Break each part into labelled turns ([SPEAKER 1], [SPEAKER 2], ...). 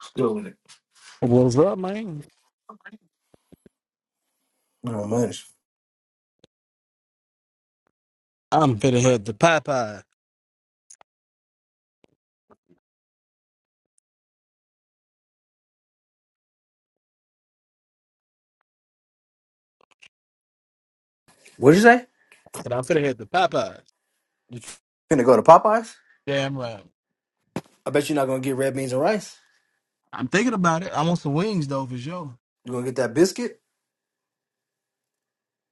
[SPEAKER 1] Still with it.
[SPEAKER 2] What's up, man?
[SPEAKER 1] Oh man,
[SPEAKER 2] I'm finna head to Popeye.
[SPEAKER 1] What'd you say?
[SPEAKER 2] And I'm finna head to Popeye.
[SPEAKER 1] finna go to Popeyes?
[SPEAKER 2] Damn right.
[SPEAKER 1] I bet you're not gonna get red beans and rice.
[SPEAKER 2] I'm thinking about it. I want some wings though for sure.
[SPEAKER 1] You gonna get that biscuit,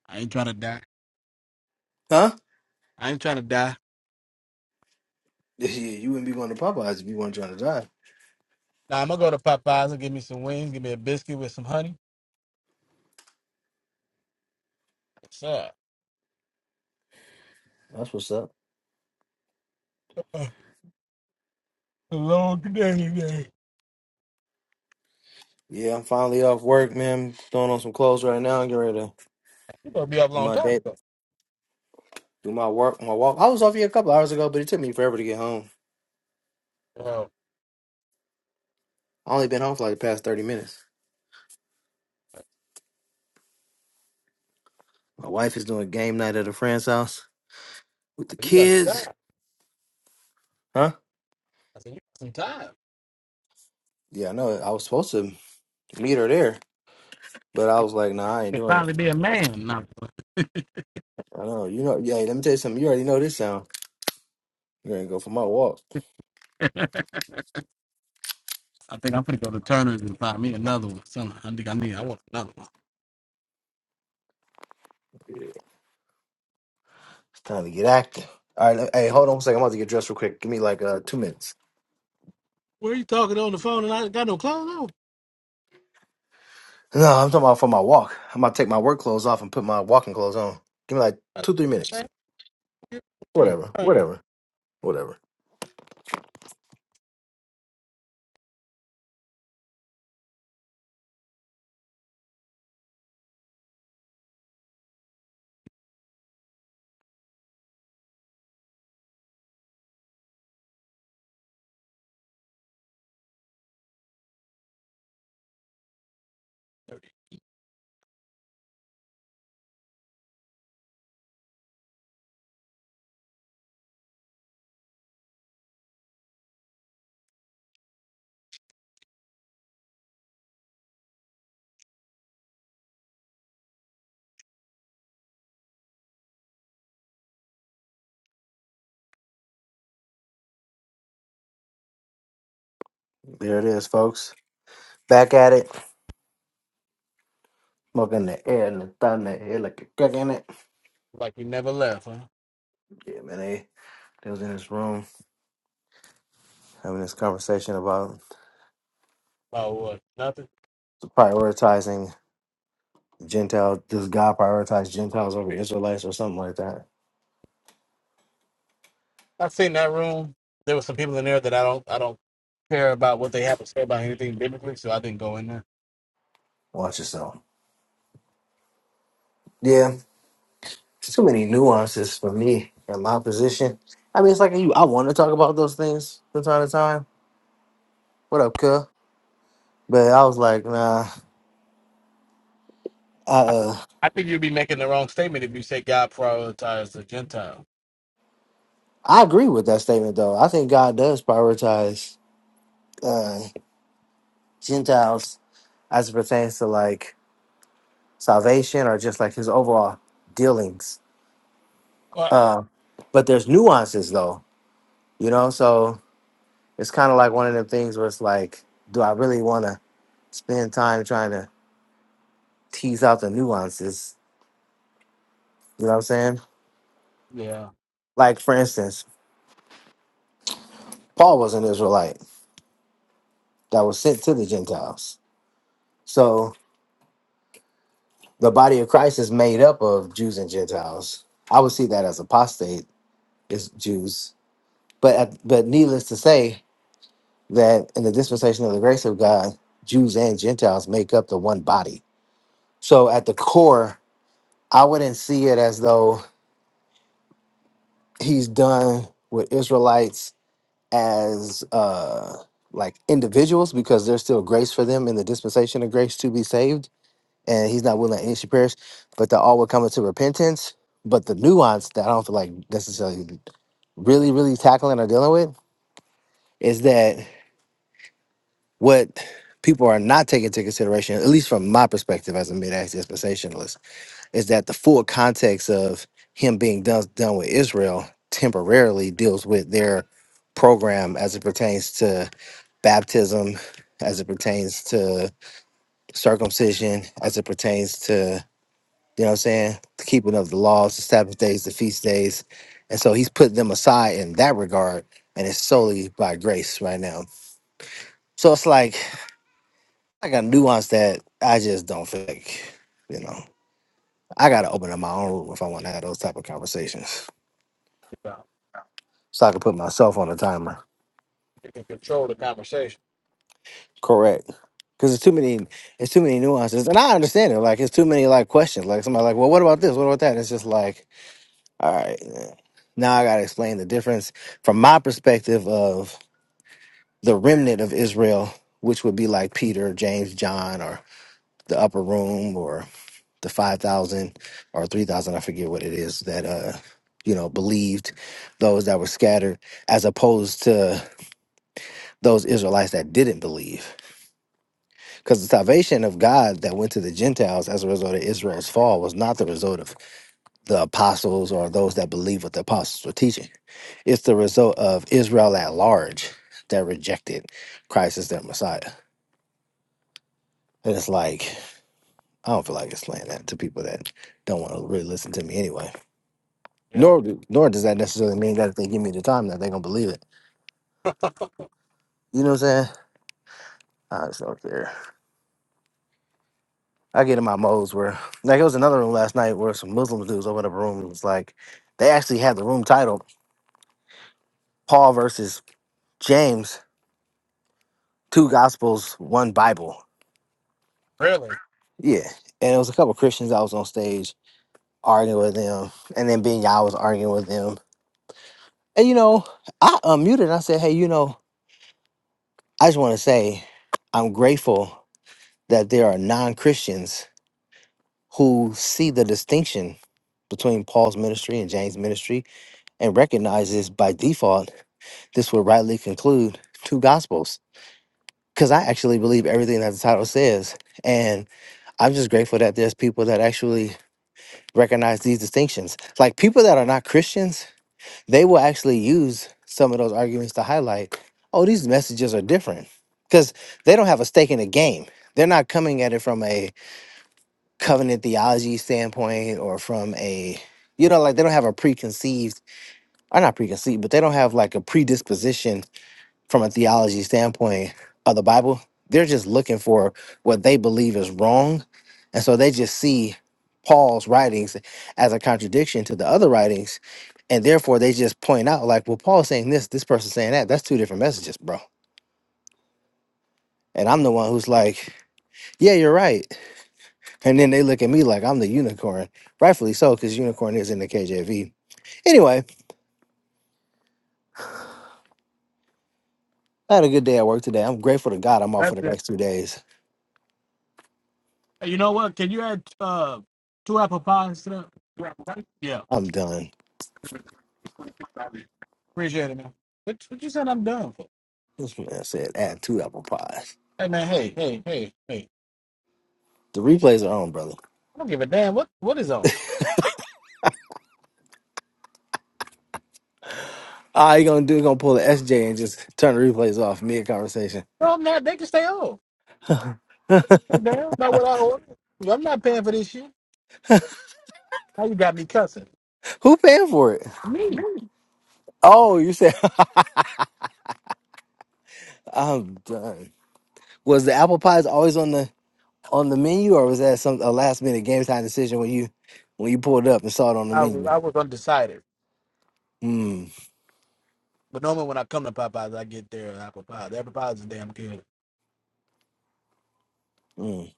[SPEAKER 2] I ain't trying to die.
[SPEAKER 1] huh?
[SPEAKER 2] I ain't trying to die.
[SPEAKER 1] Yeah, you wouldn't be going to Popeyes if you weren't trying to die.
[SPEAKER 2] Nah, I'm gonna go to Popeyes and give me some wings, give me a biscuit with some honey. What's up?
[SPEAKER 1] That's what's up.
[SPEAKER 2] A long day today.
[SPEAKER 1] Yeah, I'm finally off work, man. Throwing on some clothes right now and get ready to
[SPEAKER 2] You gonna be up a
[SPEAKER 1] do
[SPEAKER 2] long
[SPEAKER 1] my
[SPEAKER 2] time
[SPEAKER 1] day,
[SPEAKER 2] though.
[SPEAKER 1] do my work, my walk. I was off here a couple hours ago, but it took me forever to get home.
[SPEAKER 2] Well,
[SPEAKER 1] I only been home for like the past thirty minutes. My wife is doing game night at a friend's house with the
[SPEAKER 2] you got some
[SPEAKER 1] kids,
[SPEAKER 2] time.
[SPEAKER 1] huh?
[SPEAKER 2] I said you got some time.
[SPEAKER 1] Yeah, I know. I was supposed to meet her there, but I was like, nah, I ain't
[SPEAKER 2] You can
[SPEAKER 1] doing it.
[SPEAKER 2] finally be a man. No. I'm
[SPEAKER 1] I know. You know. Yeah. Let me tell you something. You already know this sound. You're gonna go for my walk.
[SPEAKER 2] playing. I think I'm finna go to Turner's and find me another one. Son, I think I need I want another one.
[SPEAKER 1] It's time to get active. All right. Hey, hold on one second. I'm about to get dressed real quick. Give me like uh two minutes.
[SPEAKER 2] Where are you talking on the phone and I ain't got no clothes
[SPEAKER 1] No, I'm talking about for my walk. I'm about to take my work clothes off and put my walking clothes on. Give me like two, three
[SPEAKER 2] on?
[SPEAKER 1] minutes.
[SPEAKER 2] Shoot.
[SPEAKER 1] Whatever.
[SPEAKER 2] all right.
[SPEAKER 1] Whatever. Whatever. There it is, folks. Back at it. Smoking the air and the thunder air like a crack in it.
[SPEAKER 2] Like we never left, huh?
[SPEAKER 1] Yeah, man. They, they was in this room having this conversation about
[SPEAKER 2] About what? Nothing.
[SPEAKER 1] prioritizing Gentile. Does God prioritize Gentiles over Israelites or something like that?
[SPEAKER 2] I seen that room. There was some people in there that I don't I don't care about what they have to say about anything biblically, so I didn't go in there.
[SPEAKER 1] Watch yourself. Yeah, too many nuances for me in my position. I mean, it's like you. I want to talk about those things from time to time. What up, Cuh? But I was like, nah. I
[SPEAKER 2] I
[SPEAKER 1] uh,
[SPEAKER 2] I think you'd be making the wrong statement if you say God prioritized the Gentile.
[SPEAKER 1] I agree with that statement though. I think God does prioritize uh, Gentiles as it pertains to like salvation or just like His overall dealings.
[SPEAKER 2] What?
[SPEAKER 1] Uh, but there's nuances though, you know. So it's kind of like one of them things where it's like, do I really want to spend time trying to tease out the nuances. You know what I'm saying?
[SPEAKER 2] Yeah.
[SPEAKER 1] Like for instance, Paul was an Israelite that was sent to the Gentiles. So the body of Christ is made up of Jews and Gentiles. I would see that as apostate is Jews, but at- but needless to say that in the dispensation of the grace of God, Jews and Gentiles make up the one body. So at the core, I wouldn't see it as though he's done with Israelites as uh like individuals because there's still grace for them in the dispensation of grace to be saved and he's not willing that any should perish but that all will come into repentance but the nuance that i don't feel like necessarily really really tackling or dealing with is that what people are not taking into consideration at least from my perspective as a mid-ax dispensationalist is that the full context of him being done, done with israel temporarily deals with their program as it pertains to baptism as it pertains to circumcision, as it pertains to, you know what I'm saying, the keeping of the laws, the Sabbath days, the feast days. And so he's put them aside in that regard, and it's solely by grace right now. So it's like I got a nuance that I just don't think, you know. I gotta open up my own room if I want to have those type of conversations.
[SPEAKER 2] yeah.
[SPEAKER 1] So I can put myself on a timer.
[SPEAKER 2] You can control the conversation.
[SPEAKER 1] Correct. Because it's too many, it's too many nuances, and I understand it. Like it's too many like questions. Like somebody like, well, what about this? What about that? It's just like, all right, eh. now I gotta explain the difference from my perspective of the remnant of Israel, which would be like Peter, James, John, or the upper room, or the five thousand or three thousand. I forget what it is that uh you know believed those that were scattered, as opposed to those Israelites that didn't believe. Because the salvation of God that went to the Gentiles as a result of Israel's fall was not the result of the apostles or those that believe what the apostles were teaching. It's the result of Israel at large that rejected Christ as their Messiah. And it's like, I don't feel like explaining that to people that don't want to really listen to me anyway.
[SPEAKER 2] Yeah.
[SPEAKER 1] Nor do- nor does that necessarily mean that if they give me the time that they're gonna believe it. You know what I'm saying? I just don't care. I get in my modes where like it was another room last night where some Muslim dudes opened up a room and was like they actually had the room titled. Paul versus James, two gospels, one Bible.
[SPEAKER 2] Really?
[SPEAKER 1] Yeah. And it was a couple Christians I was on stage arguing with them. And then Ben Yah was arguing with them. And you know, I unmuted and I said, Hey, you know, I just want to say I'm grateful that there are non Christians who see the distinction between Paul's ministry and James' ministry and recognizes by default this would rightly conclude two gospels because I actually believe everything that the title says. And I'm just grateful that there's people that actually recognize these distinctions. Like people that are not Christians, they will actually use some of those arguments to highlight, oh, these messages are different because they don't have a stake in the game. They're not coming at it from a covenant theology standpoint or from a, you know, like they don't have a preconceived, or not preconceived, but they don't have like a predisposition from a theology standpoint of the Bible, they're just looking for what they believe is wrong. And so they just see Paul's writings as a contradiction to the other writings. And therefore they just point out, like, well, Paul's saying this, this person's saying that. That's two different messages, bro. And I'm the one who's like, yeah, you're right. And then they look at me like I'm the unicorn. Rightfully so, because unicorn is in the KJV. Anyway, I had a good day at work today. I'm grateful to God I'm off for
[SPEAKER 2] That's
[SPEAKER 1] the
[SPEAKER 2] it.
[SPEAKER 1] next two days.
[SPEAKER 2] You know what? Can you add uh, two apple pies to that? Two apple pies? Yeah.
[SPEAKER 1] I'm done.
[SPEAKER 2] Appreciate it, man. What, what you said I'm done for?
[SPEAKER 1] This man said add two apple pies.
[SPEAKER 2] Hey, man. Hey, hey, hey, hey.
[SPEAKER 1] The replays are on, brother.
[SPEAKER 2] I don't give a damn what what is on.
[SPEAKER 1] All you gonna do is gonna pull the SJ and just turn the replays off mid conversation.
[SPEAKER 2] No, I'm not. They can stay on. Damn, not what I ordered. I'm not paying for this shit. Now you got me cussing.
[SPEAKER 1] Who paying for it?
[SPEAKER 2] Me,
[SPEAKER 1] Oh, you said I'm done. Was the apple pies always on the on the menu, or was that some a last minute game time decision when you when you pulled up and saw it on the
[SPEAKER 2] I was
[SPEAKER 1] menu?
[SPEAKER 2] I was undecided.
[SPEAKER 1] Hmm.
[SPEAKER 2] But normally when I come to Popeyes, I get their apple pie. The apple pie is damn good.
[SPEAKER 1] Mm,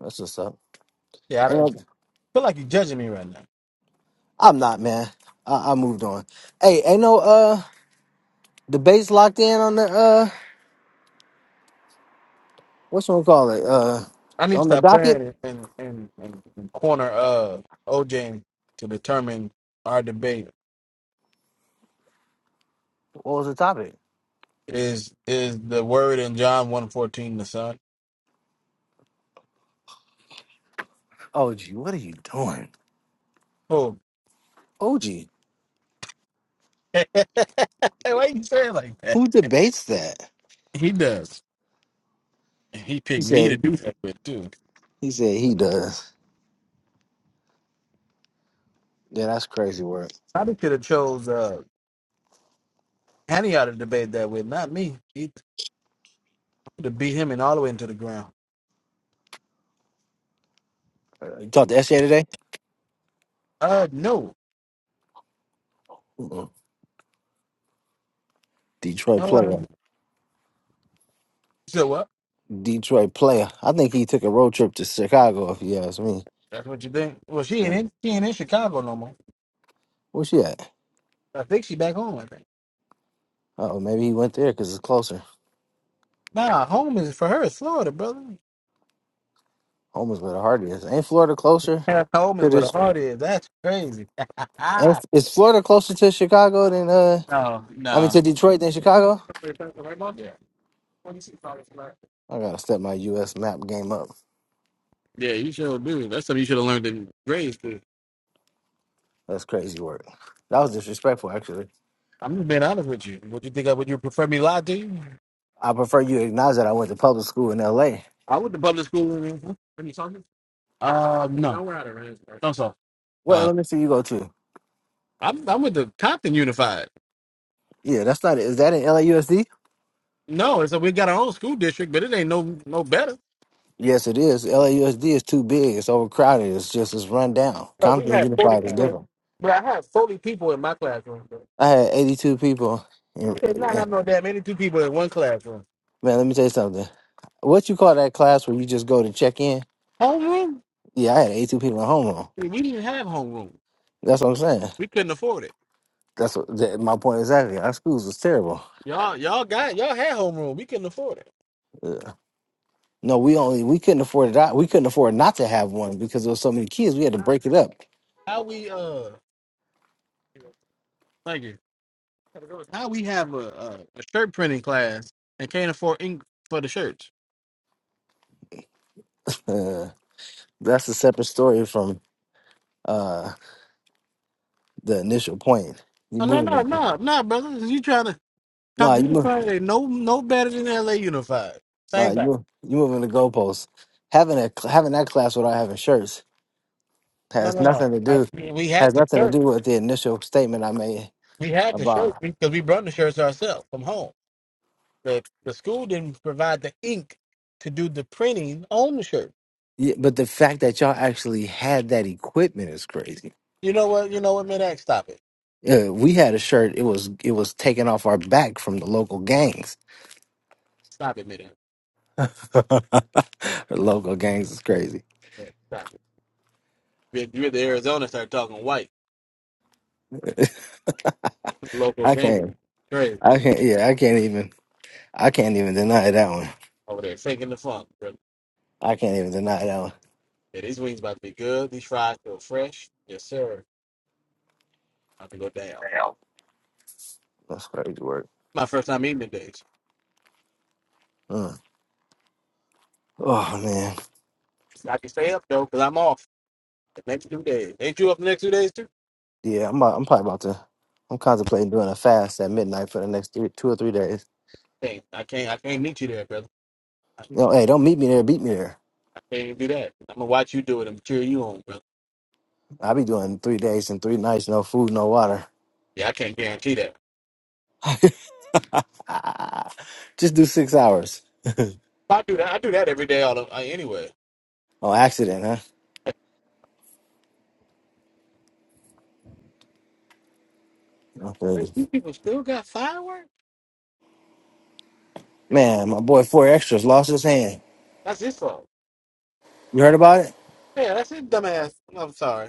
[SPEAKER 1] that's what's up.
[SPEAKER 2] Yeah, I
[SPEAKER 1] Ain't
[SPEAKER 2] don't
[SPEAKER 1] no,
[SPEAKER 2] feel like you're judging me right now.
[SPEAKER 1] I'm not, man. I, I moved on. Hey, ain't no uh debates locked in on the uh what's one call it uh
[SPEAKER 2] I need to
[SPEAKER 1] on the
[SPEAKER 2] stop
[SPEAKER 1] docket.
[SPEAKER 2] playing and and, and, and corner uh OJ to determine our debate.
[SPEAKER 1] What was the topic?
[SPEAKER 2] Is is the word in John one fourteen the son?
[SPEAKER 1] OG, what are you doing?
[SPEAKER 2] Oh,
[SPEAKER 1] OG.
[SPEAKER 2] why you saying like that?
[SPEAKER 1] Who debates that?
[SPEAKER 2] He does. And he
[SPEAKER 1] He
[SPEAKER 2] picked me to
[SPEAKER 1] said.
[SPEAKER 2] do that with too.
[SPEAKER 1] He said he does. Yeah, that's crazy work.
[SPEAKER 2] Probably could have chose uh, Hanny out of the debate that with, not me. He could have beat him and all the way into the ground.
[SPEAKER 1] Uh, You talked to SJ today?
[SPEAKER 2] Uh, no.
[SPEAKER 1] Mm-mm. Detroit
[SPEAKER 2] Uh,
[SPEAKER 1] player.
[SPEAKER 2] so what?
[SPEAKER 1] Detroit player. I think he took a road trip to Chicago. If you ask me.
[SPEAKER 2] That's what you think? Well, she ain't
[SPEAKER 1] Yeah.
[SPEAKER 2] in, she ain't in Chicago no more.
[SPEAKER 1] Where's she at?
[SPEAKER 2] I think she back home. I think.
[SPEAKER 1] Oh, maybe he went there because it's closer.
[SPEAKER 2] Nah, home is for her. It's Florida, brother.
[SPEAKER 1] Home is where the heart is. Ain't Florida closer
[SPEAKER 2] Yeah, Home is
[SPEAKER 1] to
[SPEAKER 2] where
[SPEAKER 1] this?
[SPEAKER 2] the heart is. That's crazy.
[SPEAKER 1] Ain't,
[SPEAKER 2] no,
[SPEAKER 1] is Florida closer to Chicago than uh? I mean,
[SPEAKER 2] no.
[SPEAKER 1] to Detroit than Chicago?
[SPEAKER 2] Yeah.
[SPEAKER 1] I gotta step my U.S. map game up.
[SPEAKER 2] Yeah, you sure do. That's something you should have learned in grades too.
[SPEAKER 1] That's crazy work. That was disrespectful, actually.
[SPEAKER 2] I'm just being honest with you. Would you think I would you prefer me lie to you?
[SPEAKER 1] I prefer you acknowledge that I went to public school in L.A.
[SPEAKER 2] I went to public school. In, Are you talking? uh, No, no, we're out of range. don't so.
[SPEAKER 1] What
[SPEAKER 2] Uh,
[SPEAKER 1] LMC you go to?
[SPEAKER 2] I'm I'm with the Compton Unified.
[SPEAKER 1] Yeah, that's not it. Is that in LAUSD?
[SPEAKER 2] No, so we got our own school district, but it ain't no no better.
[SPEAKER 1] Yes, it is. LAUSD is too big. It's overcrowded. It's just it's run down.
[SPEAKER 2] Bro, we
[SPEAKER 1] Compton
[SPEAKER 2] had 40
[SPEAKER 1] Unified is
[SPEAKER 2] people,
[SPEAKER 1] different.
[SPEAKER 2] but I had 40 people in my classroom. Bro.
[SPEAKER 1] I had eighty two people.
[SPEAKER 2] We
[SPEAKER 1] In,
[SPEAKER 2] did not
[SPEAKER 1] in-
[SPEAKER 2] have no damn 82 people in one classroom.
[SPEAKER 1] man, let me tell you something. What you call that class where you just go to check in?
[SPEAKER 2] Homeroom?
[SPEAKER 1] Yeah, I had eighty two people at home.
[SPEAKER 2] We didn't have homeroom.
[SPEAKER 1] That's what I'm saying.
[SPEAKER 2] We couldn't afford it.
[SPEAKER 1] That's what, that, my point exactly. Our schools was terrible.
[SPEAKER 2] Y'all y'all got y'all had homeroom. We couldn't afford it.
[SPEAKER 1] Yeah. No, we only we couldn't afford it. out- We couldn't afford not to have one because there was so many kids. We had to break it up.
[SPEAKER 2] How we uh? Thank you. Now we have a, a, a shirt printing class and can't afford ink for the shirts.
[SPEAKER 1] Uh, that's a separate story from. uh, the initial point. You
[SPEAKER 2] Oh, no,
[SPEAKER 1] moving
[SPEAKER 2] no,
[SPEAKER 1] the
[SPEAKER 2] no, no, brother. You trying to come
[SPEAKER 1] nah,
[SPEAKER 2] to
[SPEAKER 1] you move
[SPEAKER 2] Unified? They no, no better than L.A. Unified.
[SPEAKER 1] nah,
[SPEAKER 2] Same
[SPEAKER 1] you
[SPEAKER 2] back.
[SPEAKER 1] move you moving the goalposts. Having a having that class without having shirts
[SPEAKER 2] No,
[SPEAKER 1] has
[SPEAKER 2] no, no.
[SPEAKER 1] nothing to
[SPEAKER 2] I,
[SPEAKER 1] do
[SPEAKER 2] we we had
[SPEAKER 1] has
[SPEAKER 2] the
[SPEAKER 1] nothing to
[SPEAKER 2] shirt.
[SPEAKER 1] do with the initial statement I made
[SPEAKER 2] We had the shirt
[SPEAKER 1] about.
[SPEAKER 2] because we brought the shirts ourselves from home. The the school didn't provide the ink to do the printing on the shirt.
[SPEAKER 1] Yeah, but the fact that y'all actually had that equipment is crazy.
[SPEAKER 2] You know what? You know what, Midax? Stop it.
[SPEAKER 1] Yeah, we had a shirt. It was it was taken off our back from the local gangs.
[SPEAKER 2] Stop it, Midax.
[SPEAKER 1] The local gangs is crazy.
[SPEAKER 2] Yeah, Stop it. You're you're the Arizona. Start talking white local
[SPEAKER 1] I
[SPEAKER 2] thing.
[SPEAKER 1] can't.
[SPEAKER 2] Great
[SPEAKER 1] I can't. Yeah, I can't even. I can't even deny that one.
[SPEAKER 2] over there, faking the funk.
[SPEAKER 1] I can't even deny that
[SPEAKER 2] Yeah, these wings about to be good. These fries feel fresh. Yes, sir. About to go down.
[SPEAKER 1] one. That's crazy work.
[SPEAKER 2] My first time eating the days.
[SPEAKER 1] Mm. Oh man,
[SPEAKER 2] I can stay up though, cause I'm off the next two days. Ain't you up the next two days too?
[SPEAKER 1] yeah. I'm about, I'm probably about to. I'm contemplating doing a fast at midnight for the next three, two or three days.
[SPEAKER 2] Can't I can't I can't meet you there, brother. I,
[SPEAKER 1] You hey, don't meet me there. Beat me there.
[SPEAKER 2] I can't even do that. I'm gonna watch you do it and cheer you on, brother.
[SPEAKER 1] I'll be doing three days and three nights, no food, no water.
[SPEAKER 2] Yeah, I can't guarantee that.
[SPEAKER 1] Just do six hours
[SPEAKER 2] I do that. I do that every day. All of, uh, anyway.
[SPEAKER 1] Oh, accident, huh? Oh,
[SPEAKER 2] Hey,
[SPEAKER 1] crazy.
[SPEAKER 2] These people still got fireworks.
[SPEAKER 1] Man, my boy Four Extras lost his hand.
[SPEAKER 2] That's his fault.
[SPEAKER 1] You heard about it?
[SPEAKER 2] Yeah, that's his dumbass. I'm sorry.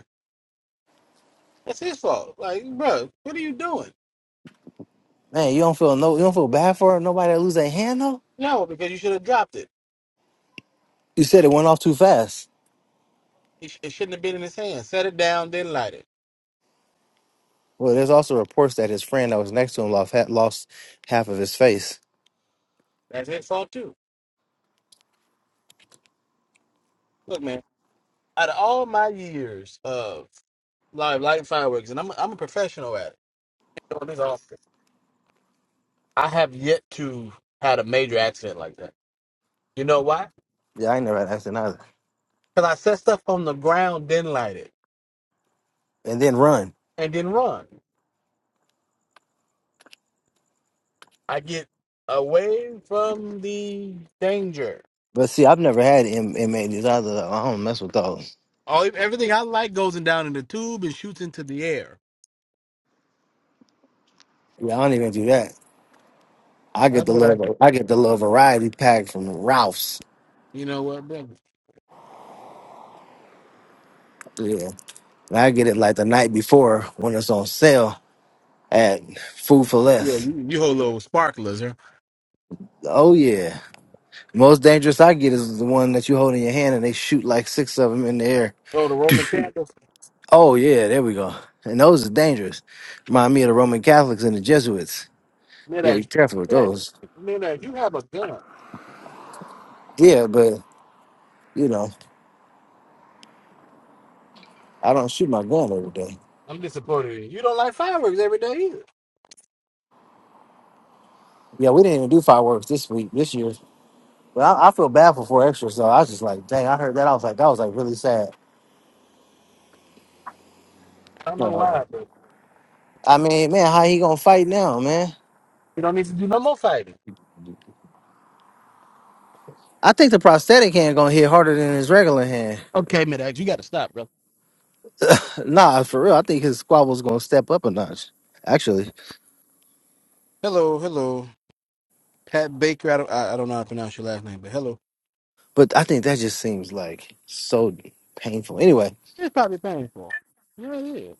[SPEAKER 2] That's his fault. Like, bro, what are you doing?
[SPEAKER 1] Man, you don't feel no, you don't feel bad for nobody that lose their hand though.
[SPEAKER 2] No, because you should have dropped it.
[SPEAKER 1] You said it went off too fast.
[SPEAKER 2] It, sh- it shouldn't have been in his hand. Set it down, then light it.
[SPEAKER 1] Well, there's also reports that his friend that was next to him lost, had lost half of his face.
[SPEAKER 2] That's his fault too. Look, man, out of all my years of live lighting fireworks, and I'm I'm a professional at it. You know, this all- I have yet to had a major accident like that. You know why?
[SPEAKER 1] Yeah, I ain't never had accident either.
[SPEAKER 2] Because I set stuff on the ground, then light it,
[SPEAKER 1] And then run.
[SPEAKER 2] and then run. I get away from the danger.
[SPEAKER 1] But see, I've never had M- m either. though. I don't mess with those.
[SPEAKER 2] All everything I light goes in down in the tube and shoots into the air.
[SPEAKER 1] Yeah, I don't even do that. I get
[SPEAKER 2] That's
[SPEAKER 1] the
[SPEAKER 2] what I. do.
[SPEAKER 1] little, I get the little variety pack from Ralph's.
[SPEAKER 2] You know what, brother?
[SPEAKER 1] Yeah, and I get it like the night before when it's on sale at Food for
[SPEAKER 2] Yeah,
[SPEAKER 1] Less.
[SPEAKER 2] you, you hold little sparklers, huh?
[SPEAKER 1] Oh yeah, most dangerous I get is the one that you hold in your hand and they shoot like six of them in the air.
[SPEAKER 2] Oh, the Roman candles.
[SPEAKER 1] Oh yeah, there we go. And those are dangerous. Remind me of the Roman Catholics and the Jesuits. Yeah, be
[SPEAKER 2] Midax,
[SPEAKER 1] careful with
[SPEAKER 2] yeah,
[SPEAKER 1] those.
[SPEAKER 2] Midax, you have a gun.
[SPEAKER 1] Yeah, but you know. I don't shoot my gun every day.
[SPEAKER 2] I'm disappointed in you. You don't like fireworks every day either.
[SPEAKER 1] Yeah, we didn't even do fireworks this week, this year. But I, I feel bad for four extra, so I was just like, dang, I heard that. I was like, that was like really sad.
[SPEAKER 2] I don't
[SPEAKER 1] You
[SPEAKER 2] know why,
[SPEAKER 1] know,
[SPEAKER 2] bro.
[SPEAKER 1] I mean, man, how he gonna fight now, man?
[SPEAKER 2] you don't need to do no more fighting.
[SPEAKER 1] I think the prosthetic hand gonna hit harder than his regular hand.
[SPEAKER 2] Okay, Midax, you got to stop, bro.
[SPEAKER 1] Nah, for real, I think his squabble's gonna step up a notch, actually.
[SPEAKER 2] Hello, hello. Pat Baker. I don't, I, I don't know how to pronounce your last name, but hello.
[SPEAKER 1] But I think that just seems like so painful. Anyway,
[SPEAKER 2] It's probably painful. Yeah, it is.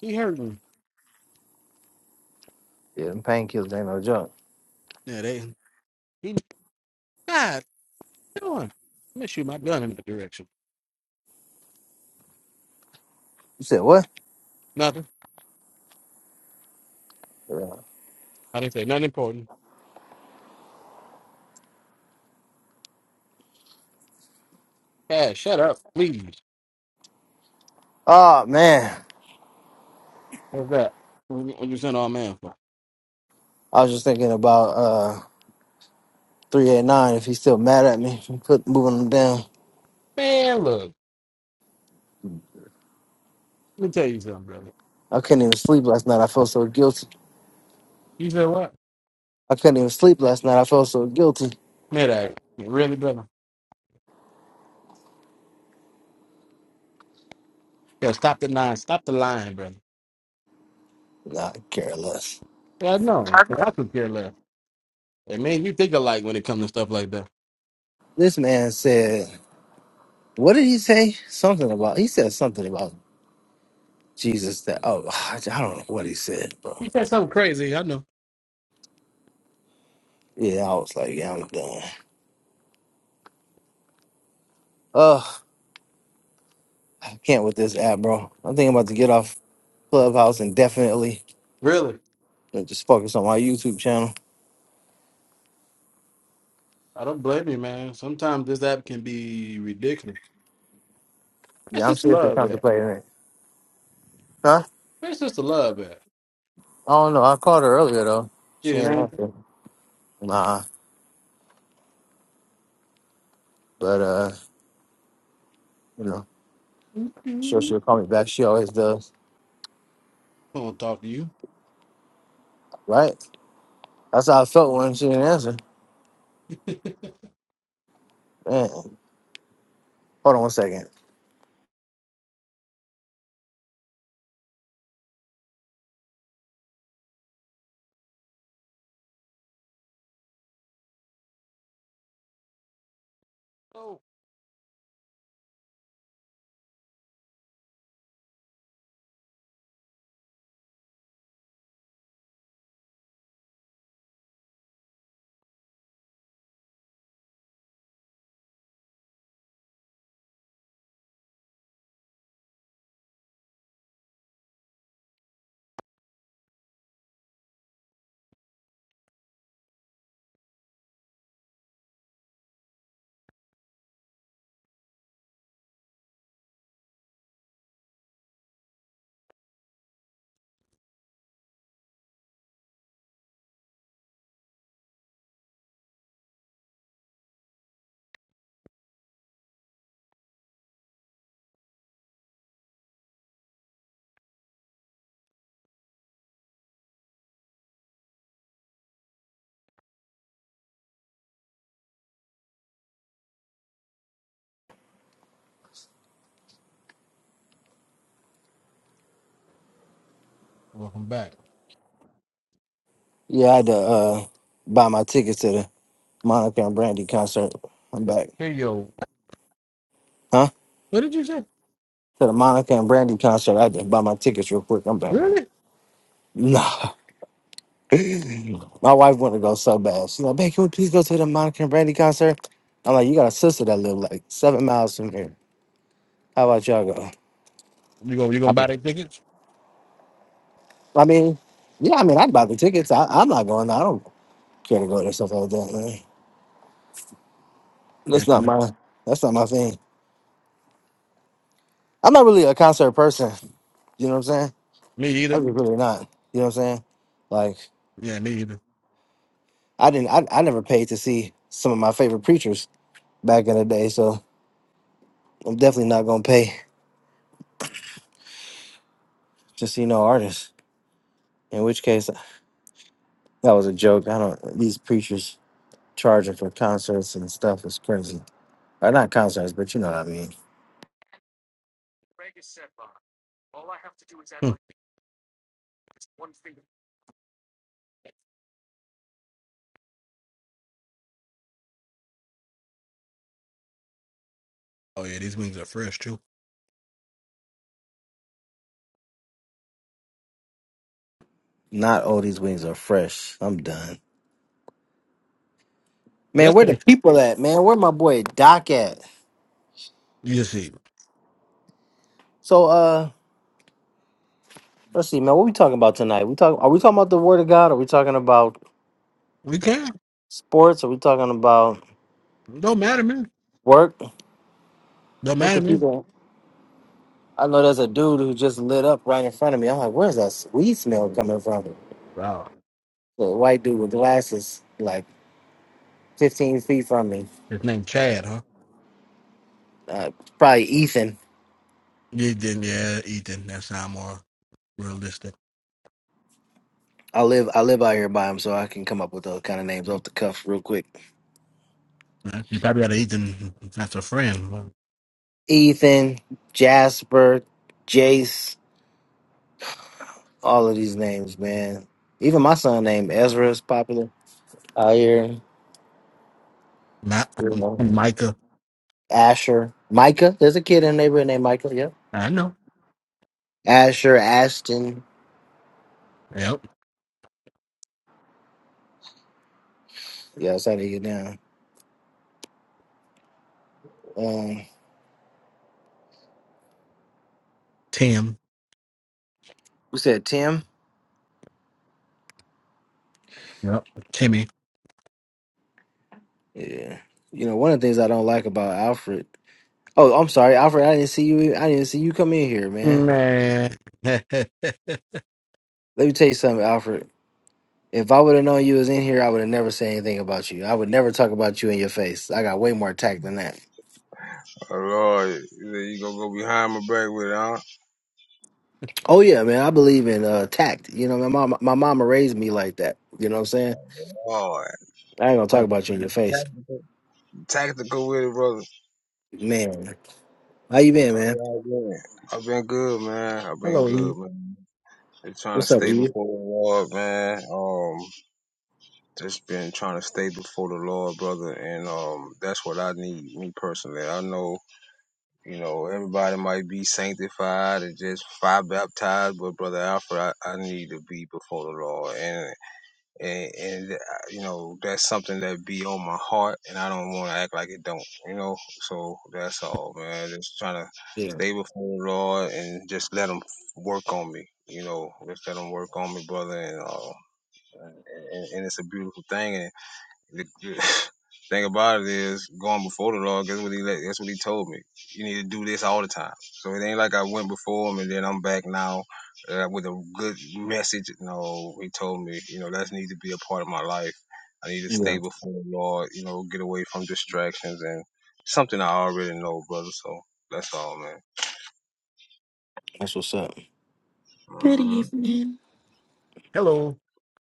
[SPEAKER 2] He hurting.
[SPEAKER 1] yeah, them painkillers ain't no joke.
[SPEAKER 2] Yeah, they. He, God, what you doing? I'm going to shoot my gun in the direction.
[SPEAKER 1] You said what?
[SPEAKER 2] Nothing.
[SPEAKER 1] Yeah.
[SPEAKER 2] I didn't say nothing important. Pat, shut up, please.
[SPEAKER 1] Oh man,
[SPEAKER 2] What's that? What you what you send all man for?
[SPEAKER 1] I was just thinking about. 389 if he's still mad at me for put, moving him down.
[SPEAKER 2] Man, look, let me tell you something, brother.
[SPEAKER 1] I couldn't even sleep last night. I felt so guilty.
[SPEAKER 2] You said what?
[SPEAKER 1] I couldn't even sleep last night. I felt so guilty.
[SPEAKER 2] Mid Really, brother? Yeah, stop the nine, Stop the lying, brother.
[SPEAKER 1] Nah, I care less.
[SPEAKER 2] Yeah, I know. I could care less. And man, you think alike when it comes to stuff like that.
[SPEAKER 1] This man said, what did he say? Something about, he said something about Jesus that, oh, I don't know what he said,
[SPEAKER 2] You
[SPEAKER 1] bro.
[SPEAKER 2] said something crazy, I know.
[SPEAKER 1] Yeah, I was like, yeah, I'm done. Ugh, I can't with this app, bro. I'm thinking about to get off Clubhouse indefinitely
[SPEAKER 2] Really?
[SPEAKER 1] and just focus on my YouTube channel.
[SPEAKER 2] I don't blame you, man. Sometimes this app can be ridiculous. It's
[SPEAKER 1] Yeah, I'm
[SPEAKER 2] just the
[SPEAKER 1] seriously
[SPEAKER 2] love that.
[SPEAKER 1] contemplating it. Huh?
[SPEAKER 2] It's just a love that.
[SPEAKER 1] I don't know. I called her earlier, though. She
[SPEAKER 2] Get it,
[SPEAKER 1] ain't
[SPEAKER 2] man?
[SPEAKER 1] answer. Nah, but uh, you know,
[SPEAKER 2] I'm
[SPEAKER 1] sure she'll call me back. She always does,
[SPEAKER 2] gonna talk to you.
[SPEAKER 1] right? That's how I felt when she didn't answer. Man, hold on one second.
[SPEAKER 2] Oh. Welcome back.
[SPEAKER 1] Yeah, I had to uh buy my tickets to the Monica and Brandy concert. I'm back,
[SPEAKER 2] Hey yo.
[SPEAKER 1] huh?
[SPEAKER 2] What did you say?
[SPEAKER 1] To the Monica and Brandy concert, I had to buy my tickets real quick. I'm back.
[SPEAKER 2] Really?
[SPEAKER 1] Nah, my wife wanted to go so bad. She's like, "Babe, can we please go to the Monica and Brandy concert?" I'm like, "You got a sister that live like seven miles from here. How about y'all go?"
[SPEAKER 2] You gonna you gonna buy their tickets?
[SPEAKER 1] I mean, yeah, I mean, I'd buy the tickets. I, I'm not going. I don't care to go to stuff like that. Man.
[SPEAKER 2] Yeah,
[SPEAKER 1] That's not
[SPEAKER 2] no.
[SPEAKER 1] my. That's not my thing. I'm not really a concert person. You know what I'm saying?
[SPEAKER 2] Me either.
[SPEAKER 1] I'm just really not. You know what I'm saying? Like
[SPEAKER 2] Yeah, me either.
[SPEAKER 1] I didn't. I, I never paid to see some of my favorite preachers back in the day. So I'm definitely not gonna pay to see no artists. In which case, that was a joke. I don't. These preachers charging for concerts and stuff is crazy. Or not concerts, but you know what I mean.
[SPEAKER 2] Hmm. Oh yeah, these wings are fresh too.
[SPEAKER 1] Not all these wings are fresh. I'm done. Man,
[SPEAKER 2] That's
[SPEAKER 1] where the
[SPEAKER 2] it.
[SPEAKER 1] people at, man? Where my boy Doc at?
[SPEAKER 2] You just see,
[SPEAKER 1] So uh let's see, man, what we talking about tonight? We talk are we talking about the word of God? Are we talking about
[SPEAKER 2] we can.
[SPEAKER 1] sports? Are we talking about
[SPEAKER 2] Don't matter, man.
[SPEAKER 1] work?
[SPEAKER 2] Don't
[SPEAKER 1] What
[SPEAKER 2] matter,
[SPEAKER 1] the
[SPEAKER 2] man.
[SPEAKER 1] people I know there's a dude who just lit up right in front of me. I'm like, where's that weed smell coming from?
[SPEAKER 2] Wow.
[SPEAKER 1] The white dude with glasses, like 15 feet from me.
[SPEAKER 2] His name Chad, huh?
[SPEAKER 1] Uh, probably Ethan.
[SPEAKER 2] Ethan, yeah, Ethan. That sound more realistic.
[SPEAKER 1] I live I live out here by him, so I can come up with those kind of names off the cuff real quick.
[SPEAKER 2] Right? You probably got an Ethan. That's a friend. but
[SPEAKER 1] Ethan, Jasper, Jace. all of these names, man. Even my son named Ezra is popular out here.
[SPEAKER 2] Not
[SPEAKER 1] You know,
[SPEAKER 2] Micah.
[SPEAKER 1] Asher, Micah. There's a kid in the neighborhood named Micah. Yep.
[SPEAKER 2] I know.
[SPEAKER 1] Asher, Ashton.
[SPEAKER 2] Yep.
[SPEAKER 1] Yeah, that's how they get down. Um,
[SPEAKER 2] Tim.
[SPEAKER 1] we said Tim.
[SPEAKER 2] Yep. Timmy.
[SPEAKER 1] Yeah. You know, one of the things I don't like about Alfred. Oh, I'm sorry, Alfred. I didn't see you. I didn't see you come in here, man.
[SPEAKER 2] Man. Hello,
[SPEAKER 1] Let me tell you something, Alfred. If I would have known you was in here, I would have never said anything about you. I would never talk about you in your face. I got way more tact than that.
[SPEAKER 3] Lord, you gonna go behind my back with it, huh?
[SPEAKER 1] Oh yeah, man. I believe in uh, tact. You know, my mom, my mama raised me like that. You know what I'm saying?
[SPEAKER 3] Lord,
[SPEAKER 1] I ain't gonna talk about you in your face,
[SPEAKER 3] tactical, tactical with it, brother.
[SPEAKER 1] man. How you been,
[SPEAKER 3] How
[SPEAKER 1] man?
[SPEAKER 3] y'all been? I've been good, man. I've been
[SPEAKER 2] E.
[SPEAKER 3] good, man. Just trying to
[SPEAKER 1] What's up
[SPEAKER 3] stay
[SPEAKER 1] with you?
[SPEAKER 3] before the Lord, man. Um, just been trying to stay before the Lord, brother, and um, that's what I need, me personally. I know, you know, everybody might be sanctified and just fire baptized, but brother Alfred, I, I need to be before the Lord, and. and, and uh, you know that's something that be on my heart, and I don't want to act like it don't, you know. So that's all, man. Just trying to
[SPEAKER 1] Yeah,
[SPEAKER 3] stay before the Lord and just let Him work on me, you know. Just let Him work on me, brother, and uh, and, and and it's a beautiful thing, and. The thing about it is, going before the Lord, guess what he let, that's what he told me. You need to do this all the time. So it ain't like I went before him and then I'm back now uh, with a good message. No, he told me, you know, that needs to be a part of my life. I need to stay
[SPEAKER 1] yeah.
[SPEAKER 3] before the Lord, you know, get away from distractions and something I already know, brother. So that's all, man.
[SPEAKER 1] That's what's up.
[SPEAKER 4] Good
[SPEAKER 3] hmm
[SPEAKER 4] evening.
[SPEAKER 2] Hello.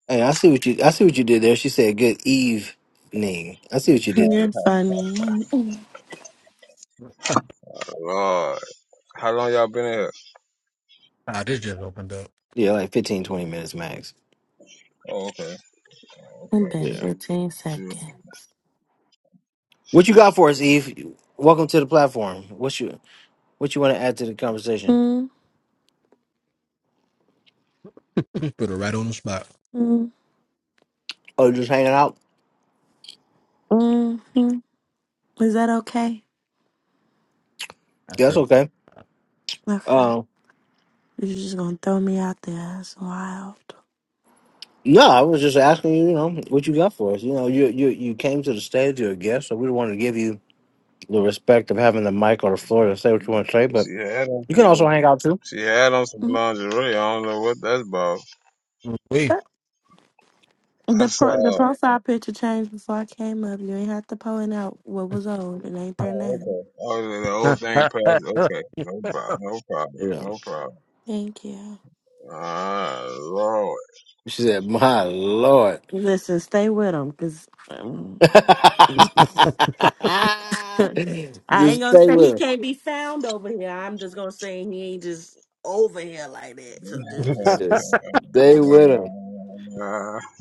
[SPEAKER 1] Hey, I see what you. I see what you did there. She said good evening. I see what you did
[SPEAKER 4] You're
[SPEAKER 1] there.
[SPEAKER 4] funny.
[SPEAKER 3] Lord, how long y'all been here?
[SPEAKER 2] Ah, this just opened up.
[SPEAKER 1] Yeah, like 15, 20 minutes max.
[SPEAKER 3] Oh, okay,
[SPEAKER 4] I
[SPEAKER 3] okay,
[SPEAKER 4] bet
[SPEAKER 1] Yeah.
[SPEAKER 4] 15
[SPEAKER 3] good.
[SPEAKER 4] seconds.
[SPEAKER 1] What you got for us, Eve? Welcome to the platform. What's you What you want to add to the conversation?
[SPEAKER 4] mm
[SPEAKER 2] Put it right on the spot.
[SPEAKER 4] mm
[SPEAKER 1] Oh, just hanging out.
[SPEAKER 4] mm mm. Is that okay?
[SPEAKER 2] That's
[SPEAKER 1] Yeah, that's
[SPEAKER 2] pretty.
[SPEAKER 1] okay.
[SPEAKER 4] Okay.
[SPEAKER 1] Um,
[SPEAKER 4] You're just gonna throw me out there. That's wild.
[SPEAKER 1] No, I was just asking you, you know, what you got for us. You know, you you you came to the stage, you're a guest, so we want to give you the respect of having the mic or the floor to say what you want to say, but
[SPEAKER 3] She had on
[SPEAKER 1] you can also
[SPEAKER 3] some,
[SPEAKER 1] hang out too.
[SPEAKER 3] she had on some
[SPEAKER 4] Mm.
[SPEAKER 3] lingerie. I don't know what that's about.
[SPEAKER 2] Wait.
[SPEAKER 4] Uh,
[SPEAKER 3] I
[SPEAKER 4] The pro- the
[SPEAKER 3] saw.
[SPEAKER 4] profile picture changed before I came up. You ain't have to point out what was old. It ain't there
[SPEAKER 3] Oh,
[SPEAKER 4] now.
[SPEAKER 3] okay. Oh, the old thing
[SPEAKER 2] That's
[SPEAKER 3] passed. Okay, no problem. No problem.
[SPEAKER 1] You know.
[SPEAKER 3] No problem.
[SPEAKER 4] Thank you.
[SPEAKER 3] Ah, Lord.
[SPEAKER 1] She said, My Lord.
[SPEAKER 4] Listen, stay with him, cause um, I ain't
[SPEAKER 1] just
[SPEAKER 4] gonna
[SPEAKER 1] stay
[SPEAKER 4] say
[SPEAKER 1] with
[SPEAKER 4] he
[SPEAKER 1] him.
[SPEAKER 4] can't be found over here. I'm just gonna say he ain't just over here like that. So just
[SPEAKER 1] Just stay
[SPEAKER 4] Just-
[SPEAKER 1] with him.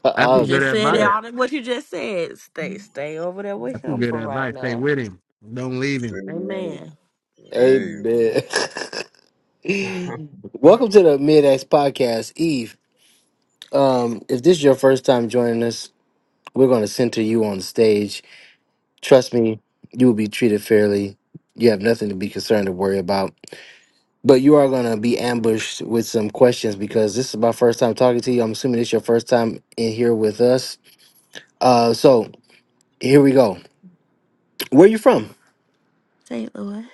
[SPEAKER 2] some
[SPEAKER 4] You
[SPEAKER 2] good
[SPEAKER 1] I'll
[SPEAKER 4] just said it
[SPEAKER 2] advice.
[SPEAKER 4] all
[SPEAKER 1] go.
[SPEAKER 4] that what you just said. Stay stay over there with
[SPEAKER 2] That's some
[SPEAKER 4] him
[SPEAKER 2] good
[SPEAKER 4] for right
[SPEAKER 2] advice. Stay
[SPEAKER 4] now.
[SPEAKER 2] with him. Don't leave him.
[SPEAKER 4] Amen.
[SPEAKER 3] hey.
[SPEAKER 1] Amen. Welcome to the Mid X Podcast, Eve. Um, if this is your first time joining us, We're going to center you on stage. Trust me, you will be treated fairly. You have nothing to be concerned or worry about. But you are going to be ambushed with some questions because this is my first time talking to you. I'm assuming it's your first time in here with us. Uh, so here we go. Where you from?
[SPEAKER 4] St. Louis.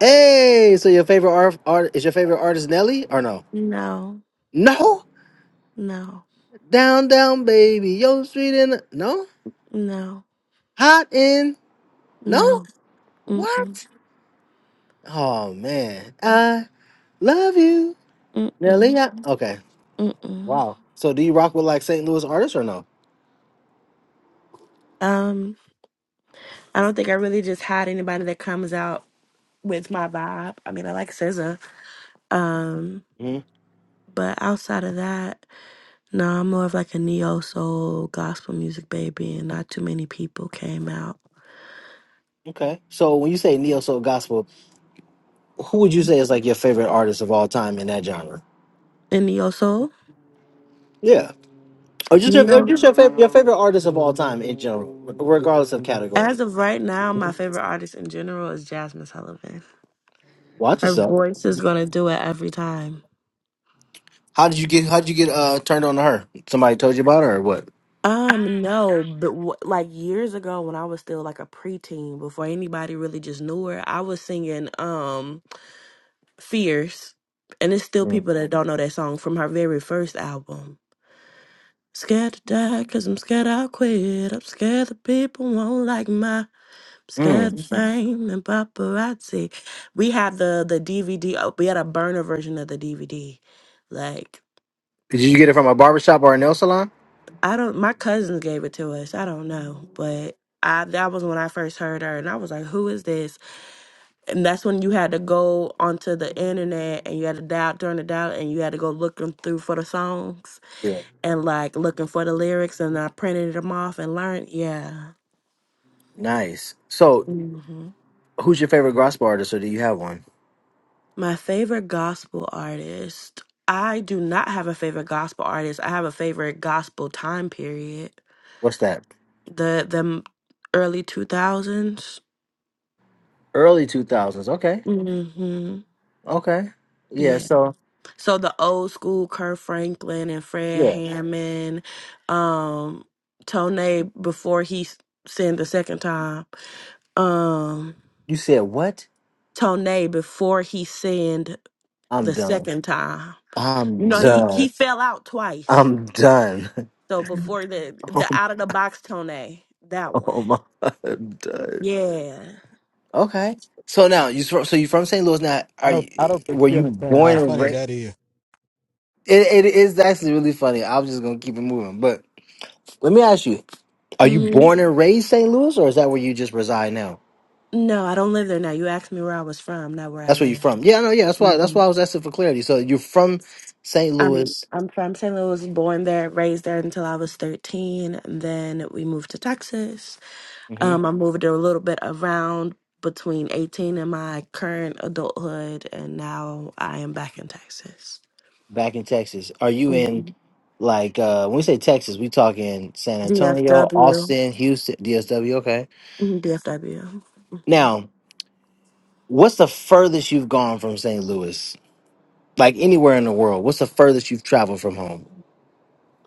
[SPEAKER 1] Hey, so your favorite art, art is your favorite artist Nelly or no?
[SPEAKER 4] No.
[SPEAKER 1] No.
[SPEAKER 4] No.
[SPEAKER 1] Down, down, baby. Yo, street in. No.
[SPEAKER 4] No.
[SPEAKER 1] Hot in. No.
[SPEAKER 4] No. Mm-mm.
[SPEAKER 1] What? Oh man, I love you. Really?
[SPEAKER 4] Mm-mm.
[SPEAKER 1] Yeah, Okay.
[SPEAKER 4] Mm-mm.
[SPEAKER 1] Wow. So do you rock with like St. Louis artists or no?
[SPEAKER 4] Um, I don't think I really just had anybody that comes out with my vibe. I mean I like SZA. Um,
[SPEAKER 1] hmm
[SPEAKER 4] but outside of that, no, I'm more of like a neo soul gospel music baby and not too many people came out.
[SPEAKER 1] Okay. So when you say neo soul gospel, who would you say is like your favorite artist of all time in that genre?
[SPEAKER 4] In neo soul?
[SPEAKER 1] Yeah. Or just your
[SPEAKER 4] neo.
[SPEAKER 1] just your favorite your favorite artist of all time in general, re- regardless of
[SPEAKER 4] As
[SPEAKER 1] category.
[SPEAKER 4] of right now, my favorite artist in general is Jasmine Sullivan.
[SPEAKER 1] Watch
[SPEAKER 4] Her
[SPEAKER 1] yourself.
[SPEAKER 4] voice is gonna do it every time.
[SPEAKER 1] How did you get how did you get uh turned on to her? Somebody told you about her or what?
[SPEAKER 4] Um, no, but w- like years ago when I was still like a preteen, before anybody really just knew her, I was singing um "Fierce," and it's still
[SPEAKER 1] Mm.
[SPEAKER 4] people that don't know that song from her very first album. Scared to die, cause I'm scared I'll quit. I'm scared the people won't like my Scared
[SPEAKER 1] Mm.
[SPEAKER 4] Mhm. fame and paparazzi. We had the the DVD. oh, We had a burner version of the DVD. Like
[SPEAKER 1] Did you get it from a barbershop or a nail salon?
[SPEAKER 4] I don't. My cousins gave it to us. I don't know, but I that was when I first heard her, and I was like, "Who is this?" And that's when you had to go onto the internet and you had to dial during the dial, and you had to go looking through for the songs
[SPEAKER 1] Yeah.
[SPEAKER 4] and like looking for the lyrics, and I printed them off and learned. Yeah.
[SPEAKER 1] Nice. So who's your favorite gospel artist or do you have one?
[SPEAKER 4] My favorite gospel artist. I do not have a favorite gospel artist. I have a favorite gospel time period.
[SPEAKER 1] What's that?
[SPEAKER 4] The the m- early 2000s.
[SPEAKER 1] Early two thousands. Okay.
[SPEAKER 4] hmm
[SPEAKER 1] Okay. Yeah,
[SPEAKER 4] Yeah.
[SPEAKER 1] so
[SPEAKER 4] So the old school Kurt Franklin and Fred
[SPEAKER 1] yeah.
[SPEAKER 4] Hammond, um, Tone before he s- sinned the second time. Um,
[SPEAKER 1] You said what?
[SPEAKER 4] Tone before he sinned
[SPEAKER 1] I'm
[SPEAKER 4] the
[SPEAKER 1] done.
[SPEAKER 4] second time. You
[SPEAKER 1] I'm
[SPEAKER 4] know, he, he
[SPEAKER 1] done.
[SPEAKER 4] fell out twice.
[SPEAKER 1] I'm done.
[SPEAKER 4] So before the the out of the box Tone, that one.
[SPEAKER 1] oh my, I'm done.
[SPEAKER 4] Yeah.
[SPEAKER 1] Okay. So now you so you from St. Louis now
[SPEAKER 2] I
[SPEAKER 1] are
[SPEAKER 2] don't
[SPEAKER 1] you
[SPEAKER 2] I don't think
[SPEAKER 1] were
[SPEAKER 2] you
[SPEAKER 1] you
[SPEAKER 2] understand
[SPEAKER 1] born
[SPEAKER 2] how
[SPEAKER 1] and
[SPEAKER 2] funny
[SPEAKER 1] raised
[SPEAKER 2] that is.
[SPEAKER 1] it, it is actually really funny. I'm just gonna keep it moving. But let me ask you, are you
[SPEAKER 4] hmm
[SPEAKER 1] born and raised St. Louis or is that where you just reside now?
[SPEAKER 4] No, I don't live there now. You asked me where I was from, not where I
[SPEAKER 1] That's where you are
[SPEAKER 4] live.
[SPEAKER 1] from. Yeah, no, yeah, that's why that's
[SPEAKER 4] hmm
[SPEAKER 1] why I was asking for clarity. So you're from St.
[SPEAKER 4] I'm
[SPEAKER 1] Louis.
[SPEAKER 4] I'm from St. Louis, born there, raised there until I was 13. and Then we moved to Texas.
[SPEAKER 1] Mm-hmm.
[SPEAKER 4] Um, I moved a little bit around between 18 and my current adulthood, and now I am back in Texas.
[SPEAKER 1] back in Texas. Are you in
[SPEAKER 4] Mhm.
[SPEAKER 1] like uh when we say Texas, we talking San Antonio,
[SPEAKER 4] DFW.
[SPEAKER 1] Austin, Houston, DSW, okay.
[SPEAKER 4] Mhm, DFW.
[SPEAKER 1] Now, what's the furthest you've gone from St. Louis? Like anywhere in the world, what's the furthest you've traveled from home?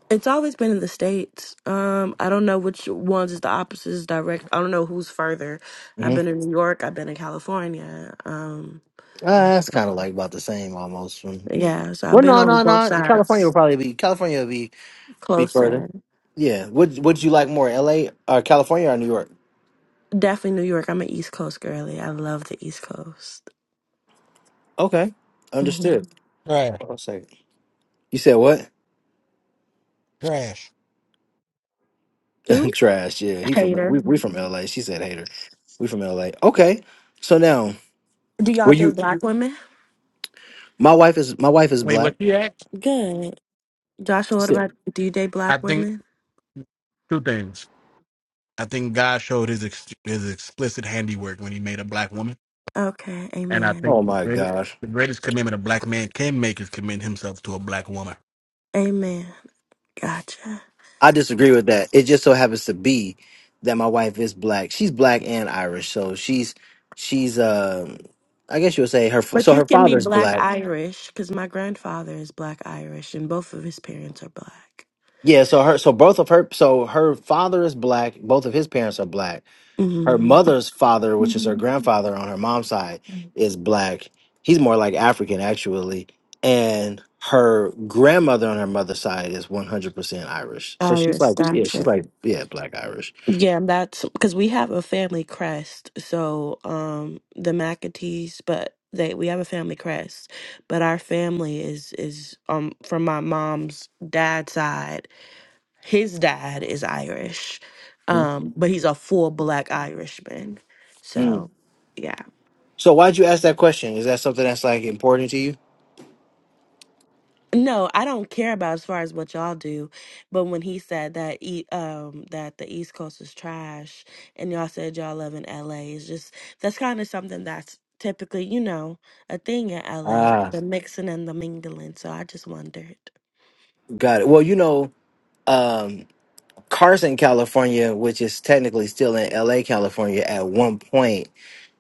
[SPEAKER 4] It's always been in the states. Um, I don't know which ones is the opposite is direct. I don't know who's further. I've
[SPEAKER 1] hmm
[SPEAKER 4] been in New York. I've been in California. Um,
[SPEAKER 1] Uh, that's kind of like about the same almost. From
[SPEAKER 4] yeah, so I've
[SPEAKER 1] well,
[SPEAKER 4] been
[SPEAKER 1] no,
[SPEAKER 4] on
[SPEAKER 1] no,
[SPEAKER 4] both
[SPEAKER 1] no. California
[SPEAKER 4] sides,
[SPEAKER 1] will probably be California will be be further.
[SPEAKER 4] closer.
[SPEAKER 1] Yeah. Would Would you like more, L.A. or California or New York?
[SPEAKER 4] Definitely New York. I'm an East Coast girly. I love the East Coast.
[SPEAKER 1] Okay,
[SPEAKER 4] hmm
[SPEAKER 1] understood.
[SPEAKER 2] Trash.
[SPEAKER 1] Hold on a second. You said what?
[SPEAKER 2] Trash.
[SPEAKER 4] Ooh,
[SPEAKER 1] Trash. Yeah, he from
[SPEAKER 4] hater.
[SPEAKER 1] we we from L.A. She said hater. We from L.A. Okay, so now
[SPEAKER 4] Do
[SPEAKER 1] were
[SPEAKER 4] y'all date
[SPEAKER 1] you?
[SPEAKER 4] black women?
[SPEAKER 1] My wife is my wife is
[SPEAKER 2] Wait, what
[SPEAKER 1] black.
[SPEAKER 2] she asked?
[SPEAKER 4] Good. Joshua,
[SPEAKER 1] She
[SPEAKER 4] what
[SPEAKER 1] said-
[SPEAKER 4] about do you date black
[SPEAKER 2] I think
[SPEAKER 4] women?
[SPEAKER 2] two things. I think God showed his ex- his explicit handiwork when he made a black woman.
[SPEAKER 4] Okay,
[SPEAKER 2] And I
[SPEAKER 4] amen.
[SPEAKER 2] think
[SPEAKER 1] Oh
[SPEAKER 2] the
[SPEAKER 1] my
[SPEAKER 2] greatest,
[SPEAKER 1] gosh,
[SPEAKER 2] the greatest commitment a black man can make is commit himself to a black woman.
[SPEAKER 4] Amen. Gotcha.
[SPEAKER 1] I disagree with that. It just so happens to be that my wife is black. She's black and Irish, so she's she's um. I guess you would say her. f-
[SPEAKER 4] But
[SPEAKER 1] So
[SPEAKER 4] you
[SPEAKER 1] her
[SPEAKER 4] can be
[SPEAKER 1] father's
[SPEAKER 4] black
[SPEAKER 1] black.
[SPEAKER 4] Irish because my grandfather is black Irish and both of his parents are black.
[SPEAKER 1] Yeah. So her. So both of her. So her father is black. Both of his parents are black her
[SPEAKER 4] hmm
[SPEAKER 1] mother's father, which is her grandfather on her mom's side, is black. He's more like African actually, and her grandmother on her mother's side is 100% Irish. So she's
[SPEAKER 4] Irish,
[SPEAKER 1] like, yeah, she's
[SPEAKER 4] gotcha.
[SPEAKER 1] like, yeah, black Irish.
[SPEAKER 4] Yeah, that's because we have a family crest. So um, the McAtees, but they we have a family crest. But our family is is um from my mom's dad's side. His dad is Irish,
[SPEAKER 1] Mhm.
[SPEAKER 4] um, but he's a full black Irishman.
[SPEAKER 1] Mm.
[SPEAKER 4] So yeah.
[SPEAKER 1] So why'd you ask that question? Is that something that's like important to you?
[SPEAKER 4] No, I don't care about as far as what y'all do, but when he said that e um that the East Coast is trash and y'all said y'all live in LA, it's just that's kind of something that's typically, you know, a thing in LA,
[SPEAKER 1] Ah,
[SPEAKER 4] the mixing and the mingling. So I just wondered.
[SPEAKER 1] got it. Well, you know, um, Carson, California, which is technically still in LA, California, at one point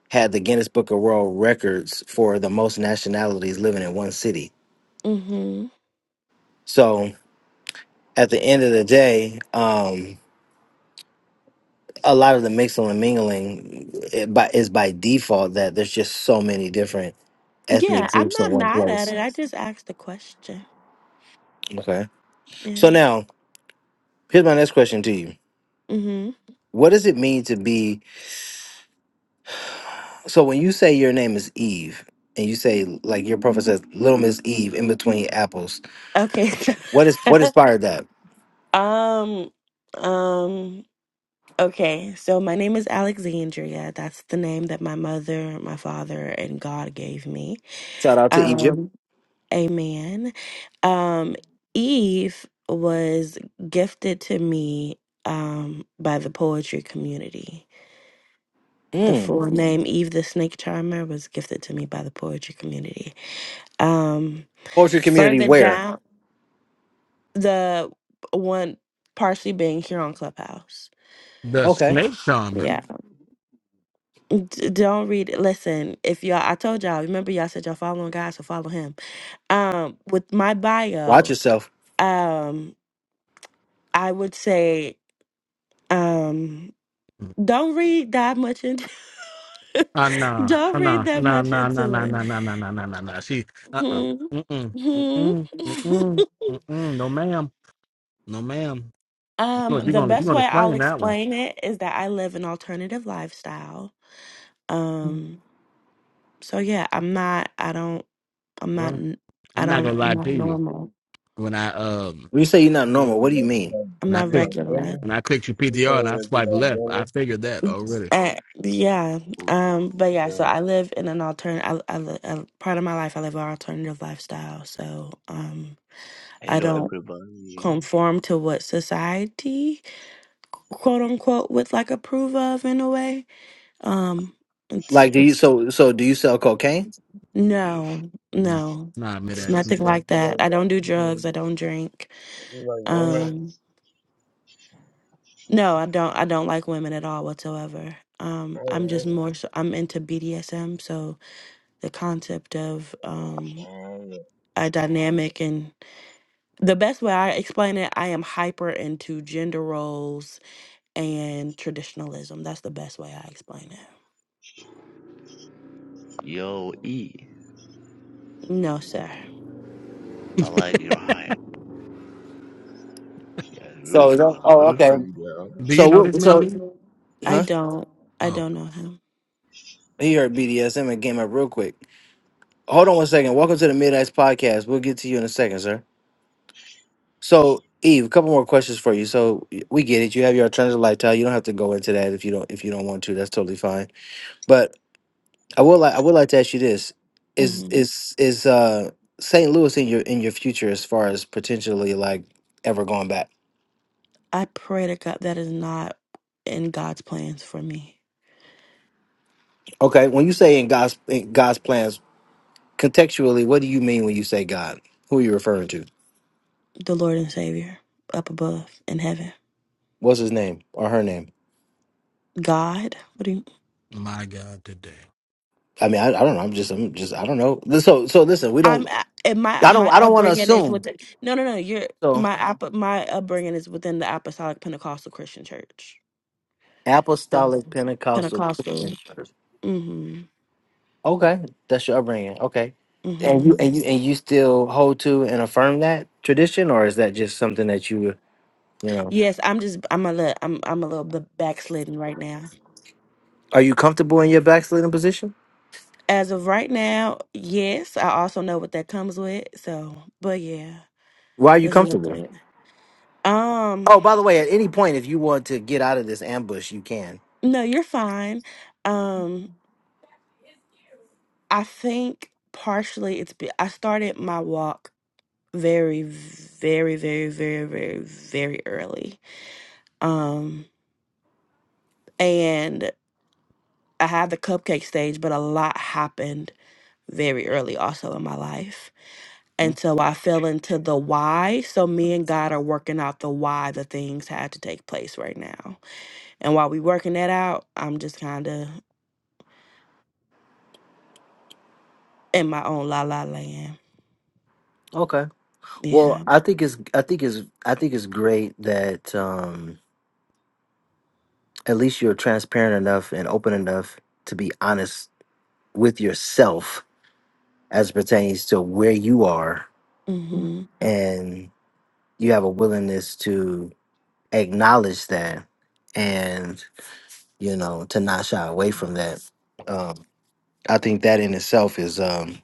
[SPEAKER 1] had the Guinness Book of World Records for the most nationalities living in one city
[SPEAKER 4] Mm-hmm.
[SPEAKER 1] So at the end of the day, um, a lot of the mixing and mingling it by, is by default that there's just so many different ethnic
[SPEAKER 4] Yeah, I'm
[SPEAKER 1] groups in
[SPEAKER 4] not
[SPEAKER 1] one
[SPEAKER 4] mad at
[SPEAKER 1] place.
[SPEAKER 4] it. I just asked the question.
[SPEAKER 1] Okay. So
[SPEAKER 4] Yeah.
[SPEAKER 1] now, here's my next question to you.
[SPEAKER 4] Mm-hmm.
[SPEAKER 1] What does it mean to be? So when you say your name is Eve, and you say like your prophet says, "Little Miss Eve in between apples,"
[SPEAKER 4] Okay.
[SPEAKER 1] what is what inspired that?
[SPEAKER 4] um, um, Okay, so my name is Alexandria. That's the name that my mother, my father, and God gave me.
[SPEAKER 1] Shout out to Egypt.
[SPEAKER 4] Um, amen. Um, Eve was gifted to me um, by the poetry community. The full
[SPEAKER 1] Mm.
[SPEAKER 4] Mhm. name Eve the Snake Charmer was gifted to me by the poetry community. Um,
[SPEAKER 1] Poetry community
[SPEAKER 4] further
[SPEAKER 1] where?
[SPEAKER 4] down, the one partially being here on Clubhouse.
[SPEAKER 2] The
[SPEAKER 1] Okay.
[SPEAKER 2] snake charmer.
[SPEAKER 4] yeah. D- don't read it. Listen, if y'all, I told y'all, remember y'all said y'all following God, so follow him. Um, with my
[SPEAKER 1] Watch
[SPEAKER 4] bio,
[SPEAKER 1] yourself.
[SPEAKER 4] um, I would say, um, don't read that much into
[SPEAKER 2] Uh, nah,
[SPEAKER 4] don't
[SPEAKER 2] uh,
[SPEAKER 4] read
[SPEAKER 2] nah,
[SPEAKER 4] that
[SPEAKER 2] nah,
[SPEAKER 4] much
[SPEAKER 2] nah, nah,
[SPEAKER 4] into
[SPEAKER 2] nah, nah,
[SPEAKER 4] it.
[SPEAKER 2] nah, nah, nah, nah, nah, nah. She, uh, uh,
[SPEAKER 4] Mhm.
[SPEAKER 2] mm, mm,
[SPEAKER 4] Mhm.
[SPEAKER 2] mm, mm, mm, mm, no, ma'am, no, ma'am. You're
[SPEAKER 4] um,
[SPEAKER 2] gonna, you're
[SPEAKER 4] the
[SPEAKER 2] gonna, you're
[SPEAKER 4] best
[SPEAKER 2] gonna
[SPEAKER 4] way I'll
[SPEAKER 2] explain that one.
[SPEAKER 4] explain it is that I live an alternative lifestyle. Um, so yeah, I'm not, I don't, I'm not,
[SPEAKER 2] Well,
[SPEAKER 4] n- I
[SPEAKER 2] I'm not
[SPEAKER 4] don't,
[SPEAKER 2] gonna
[SPEAKER 4] I'm
[SPEAKER 2] lie
[SPEAKER 4] not
[SPEAKER 2] to you.
[SPEAKER 4] normal.
[SPEAKER 2] When I, um,
[SPEAKER 1] When you say you're not normal, what do you mean?
[SPEAKER 4] I'm
[SPEAKER 2] when I
[SPEAKER 4] not
[SPEAKER 3] You
[SPEAKER 2] clicked,
[SPEAKER 3] like
[SPEAKER 4] regular.
[SPEAKER 3] women?
[SPEAKER 2] when I clicked your
[SPEAKER 3] You
[SPEAKER 2] PTR and
[SPEAKER 3] saying
[SPEAKER 2] I
[SPEAKER 3] that you
[SPEAKER 2] swiped
[SPEAKER 3] like
[SPEAKER 2] left, I
[SPEAKER 3] women?
[SPEAKER 2] figured that already.
[SPEAKER 4] Uh, yeah. Um, but yeah, so
[SPEAKER 5] Well,
[SPEAKER 4] I live in an alternative, I, I, li- uh, part of my life, I live an alternative lifestyle. So, um, I
[SPEAKER 5] Hello,
[SPEAKER 4] don't
[SPEAKER 5] everybody.
[SPEAKER 4] conform to what society, quote unquote, would like approve of in a way. Um, it's,
[SPEAKER 1] Like, do you
[SPEAKER 4] it's,
[SPEAKER 1] so so do you sell cocaine?
[SPEAKER 5] Beautiful.
[SPEAKER 4] no,
[SPEAKER 2] Nah,
[SPEAKER 4] no,
[SPEAKER 2] nah, mid
[SPEAKER 3] You like
[SPEAKER 4] it's
[SPEAKER 3] you
[SPEAKER 2] act.
[SPEAKER 4] nothing
[SPEAKER 2] nah.
[SPEAKER 3] like
[SPEAKER 4] like that. I don't do drugs. I don't drink.
[SPEAKER 3] you like women?
[SPEAKER 4] Um, no, I don't, I don't like women at all whatsoever. Um, I'm just more, so I'm into BDSM. So, the concept of
[SPEAKER 3] Oh,
[SPEAKER 4] um,
[SPEAKER 3] okay.
[SPEAKER 4] a dynamic and the best way I explain it, I am hyper into gender roles and traditionalism. That's the best way I explain it.
[SPEAKER 5] Yo, E.
[SPEAKER 4] No, sir,
[SPEAKER 5] I like your hat. Yeah, it's
[SPEAKER 1] So is
[SPEAKER 5] beautiful.
[SPEAKER 1] that-
[SPEAKER 5] hat. Where
[SPEAKER 1] oh
[SPEAKER 5] you
[SPEAKER 1] okay.
[SPEAKER 5] from, girl?
[SPEAKER 2] Do you
[SPEAKER 1] So
[SPEAKER 2] know this
[SPEAKER 1] what?
[SPEAKER 2] man?
[SPEAKER 1] So
[SPEAKER 2] E?
[SPEAKER 4] I
[SPEAKER 1] huh?
[SPEAKER 4] don't. I
[SPEAKER 2] Oh
[SPEAKER 4] don't know him.
[SPEAKER 1] He heard BDSM and came up real quick. Hold on one second. Welcome to the Mid Axe Podcast. We'll get to you in a second, sir. So Eve, a couple more questions for you. So we get it. You have your alternative lifestyle. You don't have to go into that if you don't if you don't want to. That's totally fine. But I would like I would like to ask you this: Is
[SPEAKER 4] hmm
[SPEAKER 1] is is uh St. Louis in your in your future as far as potentially like ever going back?
[SPEAKER 4] I pray to God that is not in God's plans for me,
[SPEAKER 1] Okay, when you say in God's in God's plans contextually, what do you mean when you say God? Who are you referring to?
[SPEAKER 4] the Lord and Savior up above in heaven.
[SPEAKER 1] What's his name or her name?
[SPEAKER 4] God, what do you?
[SPEAKER 2] my God, today.
[SPEAKER 1] I mean, I, I don't know. I'm just, I'm just, I don't know. So, so listen, we
[SPEAKER 4] I'm
[SPEAKER 1] don't,
[SPEAKER 4] a- and my
[SPEAKER 1] I don't,
[SPEAKER 4] my
[SPEAKER 1] I don't want to
[SPEAKER 4] upbringing is
[SPEAKER 1] assume.
[SPEAKER 4] within. No, no, no. You're
[SPEAKER 1] So,
[SPEAKER 4] my app- my upbringing is within the Apostolic Pentecostal Christian Church. So
[SPEAKER 1] apostolic Pentecostal Christian.
[SPEAKER 4] Pentecostal.
[SPEAKER 1] Church.
[SPEAKER 4] Mm-hmm.
[SPEAKER 1] Okay, that's your upbringing. Okay, and
[SPEAKER 4] Mm-hmm.
[SPEAKER 1] you and you and you still hold to and affirm that tradition, or is that just something that you, you know,
[SPEAKER 4] Yes, I'm just I'm a little I'm I'm a little bit backslidden right now.
[SPEAKER 1] are you comfortable in your backsliding position?
[SPEAKER 4] As of right now, yes, I also know what that comes with. So, but yeah,
[SPEAKER 1] Why are you
[SPEAKER 4] there's no
[SPEAKER 1] comfortable?
[SPEAKER 4] good. Um,
[SPEAKER 1] Oh, by the way, at any point, if you want to get out of this ambush, you can.
[SPEAKER 4] no, you're fine. Um, I think partially it's be- I started my walk very very very very very very early um and i had the cupcake stage but a lot happened very early also in my life
[SPEAKER 1] Hmm?
[SPEAKER 4] and so i fell into the why so me and god are working out the why the things had to take place right now and while we working that out i'm just kind of in my own la la land
[SPEAKER 1] Okay. Well,
[SPEAKER 4] yeah
[SPEAKER 1] I think it's I think it's I think it's great that um at least you're transparent enough and open enough to be honest with yourself as pertains to where you are
[SPEAKER 4] hmm
[SPEAKER 1] and you have a willingness to acknowledge that and you know to not shy away from that. Um I think that in itself is um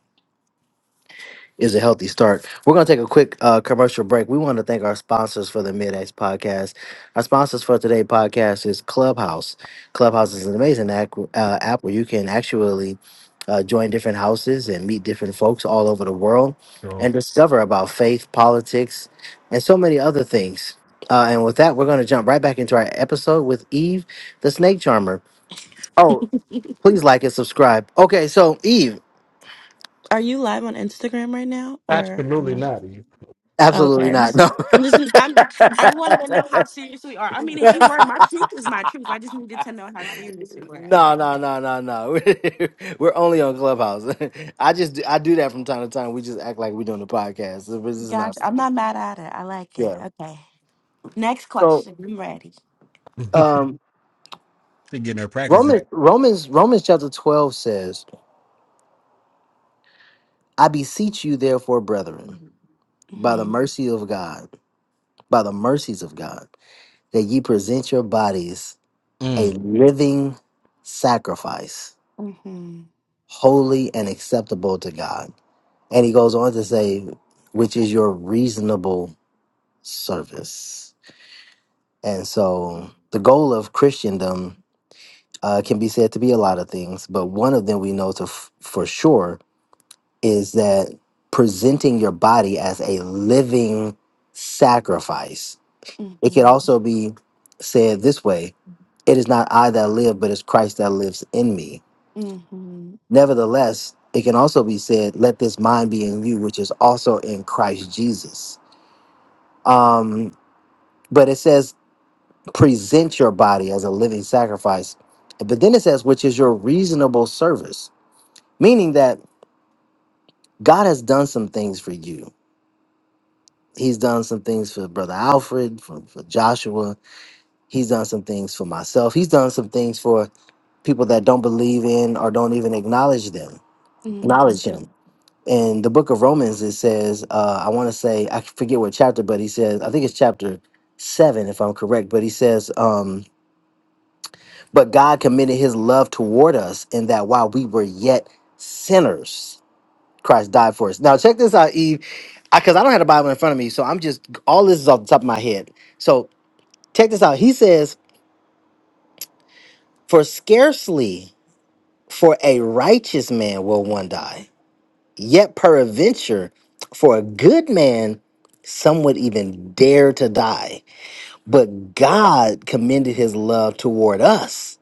[SPEAKER 1] is a healthy start. We're going to take a quick uh, commercial break. We want to thank our sponsors for the Mid X podcast. Our sponsors for today's podcast is Clubhouse. Clubhouse is an amazing app, uh, app where you can actually uh, join different houses and meet different folks all over the world
[SPEAKER 2] So
[SPEAKER 1] and discover about faith, politics, and so many other things. Uh, and with that, we're going to jump right back into our episode with Eve, the snake charmer. Oh, please like and subscribe. Okay, so Eve.
[SPEAKER 4] are you live on instagram right now or
[SPEAKER 2] absolutely not. You.
[SPEAKER 4] Okay.
[SPEAKER 1] Absolutely not. No.
[SPEAKER 4] I'm just, I'm just, I wanted to know how serious we are. I mean, if you were, my truth is my truth. I just needed to know how serious we were.
[SPEAKER 1] no,
[SPEAKER 4] Okay.
[SPEAKER 1] no, no, no, no. we're only on Clubhouse. I just I do that from time to time. We just act like we're doing a podcast. This is not.
[SPEAKER 4] Gotcha.
[SPEAKER 1] a
[SPEAKER 4] I'm not mad at it. I like it.
[SPEAKER 1] Yeah.
[SPEAKER 4] Okay. Next
[SPEAKER 1] So
[SPEAKER 4] question. I'm ready.
[SPEAKER 1] um,
[SPEAKER 2] she getting her practicing.
[SPEAKER 1] Romans Romans Romans chapter twelve says, "I beseech you, therefore, brethren, by the
[SPEAKER 4] Mm-hmm.
[SPEAKER 1] mercy of God, by the mercies of God, that ye present your bodies a
[SPEAKER 2] Mm.
[SPEAKER 1] living sacrifice,
[SPEAKER 4] Mm-hmm.
[SPEAKER 1] holy and acceptable to God." And he goes on to say, which is your reasonable service. And so the goal of Christendom uh, can be said to be a lot of things, but one of them we know to f- for sure is that presenting your body as a living sacrifice. It could
[SPEAKER 4] Mm-hmm.
[SPEAKER 1] also be said this way it is not I that live, but it's Christ that lives in me. Nevertheless, it can also be said, let this mind be in you, which is also in Christ Jesus Um, but it says present your body as a living sacrifice. But then it says, which is your reasonable service, meaning that God has done some things for you. He's done some things for Brother Alfred, for, for Joshua. He's done some things for myself. He's done some things for people that don't believe in or don't even acknowledge them,
[SPEAKER 4] Mm-hmm.
[SPEAKER 1] acknowledge him. In the book of Romans, it says, uh, I want to say, I forget what chapter, but he says, I think it's chapter seven, if I'm correct, but he says, um, But God commended his love toward us in that while we were yet sinners, Christ died for us. Now, check this out, Eve, because I, 'cause I don't have the Bible in front of me. So I'm just, all this is off the top of my head. So check this out. He says, For scarcely for a righteous man will one die, yet peradventure for a good man, some would even dare to die. But God commended his love toward us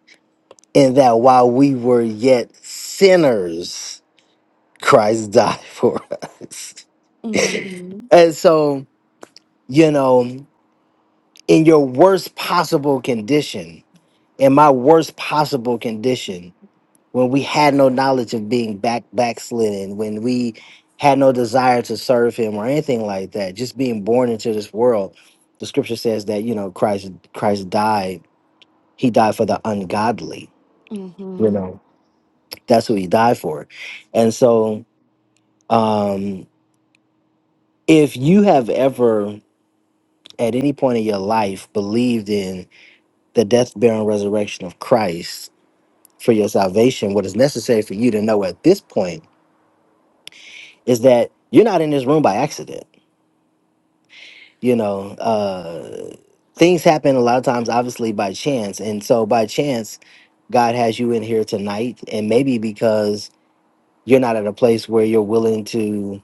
[SPEAKER 1] in that while we were yet sinners, Christ died for us.
[SPEAKER 4] Mm-hmm. Mm-hmm.
[SPEAKER 1] And so, you know, in your worst possible condition, in my worst possible condition, when we had no knowledge of being back backslidden, when we had no desire to serve him or anything like that, just being born into this world, the scripture says that, you know, Christ Christ died. He died for the ungodly. You
[SPEAKER 4] Mm-hmm.
[SPEAKER 1] know. That's who he died for. And so um if you have ever at any point in your life believed in the death, burial, and resurrection of Christ for your salvation, what is necessary for you to know at this point is that you're not in this room by accident. You know, uh, things happen a lot of times, obviously, by chance. And so, by chance, God has you in here tonight. And maybe because you're not at a place where you're willing to,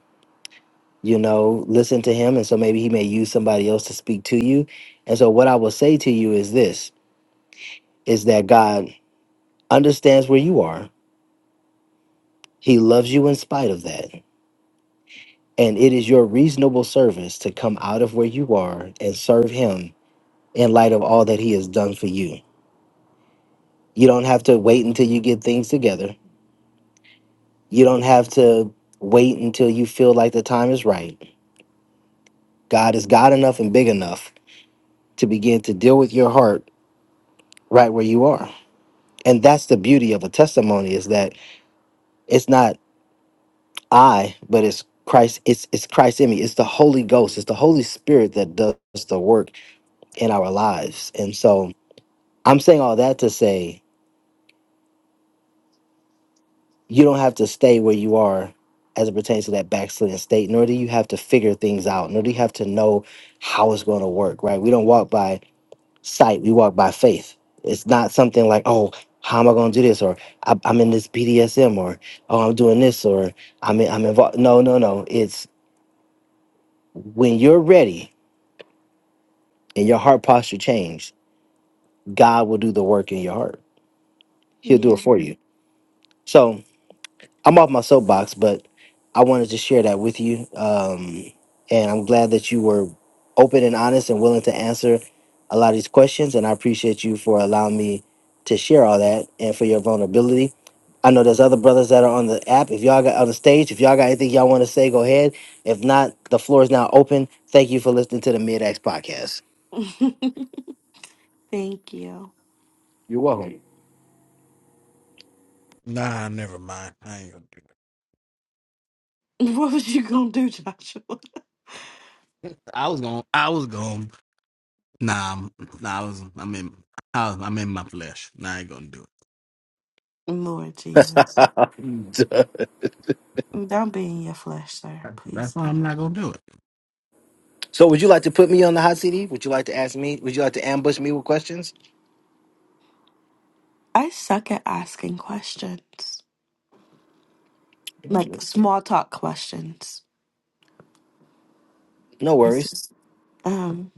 [SPEAKER 1] you know, listen to Him. And so, maybe He may use somebody else to speak to you. And so, what I will say to you is this is that God understands where you are. He loves you in spite of that. And it is your reasonable service to come out of where you are and serve him in light of all that he has done for you. You don't have to wait until you get things together. You don't have to wait until you feel like the time is right. God is God enough and big enough to begin to deal with your heart right where you are. And that's the beauty of a testimony is that it's not I, but it's Christ. It's it's Christ in me. It's the Holy Ghost. It's the Holy Spirit that does the work in our lives. And so I'm saying all that to say you don't have to stay where you are as it pertains to that backslidden state, nor do you have to figure things out, nor do you have to know how it's going to work. Right? We don't walk by sight. We walk by faith. It's not something like oh. How am I going to do this? Or I- I'm in this BDSM, or oh, I'm doing this, or I'm in, I'm involved. No, no, no. It's when you're ready. and your heart posture changed, God will do the work in your heart. He'll do it
[SPEAKER 4] Yeah.
[SPEAKER 1] for you. So I'm off my soapbox, but I wanted to share that with you. Um, and I'm glad that you were open and honest and willing to answer a lot of these questions. And I appreciate you for allowing me to share all that and for your vulnerability. I know there's other brothers that are on the app. If y'all got on the stage, if y'all got anything y'all want to say, go ahead. If not, the floor is now open. Thank you for listening to the Mid X podcast.
[SPEAKER 4] Thank you.
[SPEAKER 1] You're welcome.
[SPEAKER 2] Nah, never mind. I ain't gonna do.
[SPEAKER 4] What was you gonna do, Joshua?
[SPEAKER 2] I was going. I was going. Nah, I'm- nah. I was. I'm in. I was, I'm in my flesh. Nah, I ain't gonna do it.
[SPEAKER 4] Lord Jesus. Don't be in your flesh, sir.
[SPEAKER 2] That's
[SPEAKER 4] Please
[SPEAKER 2] why I'm not gonna do it.
[SPEAKER 1] So would you like to put me on the hot CD? Would you like to ask me? Would you like to ambush me with questions?
[SPEAKER 4] I suck at asking questions, like small talk questions.
[SPEAKER 1] No
[SPEAKER 4] Yes.
[SPEAKER 1] worries.
[SPEAKER 4] Um,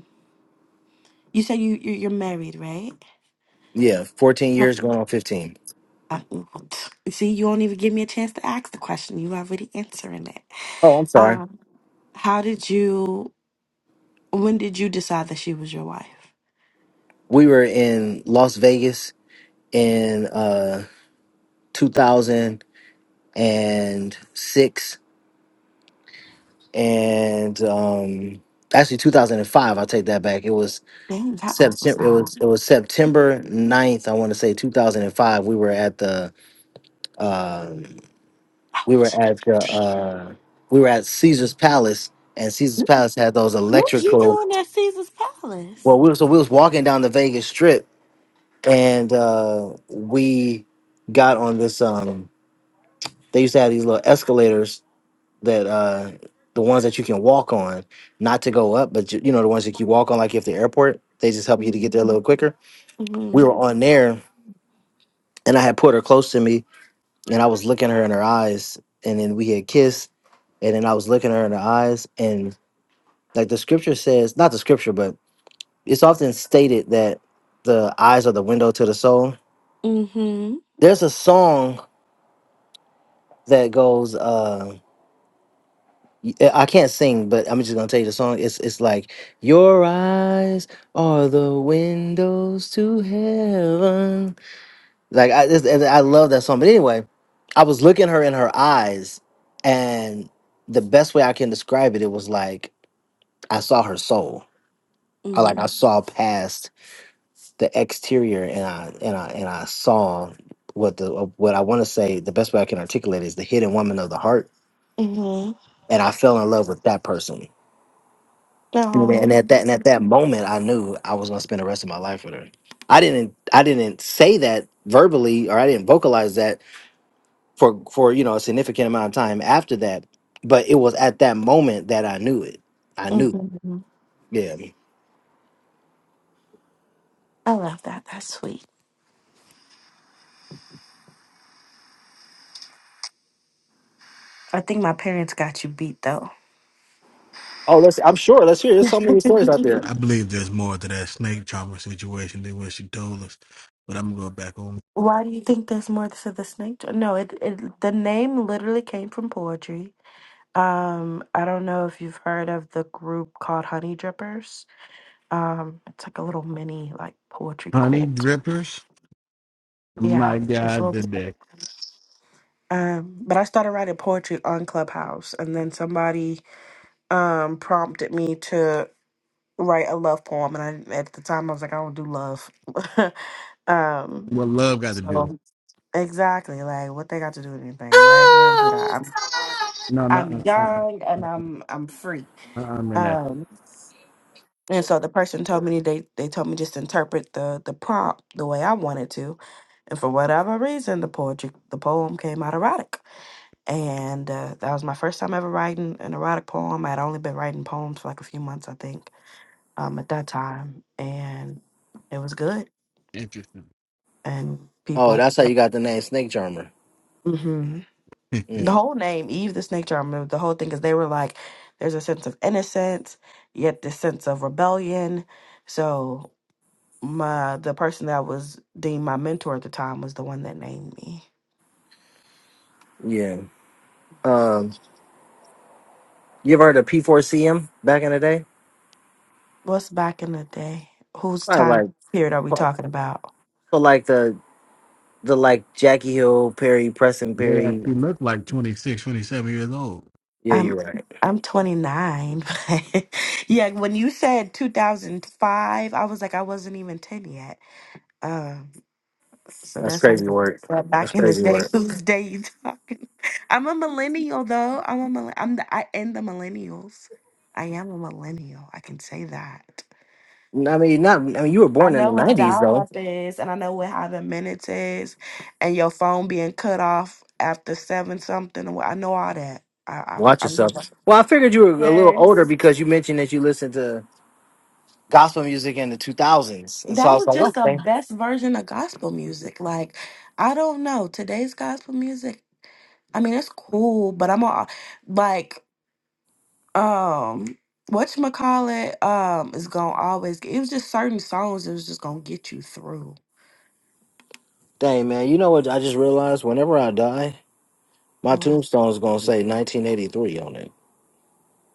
[SPEAKER 4] you said you you- you're married, right?
[SPEAKER 1] Yeah, 14 years
[SPEAKER 4] Yes.
[SPEAKER 1] going on 15.
[SPEAKER 4] Uh, mm-hmm. see, you won't even give me a chance to ask the question. You already answering it.
[SPEAKER 1] Oh, I'm sorry.
[SPEAKER 4] Um, how did you? When did you decide that she was your wife?
[SPEAKER 1] We were in Las Vegas in uh 2006 and six, and um actually 2005, i take that back. It was
[SPEAKER 4] Dang, how old was
[SPEAKER 1] September it
[SPEAKER 4] I?
[SPEAKER 1] was it was September 9th, I want to say 2005. We were at the um
[SPEAKER 4] I
[SPEAKER 1] we were
[SPEAKER 4] wasn't.
[SPEAKER 1] at the uh, we were at Caesar's Palace, and Caesar's Palace had those
[SPEAKER 4] What was you
[SPEAKER 1] electrical.
[SPEAKER 4] doing at Caesar's Palace?
[SPEAKER 1] Well, we were, so we was walking down the Vegas Strip, and uh, we got on this. Um, they used to have these little escalators that uh, the ones that you can walk on, not to go up, but you, you know the ones that you walk on, like if the airport, they just help you to get there a little quicker. We
[SPEAKER 4] Mm-hmm.
[SPEAKER 1] were on there, and I had put her close to me, and I was looking her in her eyes, and then we had kissed, and then I was looking her in her eyes, and Like the scripture says, not the scripture, but it's often stated that the eyes are the window to the soul.
[SPEAKER 4] Mm-hmm.
[SPEAKER 1] There's a song that goes, uh, y- eh, I can't sing, but I'm just gonna tell you the song. It's it's like your eyes are the windows to heaven. Like I just, and I love that song. But anyway, I was looking her in her eyes, and the best way I can describe it, it was like I saw her soul. I like I saw past the exterior and I and I and I saw what the what I want to say the best way I can articulate is the hidden woman of the heart
[SPEAKER 4] Mm-hmm.
[SPEAKER 1] and I fell in love with that person and, and
[SPEAKER 4] No.
[SPEAKER 1] at that and at that moment I knew I was gonna spend the rest of my life with her I didn't I didn't say that verbally or I didn't vocalize that for for you know a significant amount of time after that but it was at that moment that I knew it I knew
[SPEAKER 4] Mm-hmm.
[SPEAKER 1] yeah
[SPEAKER 4] I love that. That's sweet. I think my parents got you beat though.
[SPEAKER 1] oh let's I'm sure let's hear there's so many stories out there
[SPEAKER 2] I believe there's more to that snake charmer situation than what she told us. But I'm going back on
[SPEAKER 4] Why do you think there's more to the snake? jo- No, it, it the name literally came from poetry. Um, I don't know if you've heard of the group called Honey Drippers. Um, it's like a little mini like poetry
[SPEAKER 2] honey
[SPEAKER 4] cult.
[SPEAKER 2] drippers.
[SPEAKER 4] Yeah,
[SPEAKER 2] My
[SPEAKER 4] it's a
[SPEAKER 2] God,
[SPEAKER 4] little.
[SPEAKER 2] today.
[SPEAKER 4] Um, but I started writing poetry on Clubhouse, and then somebody um prompted me to write a love poem, and I at the time I was like, I don't do love. um,
[SPEAKER 2] What love got to do?
[SPEAKER 4] so. Exactly. Like what they got to do with anything, right? We don't do that. I'm
[SPEAKER 2] No, no.
[SPEAKER 4] I'm
[SPEAKER 2] Uh, uh,
[SPEAKER 4] young
[SPEAKER 2] uh, uh,
[SPEAKER 4] and I'm I'm free.
[SPEAKER 2] I'm in that.
[SPEAKER 4] Um and so the person told me they they told me just interpret the the prompt the way I wanted to. And for whatever reason the poetry the poem came out erotic. And uh, that was my first time ever writing an erotic poem. I'd only been writing poems for like a few months, I think, um, at that time. And it was good.
[SPEAKER 2] Interesting.
[SPEAKER 4] And
[SPEAKER 1] oh
[SPEAKER 4] people
[SPEAKER 1] that's how you got the name Snake Charmer
[SPEAKER 4] Mhm. the
[SPEAKER 1] Mm,
[SPEAKER 4] whole name Eve the snake charmer. The whole thing is they were like, there's a sense of innocence, yet this sense of rebellion. So my the person that was deemed my mentor at the time was the one that named me.
[SPEAKER 1] yeah Um, you ever heard of P4CM back in the day?
[SPEAKER 4] What's back in the day? Whose
[SPEAKER 1] I
[SPEAKER 4] time
[SPEAKER 1] like
[SPEAKER 4] period are we
[SPEAKER 1] so
[SPEAKER 4] talking about?
[SPEAKER 1] like the the like Jackie Hill, Perry, Preston
[SPEAKER 2] Mid
[SPEAKER 1] Perry.
[SPEAKER 2] actually looked like 26, 27 years old.
[SPEAKER 1] Yeah,
[SPEAKER 4] I'm
[SPEAKER 1] you're right.
[SPEAKER 4] I'm 29. but yeah, when you said 2005, I was like I wasn't even 10 yet. Um, So
[SPEAKER 1] That's
[SPEAKER 4] that's our
[SPEAKER 1] crazy work.
[SPEAKER 4] but
[SPEAKER 1] That's
[SPEAKER 4] back in the
[SPEAKER 1] crazy
[SPEAKER 4] day.
[SPEAKER 1] work.
[SPEAKER 4] Whose day you talking? I'm a millennial though. I'm a mill- I'm the I in the millennials. I am a millennial. I can say that.
[SPEAKER 1] I mean, not. I mean, you were
[SPEAKER 4] I
[SPEAKER 1] born in the
[SPEAKER 4] know what
[SPEAKER 1] '90s
[SPEAKER 4] dial
[SPEAKER 1] though.
[SPEAKER 4] up is, and I know what having minutes is, and your phone being cut off after seven something. and what- I know all that. I I,
[SPEAKER 1] Watch
[SPEAKER 4] I remember.
[SPEAKER 1] yourself. Well, I figured you were a little older
[SPEAKER 4] Yes.
[SPEAKER 1] because you mentioned that you listened to gospel music in the 2000s, and so
[SPEAKER 4] That
[SPEAKER 1] I was
[SPEAKER 4] was
[SPEAKER 1] like,
[SPEAKER 4] just the
[SPEAKER 1] okay,
[SPEAKER 4] best version of gospel music. Like, I don't know. Today's gospel music, I mean, it's cool, but I'm all like, um whatchamacallit um is gonna always get, it was just certain songs that was just gonna get you through.
[SPEAKER 1] dang man, you know what? I just realized whenever I die, my
[SPEAKER 4] Oh, I-
[SPEAKER 1] tombstone is gonna say 1983 on it.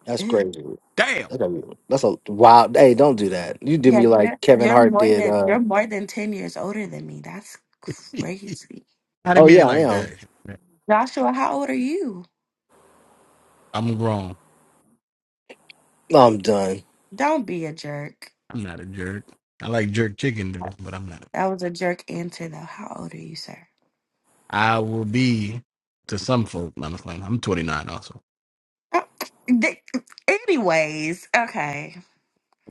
[SPEAKER 1] That's
[SPEAKER 4] eh.
[SPEAKER 1] crazy.
[SPEAKER 2] Damn.
[SPEAKER 1] That's a, that's a wild. Hey, don't do that. You did
[SPEAKER 4] Yeah,
[SPEAKER 1] me
[SPEAKER 4] you're,
[SPEAKER 1] like Kevin
[SPEAKER 4] you're
[SPEAKER 1] Hart
[SPEAKER 4] more
[SPEAKER 1] did.
[SPEAKER 4] than you're
[SPEAKER 1] Uh,
[SPEAKER 4] more than ten years older than me. That's crazy.
[SPEAKER 2] I didn't
[SPEAKER 1] oh
[SPEAKER 2] mean it
[SPEAKER 1] yeah, I
[SPEAKER 2] like that.
[SPEAKER 1] am.
[SPEAKER 4] Joshua, how old are you?
[SPEAKER 2] I'm grown.
[SPEAKER 1] No, I'm done.
[SPEAKER 4] Don't be a jerk.
[SPEAKER 2] I'm not a jerk. I like jerk chicken though, but I'm not.
[SPEAKER 4] That was a jerk answer though. How old are you, sir?
[SPEAKER 2] I will be to some folk. I'm just playing. I'm 29 also.
[SPEAKER 4] Uh, th- Anyways, okay.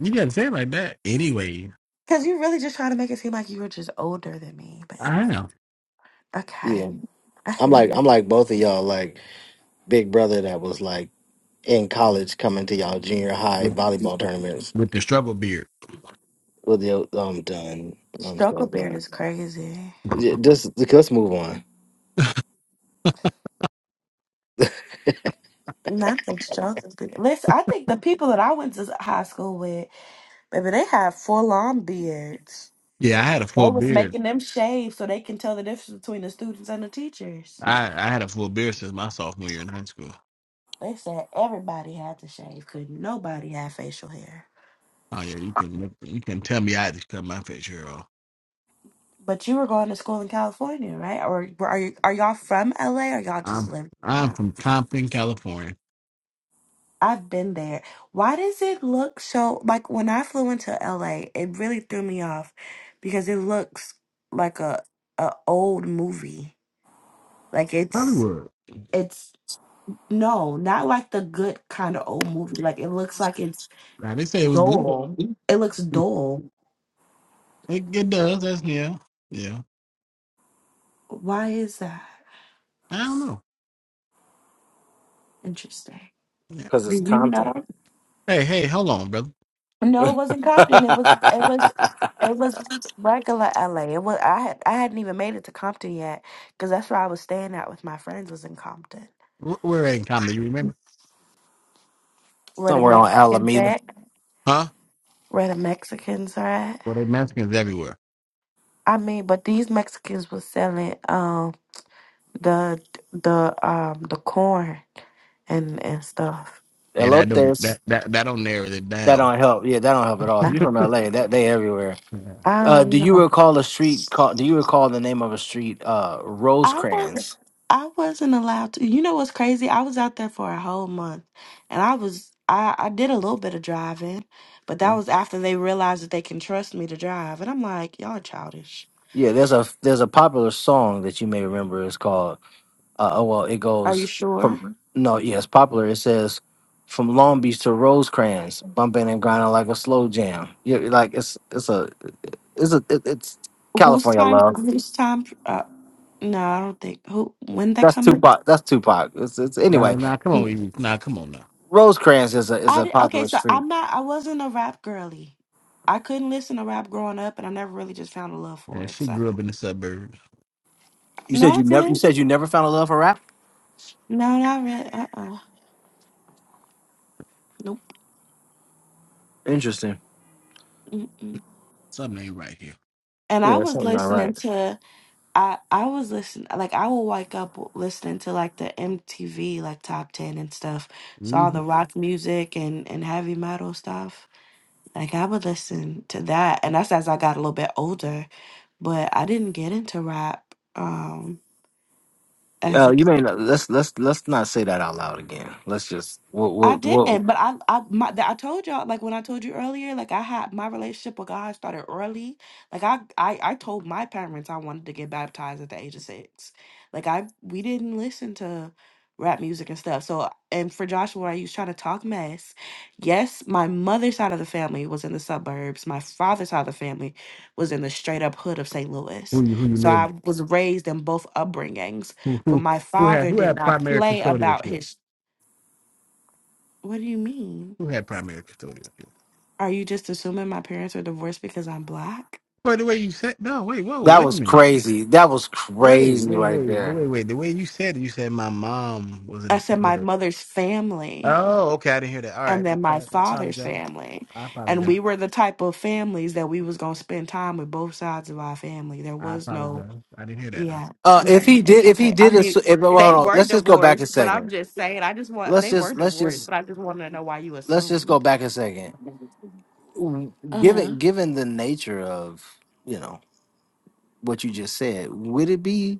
[SPEAKER 2] You gotta say it like that. Anyway,
[SPEAKER 4] Cause you really just trying to make it seem like you were just older than me, but
[SPEAKER 2] I am
[SPEAKER 4] okay.
[SPEAKER 1] Yeah,
[SPEAKER 4] I
[SPEAKER 1] I'm
[SPEAKER 4] hear
[SPEAKER 1] like
[SPEAKER 4] you.
[SPEAKER 1] I'm like both of y'all. Like Big Brother that was like in college coming to y'all junior high
[SPEAKER 2] with,
[SPEAKER 1] volleyball tournaments.
[SPEAKER 2] with the struggle beard.
[SPEAKER 1] With you, I'm done. I'm so
[SPEAKER 4] Struggle
[SPEAKER 1] done.
[SPEAKER 4] beard is crazy.
[SPEAKER 1] Yeah, Just let's move on
[SPEAKER 4] Nothing struggle beard. Listen, I think the people that I went to high school with, baby, they have full on beards.
[SPEAKER 2] Yeah, I had a full
[SPEAKER 4] They was
[SPEAKER 2] beard.
[SPEAKER 4] making them shave so they can tell the difference between the students and the teachers.
[SPEAKER 2] I, I had a full beard since my sophomore year in high school.
[SPEAKER 4] They said everybody had to shave, could nobody have facial hair.
[SPEAKER 2] Oh yeah, you can look- you can tell me I had to cut my fair share off.
[SPEAKER 4] But you were going to school in California, right? Or were- are you are y'all from LA or y'all just
[SPEAKER 2] I'm
[SPEAKER 4] lived
[SPEAKER 2] I'm
[SPEAKER 4] out?
[SPEAKER 2] from Compton, California,
[SPEAKER 4] I've been there. Why does it look so like when I flew into LA, it really threw me off because it looks like a a old movie. Like it's
[SPEAKER 2] Hollywood.
[SPEAKER 4] it's no, not like the good kind of old movie. Like it looks like it's
[SPEAKER 2] Now they say it was good.
[SPEAKER 4] dull. It looks dull.
[SPEAKER 2] It, it does. That's yeah, yeah.
[SPEAKER 4] Why is that?
[SPEAKER 2] I don't know.
[SPEAKER 4] Interesting.
[SPEAKER 2] Yeah.
[SPEAKER 1] because
[SPEAKER 4] Do
[SPEAKER 1] it's
[SPEAKER 4] you know?
[SPEAKER 1] Compton.
[SPEAKER 2] Hey, hey, hold on, brother.
[SPEAKER 4] No, it wasn't Compton. It was it was it was regular LA. It was I had I hadn't even made it to Compton yet because that's where I was staying at with my friends was in Compton.
[SPEAKER 2] Wh- Where in comedy? You remember?
[SPEAKER 4] Where the
[SPEAKER 1] Somewhere on
[SPEAKER 4] Mexicans
[SPEAKER 1] Alameda.
[SPEAKER 4] at?
[SPEAKER 2] Huh?
[SPEAKER 4] Where the Mexicans are at?
[SPEAKER 2] Well, they Mexicans everywhere.
[SPEAKER 4] I mean, but these Mexicans was selling um the the um the corn and and stuff.
[SPEAKER 2] Yeah, that don't
[SPEAKER 1] Elotes.
[SPEAKER 2] that that that don't narrow it
[SPEAKER 1] That
[SPEAKER 2] down.
[SPEAKER 1] don't help. Yeah, that don't help at all. If
[SPEAKER 4] I,
[SPEAKER 1] you from LA, that they everywhere.
[SPEAKER 2] Yeah.
[SPEAKER 4] I
[SPEAKER 1] Uh, do
[SPEAKER 4] don't
[SPEAKER 1] you
[SPEAKER 4] know.
[SPEAKER 1] recall a street? Call, do you recall the name of a street? Uh,
[SPEAKER 4] I wasn't
[SPEAKER 1] Rosecrans.
[SPEAKER 4] I wasn't allowed to. You know what's crazy? I was out there for a whole month and I was I, I did a little bit of driving, but that
[SPEAKER 1] Mm.
[SPEAKER 4] was after they realized that they can trust me to drive. And I'm like, y'all are childish.
[SPEAKER 1] Yeah, there's a there's a popular song that you may remember. It's called. Uh, oh well, it
[SPEAKER 4] Are you
[SPEAKER 1] goes from
[SPEAKER 4] sure?
[SPEAKER 1] Mhm. no, yeah, it's popular. It says from Long Beach to Rosecrans, bumping and grinding like a slow jam. Yeah, like it's it's a it's a it, it's
[SPEAKER 4] Whose
[SPEAKER 1] California
[SPEAKER 4] time
[SPEAKER 1] love.
[SPEAKER 4] whose time uh no, I don't think who when that
[SPEAKER 1] That's
[SPEAKER 4] coming?
[SPEAKER 1] Tupac. That's Tupac. It's it's
[SPEAKER 2] Nah,
[SPEAKER 1] anyway.
[SPEAKER 2] nah, come on, Evie. Nah, come on now.
[SPEAKER 1] Rosecrans is a is
[SPEAKER 4] I
[SPEAKER 1] a
[SPEAKER 4] did, okay,
[SPEAKER 1] popular
[SPEAKER 4] so
[SPEAKER 1] street.
[SPEAKER 4] I'm not I wasn't a rap girly. I couldn't listen to rap growing up and I never really just found a love
[SPEAKER 2] Yeah,
[SPEAKER 4] for it.
[SPEAKER 2] she
[SPEAKER 4] So
[SPEAKER 2] grew up in the suburbs.
[SPEAKER 1] You said
[SPEAKER 4] no I
[SPEAKER 1] you never you
[SPEAKER 4] didn't.
[SPEAKER 1] said you never found a love for rap.
[SPEAKER 4] No, not really. Uh uh Nope.
[SPEAKER 1] Interesting.
[SPEAKER 4] Mm-mm.
[SPEAKER 2] Something ain't right here.
[SPEAKER 4] And I
[SPEAKER 1] Yeah,
[SPEAKER 4] was
[SPEAKER 1] something not right.
[SPEAKER 4] listening to I I was listening like I will wake up listening to like the MTV like top ten and stuff. So all
[SPEAKER 2] hmm
[SPEAKER 4] the rock music and and heavy metal stuff. Like I would listen to that, and that's as I got a little bit older. But I didn't get into rap um as
[SPEAKER 1] Uh,
[SPEAKER 4] a kid.
[SPEAKER 1] you may not, let's let's let's not say that out loud again. Let's just we'll,
[SPEAKER 4] I
[SPEAKER 1] we'll, we'll,
[SPEAKER 4] didn't, but I I my that I told y'all like when I told you earlier, like I had my relationship with God started early. Like I I I told my parents I wanted to get baptized at the age of six. Like I we didn't listen to rap music and stuff. So and for Joshua, I used trying to talk mess. Yes, my mother's side of the family was in the suburbs. My father's side of the family was in the straight up hood of St.
[SPEAKER 2] Who
[SPEAKER 4] Louis.
[SPEAKER 2] you who you
[SPEAKER 4] So
[SPEAKER 2] live
[SPEAKER 4] I
[SPEAKER 2] with?
[SPEAKER 4] was raised in both upbringings,
[SPEAKER 2] Who
[SPEAKER 4] but
[SPEAKER 2] who
[SPEAKER 4] my
[SPEAKER 2] who had
[SPEAKER 4] father
[SPEAKER 2] who
[SPEAKER 4] did
[SPEAKER 2] had
[SPEAKER 4] not
[SPEAKER 2] primary
[SPEAKER 4] play about
[SPEAKER 2] custodianship?
[SPEAKER 4] his. What do you mean?
[SPEAKER 2] Who had primary custodianship?
[SPEAKER 4] Are you just assuming my parents are divorced because I'm black?
[SPEAKER 2] Well, the way you said no, wait, whoa,
[SPEAKER 1] that
[SPEAKER 2] wait a
[SPEAKER 1] was
[SPEAKER 2] minute.
[SPEAKER 1] crazy. That was
[SPEAKER 2] Wait,
[SPEAKER 1] crazy
[SPEAKER 2] wait,
[SPEAKER 1] right
[SPEAKER 2] wait, the
[SPEAKER 1] there.
[SPEAKER 2] way wait, the way you said it, you said my mom was in
[SPEAKER 4] I
[SPEAKER 2] the
[SPEAKER 4] said my
[SPEAKER 2] suburbs.
[SPEAKER 4] mother's family
[SPEAKER 2] Oh, okay, I didn't hear that. All
[SPEAKER 4] and
[SPEAKER 2] right. My
[SPEAKER 4] then my
[SPEAKER 2] bad. I
[SPEAKER 4] father's
[SPEAKER 2] apologize.
[SPEAKER 4] family.
[SPEAKER 2] I
[SPEAKER 4] And
[SPEAKER 2] apologize.
[SPEAKER 4] we were the type of families that we was going to spend time with both sides of our family. There
[SPEAKER 2] I
[SPEAKER 4] was no,
[SPEAKER 2] apologize. I didn't hear that. Uh,
[SPEAKER 4] yeah,
[SPEAKER 1] Uh,
[SPEAKER 2] yeah.
[SPEAKER 1] if
[SPEAKER 4] hmm
[SPEAKER 1] he did,
[SPEAKER 4] it's
[SPEAKER 1] if he
[SPEAKER 4] okay. I
[SPEAKER 1] did it,
[SPEAKER 4] mean,
[SPEAKER 1] so- if, well,
[SPEAKER 4] they
[SPEAKER 1] hold on.
[SPEAKER 4] were
[SPEAKER 1] Let's just go back a
[SPEAKER 4] divorced, but I'm
[SPEAKER 1] second.
[SPEAKER 4] just saying, I just want,
[SPEAKER 1] Let's
[SPEAKER 4] they were
[SPEAKER 1] just let's
[SPEAKER 4] divorced,
[SPEAKER 1] just
[SPEAKER 4] but I just wanted to know why you
[SPEAKER 1] let's just go
[SPEAKER 4] assumed.
[SPEAKER 1] back a second. W-
[SPEAKER 4] Uh-huh.
[SPEAKER 1] Given given the nature of you know what you just said, would it be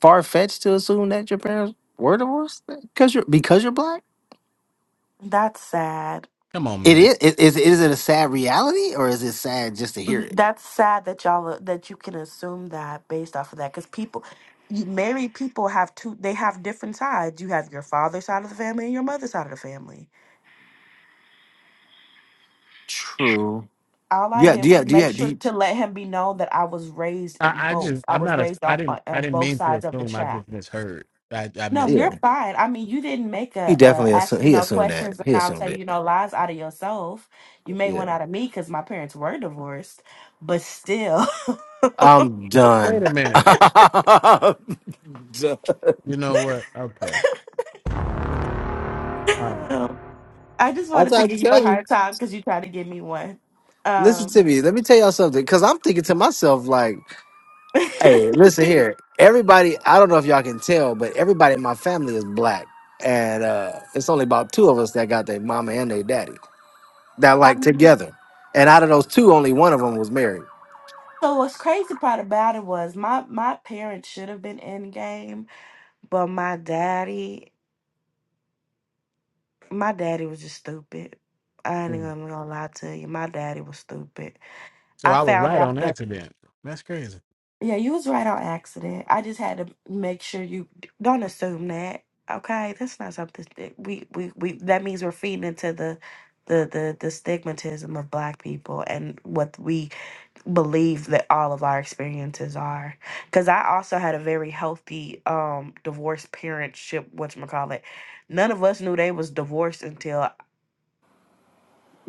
[SPEAKER 1] far fetched to assume that your parents were divorced because you're because you're black?
[SPEAKER 4] That's sad.
[SPEAKER 2] Come on,
[SPEAKER 1] It
[SPEAKER 2] man.
[SPEAKER 1] is. Is is it a sad reality or is it sad just to hear it?
[SPEAKER 4] That's sad that y'all uh, that you can assume that based off of that because people, you- married people have two. They have different sides. You have your father's side of the family and your mother's side of the family.
[SPEAKER 1] True.
[SPEAKER 4] All I
[SPEAKER 1] Yeah,
[SPEAKER 4] did was
[SPEAKER 1] yeah,
[SPEAKER 4] make
[SPEAKER 1] yeah, do
[SPEAKER 4] sure
[SPEAKER 1] you-
[SPEAKER 4] to let him be known that I was raised
[SPEAKER 2] I,
[SPEAKER 4] in
[SPEAKER 2] I
[SPEAKER 4] both.
[SPEAKER 2] just
[SPEAKER 4] I
[SPEAKER 2] I'm
[SPEAKER 4] was
[SPEAKER 2] not a
[SPEAKER 4] raised
[SPEAKER 2] I
[SPEAKER 4] on
[SPEAKER 2] didn't
[SPEAKER 4] on
[SPEAKER 2] I
[SPEAKER 4] on
[SPEAKER 2] didn't
[SPEAKER 4] both
[SPEAKER 2] mean to
[SPEAKER 4] sides of the
[SPEAKER 2] assume. I
[SPEAKER 4] track.
[SPEAKER 2] just misheard. I I
[SPEAKER 4] No,
[SPEAKER 2] missed.
[SPEAKER 4] you're
[SPEAKER 1] yeah.
[SPEAKER 4] fine. I mean, you didn't make
[SPEAKER 1] He
[SPEAKER 4] a, a
[SPEAKER 1] definitely
[SPEAKER 4] ask
[SPEAKER 1] assumed.
[SPEAKER 4] me
[SPEAKER 1] He
[SPEAKER 4] no
[SPEAKER 1] assumed that.
[SPEAKER 4] questions, and
[SPEAKER 1] He
[SPEAKER 4] I'll tell
[SPEAKER 1] assumed it.
[SPEAKER 4] you no lies out of yourself. You made
[SPEAKER 1] Yeah.
[SPEAKER 4] one out of me because my parents were divorced, but still.
[SPEAKER 1] I'm
[SPEAKER 2] Wait
[SPEAKER 1] done.
[SPEAKER 2] a minute.
[SPEAKER 1] I'm done.
[SPEAKER 2] You know what? Okay. All right.
[SPEAKER 4] I just
[SPEAKER 1] I
[SPEAKER 4] wanted to
[SPEAKER 1] gotta
[SPEAKER 4] give you
[SPEAKER 1] tell
[SPEAKER 4] a
[SPEAKER 1] you.
[SPEAKER 4] hard time because you tried to give me one.
[SPEAKER 1] Listen
[SPEAKER 4] Um,
[SPEAKER 1] to me. Let me tell y'all something. Cause I'm thinking to myself, like, hey, listen here. Everybody, I don't know if y'all can tell, but everybody in my family is black, and uh, it's only about two of us that got their mama and their daddy that like
[SPEAKER 4] I'm,
[SPEAKER 1] together. And out of those two, only one of them was married.
[SPEAKER 4] so what's crazy part about it was my my parents should have been in game, but my daddy, my daddy was just stupid. I ain't even
[SPEAKER 2] Mm.
[SPEAKER 4] gonna lie to you. My daddy was stupid.
[SPEAKER 2] So
[SPEAKER 4] I
[SPEAKER 2] I was
[SPEAKER 4] found
[SPEAKER 2] right
[SPEAKER 4] out.
[SPEAKER 2] on
[SPEAKER 4] the.
[SPEAKER 2] accident. That's crazy.
[SPEAKER 4] Yeah, you was right on accident. I just had to make sure you don't assume that. Okay, that's not something that we we we that means we're feeding into the the the the stigmatism of black people and what we believe that all of our experiences are. Cuz I also had a very healthy um divorced parentship, whatchamacallit. None of us knew they was divorced until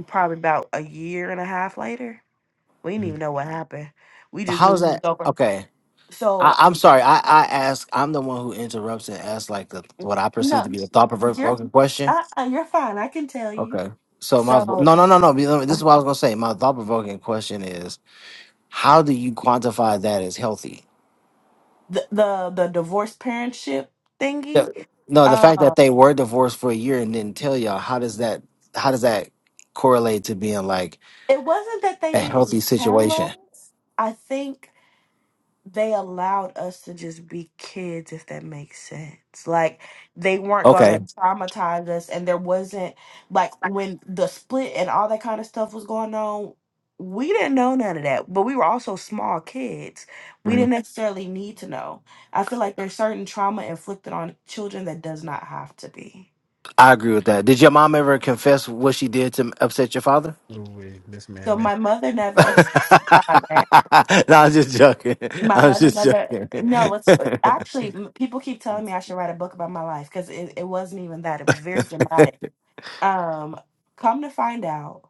[SPEAKER 4] probably about a year and a half later. We didn't
[SPEAKER 2] Mm.
[SPEAKER 4] even know what happened. We
[SPEAKER 1] But
[SPEAKER 4] just knew
[SPEAKER 1] how's
[SPEAKER 4] we was
[SPEAKER 1] that?
[SPEAKER 4] over.
[SPEAKER 1] Okay. I,
[SPEAKER 4] So
[SPEAKER 1] I'm sorry. I, I ask. I'm the one who interrupts and asks like the, what I perceive
[SPEAKER 4] No,
[SPEAKER 1] to be a thought
[SPEAKER 4] you're
[SPEAKER 1] provoking question.
[SPEAKER 4] uh, uh, you're fine. I can tell you.
[SPEAKER 1] Okay. So my
[SPEAKER 4] So
[SPEAKER 1] no no no no. This
[SPEAKER 4] uh,
[SPEAKER 1] is what I was gonna say. My thought provoking question is how do you quantify that as healthy?
[SPEAKER 4] the the the divorce parentship thingy.
[SPEAKER 1] The- no, the fact
[SPEAKER 4] Uh,
[SPEAKER 1] that they were divorced for a year and didn't tell y'all. How does that? How does that correlate to being like
[SPEAKER 4] it wasn't that they
[SPEAKER 1] a healthy
[SPEAKER 4] didn't
[SPEAKER 1] situation?
[SPEAKER 4] tell us. I think. they allowed us to just be kids if that makes sense like they weren't gonna
[SPEAKER 1] Okay.
[SPEAKER 4] traumatize us and there wasn't like when the split and all that kind of stuff was going on we didn't know none of that but we were also small kids we
[SPEAKER 1] Mhm.
[SPEAKER 4] didn't necessarily need to know i feel like there's certain trauma inflicted on children that does not have to be
[SPEAKER 1] I agree with that. Did your mom ever confess what she did to upset your father?
[SPEAKER 2] Ooh, wee, this man,
[SPEAKER 4] so
[SPEAKER 2] man.
[SPEAKER 4] my mother never upset my father
[SPEAKER 1] no, I'm just joking.
[SPEAKER 4] My
[SPEAKER 1] I'm
[SPEAKER 4] mother,
[SPEAKER 1] just
[SPEAKER 4] mother,
[SPEAKER 1] joking.
[SPEAKER 4] no, it's actually m- people keep telling me I should write a book about my life because it, it wasn't even that. It was very dramatic. Um, come to find out,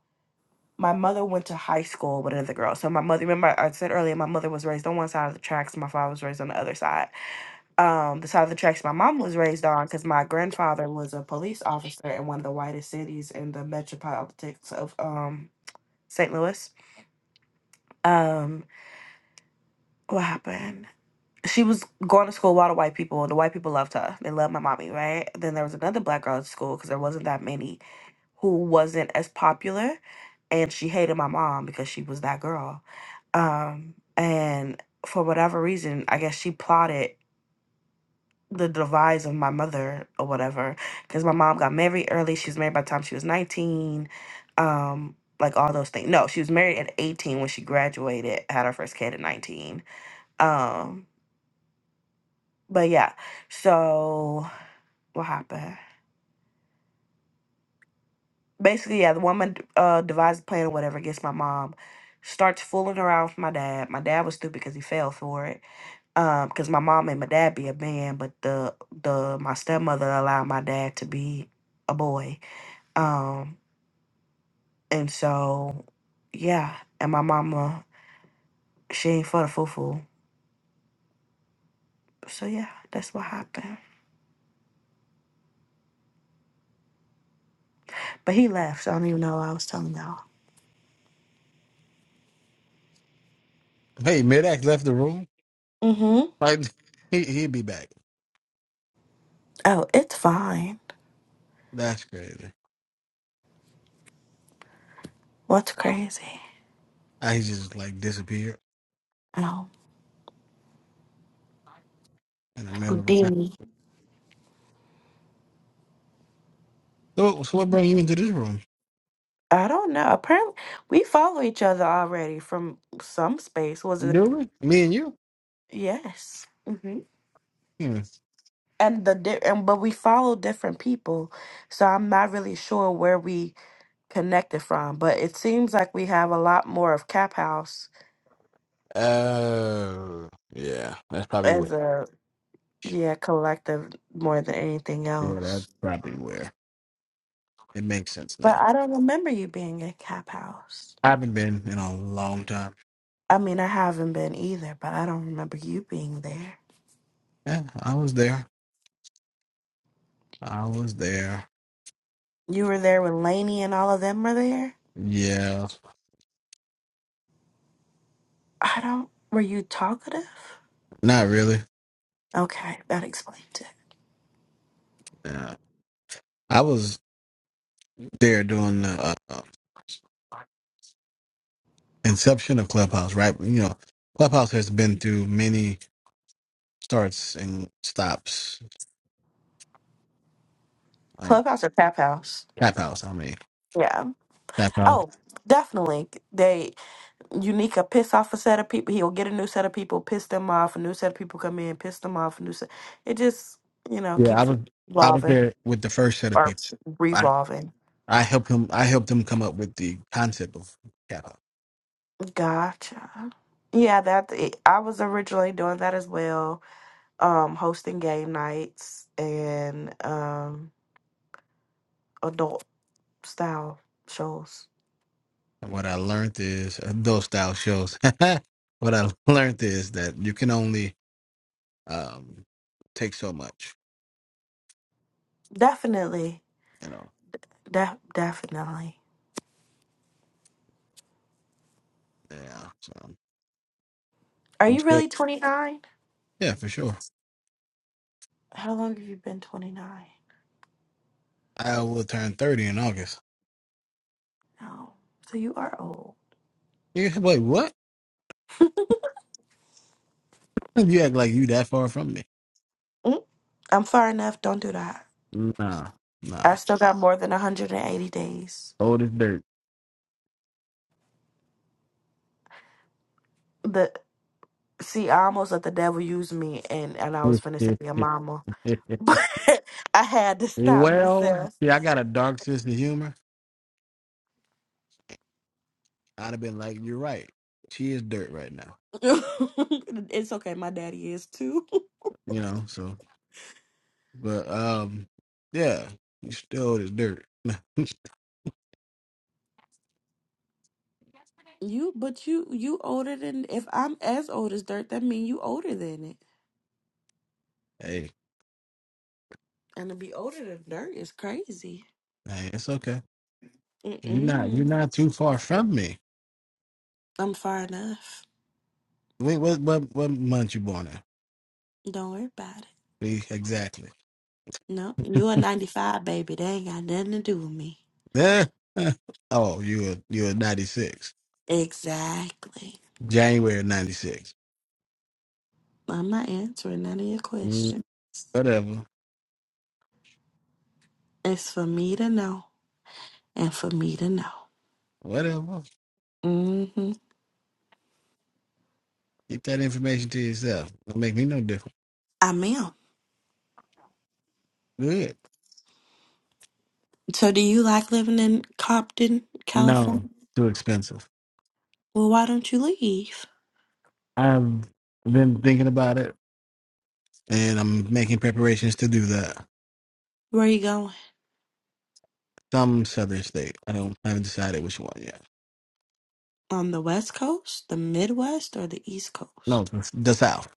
[SPEAKER 4] my mother went to high school with another girl. So my mother, remember I said earlier, my mother was raised on one side of the tracks, my father was raised on the other side. Um, the side of the tracks my mom was raised on because my grandfather was a police officer in one of the whitest cities in the metropolitics of um St. Louis. Um, what happened? she was going to school with a lot of white people, and the white people loved her. They loved my mommy, right? Then there was another black girl at school because there wasn't that many who wasn't as popular, and she hated my mom because she was that girl. Um, and for whatever reason, I guess she plotted the demise of my mother or whatever because my mom got married early. She was married by the time she was 19. Um, like all those things. No, she was married at 18 when she graduated, had her first kid at 19. Um, But yeah, so what happened? Basically, yeah, the woman uh, devised a plan or whatever against my mom. Starts fooling around with my dad. My dad was stupid because he fell for it. Um, because my mom and my dad be a man, but the the my stepmother allowed my dad to be a boy. Um, and so yeah, and my mama she ain't for the foo foo. So yeah, that's what happened. But he left, so I don't even know what I was telling y'all.
[SPEAKER 2] Hey, Midax left the room.
[SPEAKER 4] Mm-hmm.
[SPEAKER 2] Like he he'd be back.
[SPEAKER 4] Oh, it's fine.
[SPEAKER 2] That's crazy.
[SPEAKER 4] What's crazy?
[SPEAKER 2] I he just like disappeared
[SPEAKER 4] Oh,
[SPEAKER 2] in the middle of a. con-
[SPEAKER 4] Houdini.
[SPEAKER 2] So so what brought you into this room?
[SPEAKER 4] I don't know. Apparently, we follow each other already from some space. Was
[SPEAKER 2] Do
[SPEAKER 4] it?
[SPEAKER 2] we? Me and you.
[SPEAKER 4] Yes. hmm
[SPEAKER 2] Hmm.
[SPEAKER 4] And the di- and but we follow different people, so I'm not really sure where we connected from. But it seems like we have a lot more of Cap House
[SPEAKER 2] Oh, yeah. That's probably where.
[SPEAKER 4] as a yeah collective more than anything
[SPEAKER 2] Yeah, that's
[SPEAKER 4] else.
[SPEAKER 2] probably where. It makes sense
[SPEAKER 4] But
[SPEAKER 2] now.
[SPEAKER 4] I don't remember you being at Cap House.
[SPEAKER 2] I haven't been in a long time.
[SPEAKER 4] I mean, I haven't been either, but I don't remember you being there.
[SPEAKER 2] Yeah, I was there. I was there.
[SPEAKER 4] You were there when Lainey and all of them were there?
[SPEAKER 2] Yeah,
[SPEAKER 4] I don't. Were you talkative?
[SPEAKER 2] not really.
[SPEAKER 4] Okay, that explains it.
[SPEAKER 2] Yeah. I was there during the uh, uh, inception of Clubhouse, right? You know, Clubhouse has been through many starts and stops. Like
[SPEAKER 4] Clubhouse or Pap House?
[SPEAKER 2] Tap House, I mean,
[SPEAKER 4] Yeah.
[SPEAKER 2] Tap House.
[SPEAKER 4] Oh, definitely. They Unica piss off a set of people. He'll get a new set of people, piss them off. A new set of people come in, piss them off. A new set. It just you know
[SPEAKER 2] Yeah, I
[SPEAKER 4] keeps
[SPEAKER 2] was I was
[SPEAKER 4] revolving
[SPEAKER 2] there with the first set of
[SPEAKER 4] or
[SPEAKER 2] people.
[SPEAKER 4] revolving.
[SPEAKER 2] I helped him. I helped him come up with the concept of kappa.
[SPEAKER 4] Gotcha. Yeah, that I was originally doing that as well. Um, hosting game nights and um adult style shows.
[SPEAKER 2] And what I learned is uh, those style shows. what I learned is that you can only um, take so much.
[SPEAKER 4] Definitely.
[SPEAKER 2] You know.
[SPEAKER 4] De- definitely.
[SPEAKER 2] Yeah. So
[SPEAKER 4] Are
[SPEAKER 2] I'm
[SPEAKER 4] you
[SPEAKER 2] sure.
[SPEAKER 4] really 29?
[SPEAKER 2] Yeah, for sure.
[SPEAKER 4] How long have you been 29?
[SPEAKER 2] I will turn thirty in August.
[SPEAKER 4] No. So you are old.
[SPEAKER 2] You wait. What? You act like you that far from me?
[SPEAKER 4] Mm, I'm far enough. Don't do that.
[SPEAKER 2] Nah. Nah.
[SPEAKER 4] I still got more than 180 days.
[SPEAKER 2] Old as dirt.
[SPEAKER 4] The See, I almost let the devil use me, and, and I was finna say your mama. But I had to stop
[SPEAKER 2] well,
[SPEAKER 4] myself.
[SPEAKER 2] see, I got a dark sense of humor. I'd have been like, you're right. She is dirt right now.
[SPEAKER 4] it's okay. My daddy is too.
[SPEAKER 2] you know. So, but um, yeah, you still this dirt.
[SPEAKER 4] You, but you, you older than if I'm as old as dirt, that mean you older than it.
[SPEAKER 2] Nah, hey,
[SPEAKER 4] And to be older than dirt is crazy.
[SPEAKER 2] hey, it's okay. You're not you're
[SPEAKER 4] Mm-mm.
[SPEAKER 2] not too far from me.
[SPEAKER 4] I'm far enough.
[SPEAKER 2] Wait, what what what month you born in?
[SPEAKER 4] Don't worry about it.
[SPEAKER 2] See, exactly.
[SPEAKER 4] No, you a 95, baby. They ain't got nothing to do with me.
[SPEAKER 2] Yeah. oh, you are you are ninety six.
[SPEAKER 4] Exactly.
[SPEAKER 2] January of ninety six.
[SPEAKER 4] I'm not answering none of your questions.
[SPEAKER 2] Whatever,
[SPEAKER 4] It's for me to know and for me to know.
[SPEAKER 2] whatever.
[SPEAKER 4] Mm-hmm.
[SPEAKER 2] Keep that information to yourself. Don't make me no different.
[SPEAKER 4] I am.
[SPEAKER 2] Good.
[SPEAKER 4] So do you like living in Compton,
[SPEAKER 2] No,
[SPEAKER 4] California?
[SPEAKER 2] too expensive.
[SPEAKER 4] Well, why don't you leave?
[SPEAKER 2] I've been thinking about it, and I'm making preparations to do that.
[SPEAKER 4] Where are you going?
[SPEAKER 2] some southern state. I don't I haven't decided which one yet.
[SPEAKER 4] On the West Coast, the Midwest, or the East Coast?
[SPEAKER 2] No, the the south.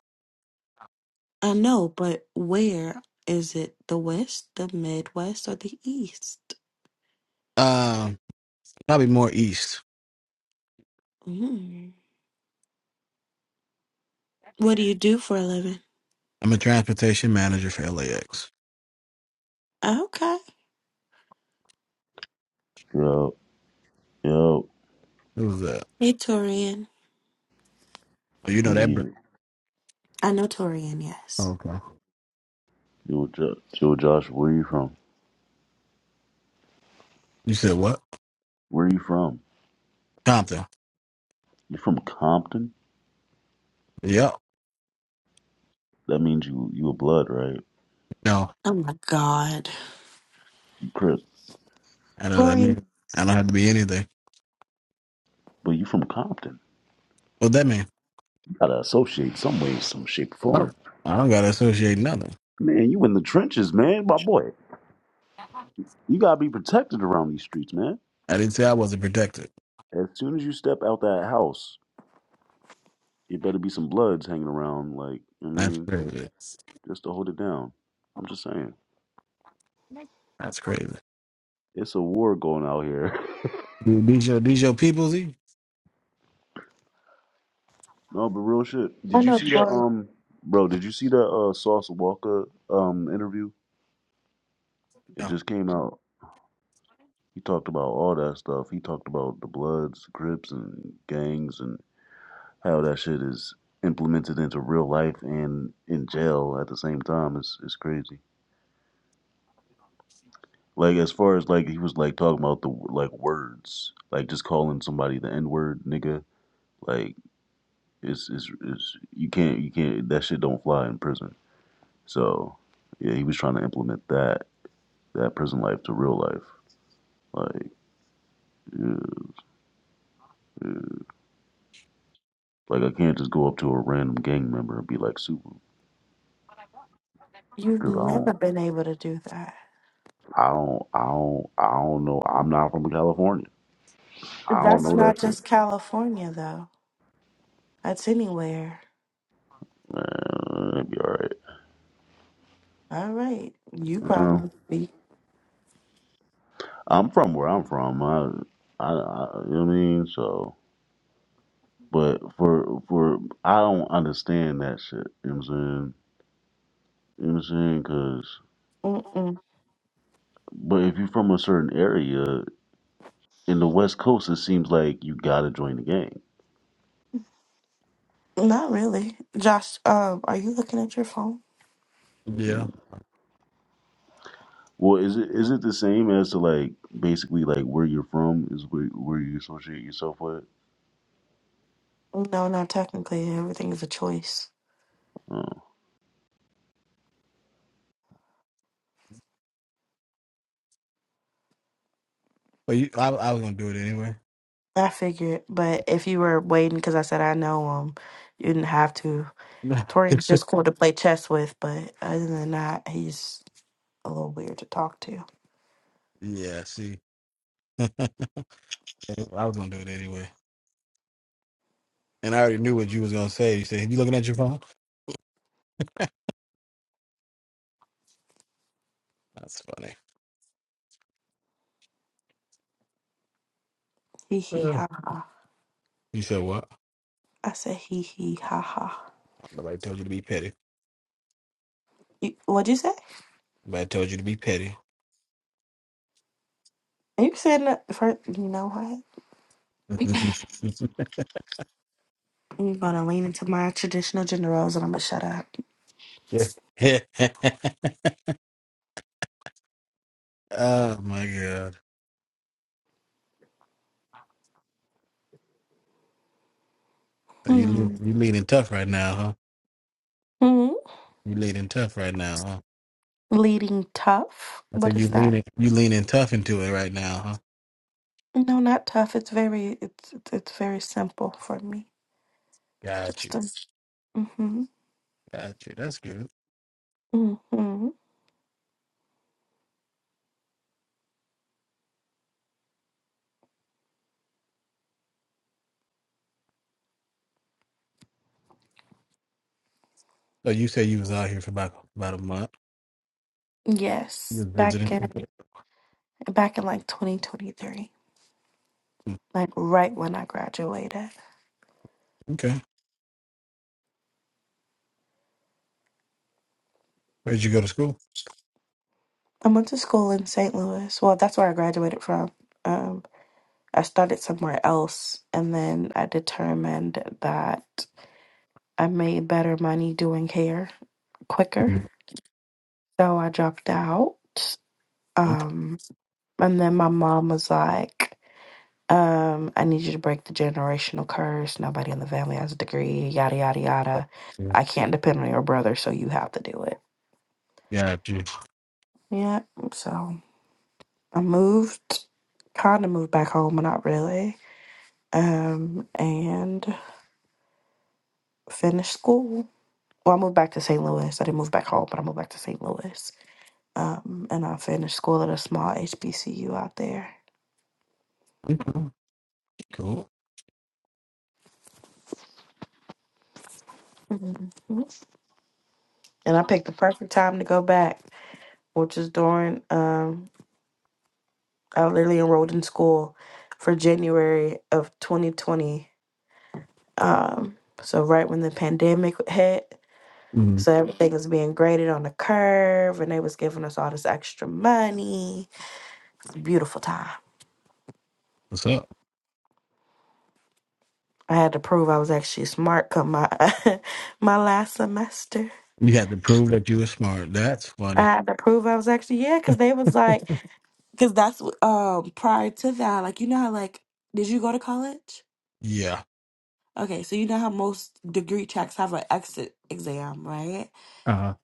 [SPEAKER 4] I know, but where is it? The West, the Midwest, or the East?
[SPEAKER 2] Um, probably more east.
[SPEAKER 4] Mm. What do you do for a living?
[SPEAKER 2] I'm a transportation manager for LAX.
[SPEAKER 4] Okay.
[SPEAKER 6] Yo, yo,
[SPEAKER 2] It was uh,
[SPEAKER 4] Hey, Torian.
[SPEAKER 2] oh, you know that.
[SPEAKER 6] hey,
[SPEAKER 2] Bro-
[SPEAKER 4] I know Torian,
[SPEAKER 2] oh,
[SPEAKER 4] yes.
[SPEAKER 2] okay.
[SPEAKER 6] yo, Josh, yo, Josh, where you from?
[SPEAKER 2] You said what?
[SPEAKER 6] Where you from?
[SPEAKER 2] Compton.
[SPEAKER 6] You from Compton?
[SPEAKER 2] Yep.
[SPEAKER 6] That means you you a blood, right?
[SPEAKER 2] No,
[SPEAKER 4] Oh my God.
[SPEAKER 6] You crip,
[SPEAKER 2] I don't. I mean,
[SPEAKER 4] Torian,
[SPEAKER 2] I don't have to be anything.
[SPEAKER 6] but you from Compton.
[SPEAKER 2] What that mean?
[SPEAKER 6] You gotta associate some way, some shape, or
[SPEAKER 2] Oh,
[SPEAKER 6] form.
[SPEAKER 2] I don't gotta associate nothing.
[SPEAKER 6] Man, you in the trenches, man, my boy. You gotta be protected around these streets, man.
[SPEAKER 2] I didn't say I wasn't protected.
[SPEAKER 6] As soon as you step out that house, it better be some bloods hanging around. Like, I
[SPEAKER 2] That's
[SPEAKER 6] mean,
[SPEAKER 2] crazy.
[SPEAKER 6] just to hold it down. I'm just saying,
[SPEAKER 2] That's crazy.
[SPEAKER 6] it's a war going out here.
[SPEAKER 2] Th- These your these your peoples? E?
[SPEAKER 6] No, but real shit.
[SPEAKER 4] I
[SPEAKER 6] Did you
[SPEAKER 4] know
[SPEAKER 6] see that
[SPEAKER 4] Torian.
[SPEAKER 6] um bro, did you see that uh Sauce Walker um interview? It
[SPEAKER 2] No.
[SPEAKER 6] just came out. He talked about all that stuff. He talked about the bloods, Crips, and gangs and how that shit is implemented into real life and in jail at the same time. It's it's crazy. Like as far as like he was like talking about the like words, like just calling somebody the N word nigga, like it's it's it's you can't you can't that shit don't fly in prison. So yeah, he was trying to implement that that prison life to real life. Like, uh, uh, like I can't just go up to a random gang member and be like super
[SPEAKER 4] You've
[SPEAKER 6] because I
[SPEAKER 4] never
[SPEAKER 6] don't,
[SPEAKER 4] been able to do that.
[SPEAKER 6] I don't, I don't, I don't know. I'm not from California. I don't
[SPEAKER 4] That's
[SPEAKER 6] know that
[SPEAKER 4] not
[SPEAKER 6] shit.
[SPEAKER 4] just California, though. That's anywhere.
[SPEAKER 6] Man, it'd be alright.
[SPEAKER 4] All right. You
[SPEAKER 6] You know?
[SPEAKER 4] probably be.
[SPEAKER 6] I'm from where I'm from. I, I, I, you know what I mean? So, but for for I don't understand that shit. You know what I'm saying? You know what I'm saying? Because,
[SPEAKER 4] Mm-mm.
[SPEAKER 6] but if you're from a certain area in the West Coast, it seems like you gotta join the gang.
[SPEAKER 4] Not really. Josh, um, are you looking at your phone?
[SPEAKER 2] Yeah.
[SPEAKER 6] Well, is it is it the same as to like basically like where you're from is where where you associate yourself with?
[SPEAKER 4] No, not technically. Everything is a choice.
[SPEAKER 6] Um,
[SPEAKER 2] But you, I, I was gonna do it anyway.
[SPEAKER 4] I figured, but if you were waiting, because I said I know him, you didn't have to. Tori was just cool to play chess with, but other than that, he's a little weird to talk to.
[SPEAKER 2] yeah. See. I was gonna do it anyway, and I already knew what you was gonna say. You said, "You looking at your phone?" That's funny.
[SPEAKER 4] He he
[SPEAKER 2] Yeah.
[SPEAKER 4] ha.
[SPEAKER 2] You said what?
[SPEAKER 4] I said he he ha ha.
[SPEAKER 2] Nobody told you to be petty.
[SPEAKER 4] You, what'd you say?
[SPEAKER 2] Nobody told you to be petty.
[SPEAKER 4] You said that first. You know what? I'm gonna lean into my traditional gender roles, and I'm gonna shut up.
[SPEAKER 2] Yeah. oh my god, So you
[SPEAKER 4] Hmm.
[SPEAKER 2] le- you leaning tough right now, huh?
[SPEAKER 4] Hmm.
[SPEAKER 2] You leaning tough right now, huh?
[SPEAKER 4] Leading tough.
[SPEAKER 2] I
[SPEAKER 4] What
[SPEAKER 2] said you
[SPEAKER 4] is that?
[SPEAKER 2] leaning you leaning tough into it right now, huh?
[SPEAKER 4] No, not tough. It's very. It's it's, it's very simple for me.
[SPEAKER 2] Got you,
[SPEAKER 4] Just a. Mm-hmm.
[SPEAKER 2] got you. That's good.
[SPEAKER 4] Mm-hmm.
[SPEAKER 2] So you said you was out here for about about a month. You
[SPEAKER 4] Yes,
[SPEAKER 2] was
[SPEAKER 4] back in
[SPEAKER 2] visiting.
[SPEAKER 4] back in like 2023, like right when I graduated.
[SPEAKER 2] Okay. Where'd you go to school?
[SPEAKER 4] I went to school in St. Louis. Well, that's where I graduated from. Um, I started somewhere else, and then I determined that I made better money doing hair quicker,
[SPEAKER 2] Mm,
[SPEAKER 4] so I dropped out.
[SPEAKER 2] Okay.
[SPEAKER 4] Um, and then my mom was like, um, I need you to break the generational curse. Nobody in the family has a degree, yada yada yada.
[SPEAKER 2] Yeah.
[SPEAKER 4] I can't depend on your brother, so you have to do it.
[SPEAKER 2] Got you.
[SPEAKER 4] Yeah, so I moved, kind of moved back home, but not really. Um, and finished school. Well, I moved back to St. Louis. I didn't move back home, but I moved back to St. Louis. Um, and I finished school at a small HBCU out there.
[SPEAKER 2] Okay. Cool.
[SPEAKER 4] Mhm. And I picked the perfect time to go back, which is during, um, I literally enrolled in school for January of 2020. Um, so right when the pandemic hit,
[SPEAKER 2] Mm,
[SPEAKER 4] So everything was being graded on the curve, and they was giving us all this extra money. It's a beautiful time.
[SPEAKER 2] what's up?
[SPEAKER 4] I had to prove I was actually smart come my my last semester.
[SPEAKER 2] You had to prove that you were smart. That's
[SPEAKER 4] I
[SPEAKER 2] funny.
[SPEAKER 4] had to prove I was actually yeah, because they was like, because that's what- um prior to that, like you know how like did you go to college?
[SPEAKER 2] Yeah.
[SPEAKER 4] Okay, so you know how most degree checks have an exit exam, right?
[SPEAKER 2] Uh-huh.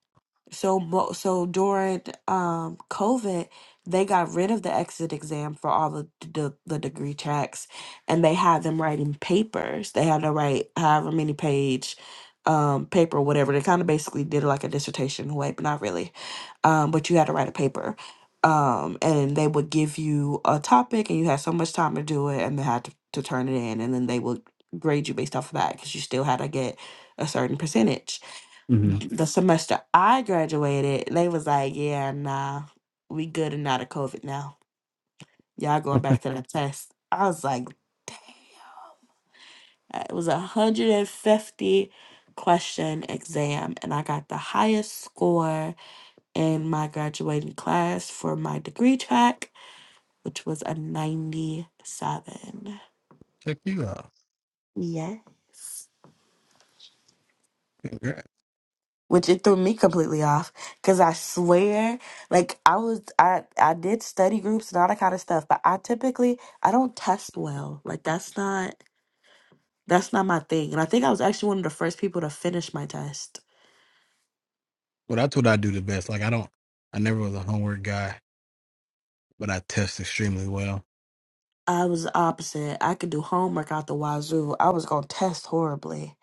[SPEAKER 4] So mo- so during um COVID, they got rid of the exit exam for all of the, the the degree tracks, and they had them writing papers. They had to write however many page um paper whatever they kind of basically did it like a dissertation way but not really um but you had to write a paper um and they would give you a topic and you had so much time to do it and they had to, to turn it in and then they would grade you based off of that because you still had to get a certain percentage
[SPEAKER 2] hmm
[SPEAKER 4] d- the semester I graduated, they was like, "Yeah, nah, we good and out of COVID now. Y'all going back to the test." I was like, "Damn!" Uh, It was a hundred and fifty question exam, and I got the highest score in my graduating class for my degree track, which was a ninety-seven.
[SPEAKER 2] Check you out.
[SPEAKER 4] Yes.
[SPEAKER 2] Congrats.
[SPEAKER 4] which it threw me completely off because I swear, like I was, I I did study groups and all that kind of stuff, but I typically I don't test well. Like that's not that's not my thing. And I think I was actually one of the first people to finish my test.
[SPEAKER 2] Well, that's what I do the best. Like I don't, I never was a homework guy, but I test extremely well.
[SPEAKER 4] I was the opposite. I could do homework out the wazoo. I was gonna test horribly,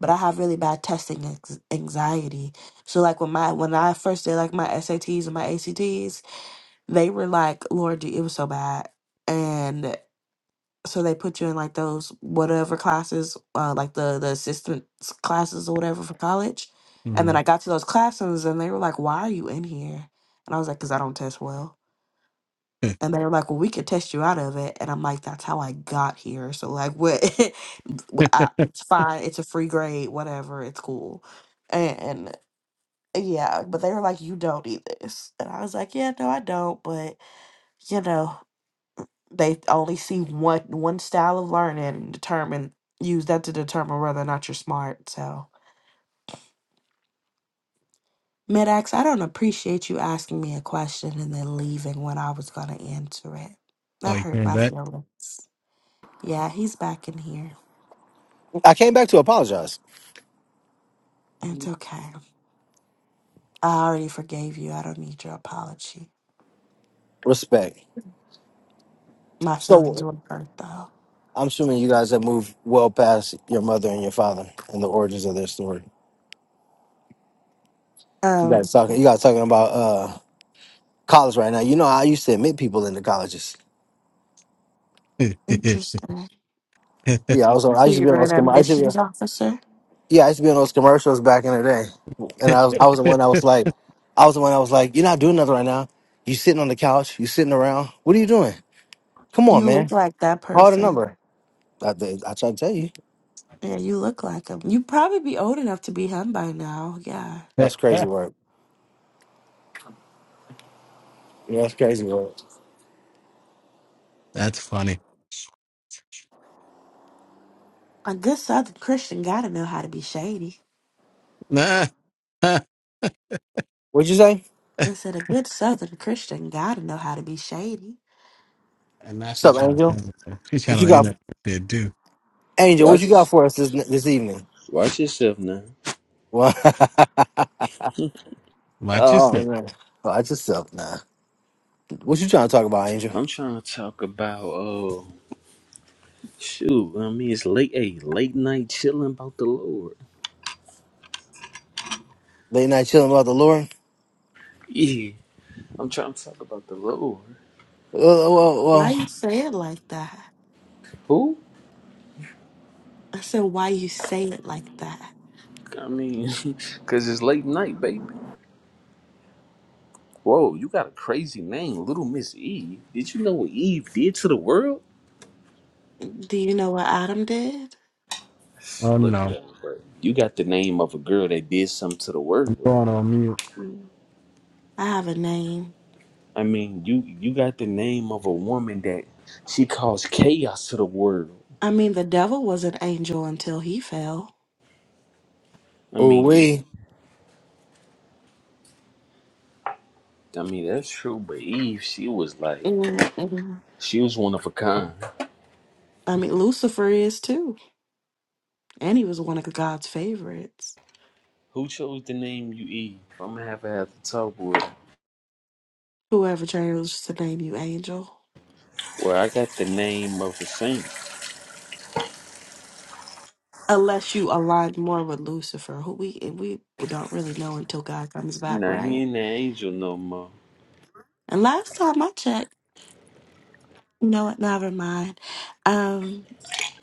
[SPEAKER 4] but I have really bad testing ex- anxiety. So like when my when I first did like my SATs and my ACTs, they were like, Lord, it was so bad. and. so they put you in like those whatever classes, uh, like the the assistance classes or whatever for college. And
[SPEAKER 2] hmm
[SPEAKER 4] then I got to those classrooms, and they were like, "Why are you in here?" And I was like, "Cause I don't test well." And they were like, "Well, we could test you out of it." And I'm like, "That's how I got here." So like, what? I, it's fine. It's a free grade. Whatever. It's cool. And yeah, but they were like, "You don't need this," and I was like, "Yeah, no, I don't." But you know they only see one one style of learning and determine use that to determine whether or not you're smart. So Medax, I don't appreciate you asking me a question and then leaving when I was gonna answer it.
[SPEAKER 2] oh,
[SPEAKER 4] That
[SPEAKER 2] you
[SPEAKER 4] hurt
[SPEAKER 2] came
[SPEAKER 4] my
[SPEAKER 2] back.
[SPEAKER 4] feelings. Yeah, he's back in here.
[SPEAKER 1] I came back to apologize.
[SPEAKER 4] It's okay. I already forgave you. I don't need your apology.
[SPEAKER 1] Respect.
[SPEAKER 4] My feelings
[SPEAKER 1] So
[SPEAKER 4] were hurt though.
[SPEAKER 1] I'm assuming you guys have moved well past your mother and your father and the origins of their story. You
[SPEAKER 4] Um,
[SPEAKER 1] guys talking you guys talking about uh college right now. You know I used to admit people into colleges.
[SPEAKER 4] interesting.
[SPEAKER 1] Yeah, I was on, I
[SPEAKER 4] So
[SPEAKER 1] used to be
[SPEAKER 4] you're
[SPEAKER 1] on
[SPEAKER 4] an
[SPEAKER 1] those com- I used to be,
[SPEAKER 4] admissions officer?
[SPEAKER 1] yeah, I used to be on those commercials back in the day. And I was I was the one that was like I was the one that was like, You're not doing nothing right now. You sitting on the couch, you sitting around. What are you doing? Come on,
[SPEAKER 4] You
[SPEAKER 1] man.
[SPEAKER 4] look like that
[SPEAKER 1] Call the
[SPEAKER 4] person.
[SPEAKER 1] number. I, did- I tried to tell you.
[SPEAKER 4] Yeah, you look like him. You'd probably be old enough to be him by now. Yeah.
[SPEAKER 1] That's crazy work. Yeah, that's crazy work.
[SPEAKER 2] that's funny.
[SPEAKER 4] A good Southern Christian gotta know how to be shady.
[SPEAKER 2] Nah. Huh.
[SPEAKER 1] What'd you say?
[SPEAKER 4] I said a good Southern Christian gotta know how to be shady.
[SPEAKER 2] and now
[SPEAKER 1] What's
[SPEAKER 2] she's
[SPEAKER 1] up,
[SPEAKER 2] trying to
[SPEAKER 1] Angel?
[SPEAKER 2] channel. She's trying
[SPEAKER 1] What you
[SPEAKER 2] to end
[SPEAKER 1] got,
[SPEAKER 2] up there too.
[SPEAKER 1] Angel? What you got
[SPEAKER 7] Watch,
[SPEAKER 1] for us this this evening?
[SPEAKER 7] watch yourself now.
[SPEAKER 1] What?
[SPEAKER 2] Watch
[SPEAKER 1] oh
[SPEAKER 2] yourself.
[SPEAKER 1] man, watch yourself, now? What you trying to talk about, Angel?
[SPEAKER 7] I'm trying to talk about oh shoot. I mean, it's late, hey, late night chilling about the Lord.
[SPEAKER 1] Late night chilling about the Lord?
[SPEAKER 7] Yeah, I'm trying to talk about the Lord.
[SPEAKER 1] Well,
[SPEAKER 4] Why
[SPEAKER 1] well,
[SPEAKER 4] you say it like that?
[SPEAKER 7] Who?
[SPEAKER 4] I said, why you say it like that?
[SPEAKER 7] I mean, cause it's late night, baby. Whoa, you got a crazy name, Little Miss Eve. Did you know what Eve did to the world?
[SPEAKER 4] Do you know what Adam did?
[SPEAKER 2] Oh
[SPEAKER 7] Look,
[SPEAKER 2] no,
[SPEAKER 7] down, bro. You got the name of a girl that did something to the
[SPEAKER 2] I'm
[SPEAKER 7] world.
[SPEAKER 2] going on mute.
[SPEAKER 4] Mm. I have a name.
[SPEAKER 7] I mean, you you got the name of a woman that she caused chaos to the world.
[SPEAKER 4] I mean, the devil was an angel until he fell.
[SPEAKER 7] I
[SPEAKER 1] well, ooh,
[SPEAKER 7] mean, yeah.
[SPEAKER 1] we.
[SPEAKER 7] I mean, that's true, but Eve, she was like,
[SPEAKER 4] Mm-mm.
[SPEAKER 7] she was one of a kind.
[SPEAKER 4] I mean, Lucifer is too. And he was one of God's favorites.
[SPEAKER 7] Who chose the name you Eve? I'm gonna have to have to talk with her.
[SPEAKER 4] Whoever chose to name you angel.
[SPEAKER 7] Well, I got the name of a saint.
[SPEAKER 4] Unless you align more with Lucifer, who we we don't really know until God comes back,
[SPEAKER 7] Nah, he
[SPEAKER 4] right?
[SPEAKER 7] ain't an angel no more.
[SPEAKER 4] And last time I checked, you know what? Never mind. Um,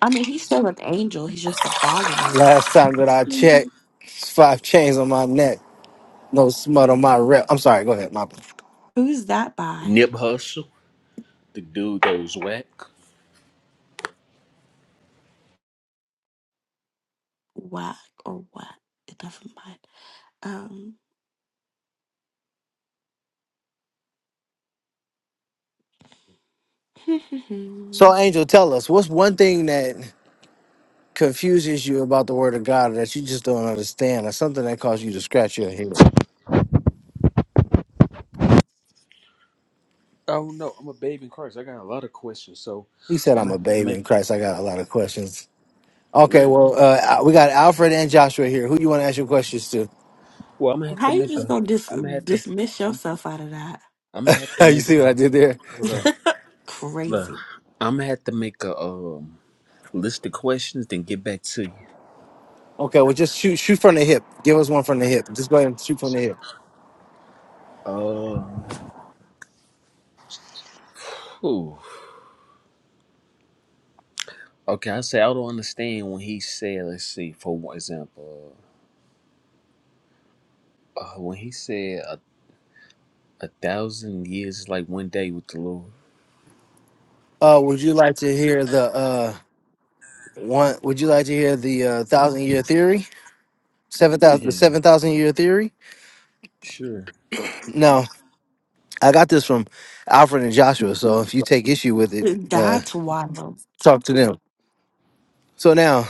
[SPEAKER 4] I mean, he's still an angel. He's just a fallen one.
[SPEAKER 1] Last time that I checked, five chains on my neck, no smut on my rep. I'm sorry. Go ahead, my.
[SPEAKER 4] Who's that by?
[SPEAKER 7] Nip Hustle, the dude that was whack.
[SPEAKER 4] Whack or what? Never mind.
[SPEAKER 1] So,
[SPEAKER 4] Um,
[SPEAKER 1] Angel, tell us what's one thing that confuses you about the word of God that you just don't understand, or something that caused you to scratch your head.
[SPEAKER 7] I don't know. I'm a babe in Christ. I got a lot of questions, so
[SPEAKER 1] He said,
[SPEAKER 7] I'm
[SPEAKER 1] "I'm
[SPEAKER 7] gonna
[SPEAKER 1] a
[SPEAKER 7] have to
[SPEAKER 1] baby
[SPEAKER 7] make
[SPEAKER 1] in Christ. I got a lot of questions."
[SPEAKER 7] for
[SPEAKER 1] Okay,
[SPEAKER 7] real.
[SPEAKER 1] well, uh, we got Alfred and Joshua here. Who you want to ask your questions to?
[SPEAKER 7] Well, I'm gonna have to
[SPEAKER 4] how you
[SPEAKER 7] make
[SPEAKER 4] just
[SPEAKER 7] a.
[SPEAKER 4] gonna dis-
[SPEAKER 7] I'm gonna have to.
[SPEAKER 4] dismiss
[SPEAKER 7] I'm.
[SPEAKER 4] yourself out of that?
[SPEAKER 7] I'm gonna have to
[SPEAKER 1] you
[SPEAKER 7] make
[SPEAKER 1] see what I
[SPEAKER 7] a.
[SPEAKER 1] did there?
[SPEAKER 7] Hold up. Look,
[SPEAKER 4] Crazy.
[SPEAKER 7] I'm gonna have to make a um list of questions, then get back to you.
[SPEAKER 1] Okay, well, just shoot, shoot from the hip. Give us one from the hip. Just go ahead and shoot from the hip.
[SPEAKER 7] Oh, whew. okay. I say I don't understand when he said, let's see, for one example, uh, uh, when he said a, a thousand years is like one day with the Lord.
[SPEAKER 1] Uh, would you like to hear the uh one? Would you like to hear the uh, thousand year theory? Seven thousand, the
[SPEAKER 7] Yeah,
[SPEAKER 1] seven thousand year theory?
[SPEAKER 7] sure.
[SPEAKER 1] No, I got this from Alfred and Joshua. So if you take issue with it, uh,
[SPEAKER 4] That's wild.
[SPEAKER 1] talk to them. So now,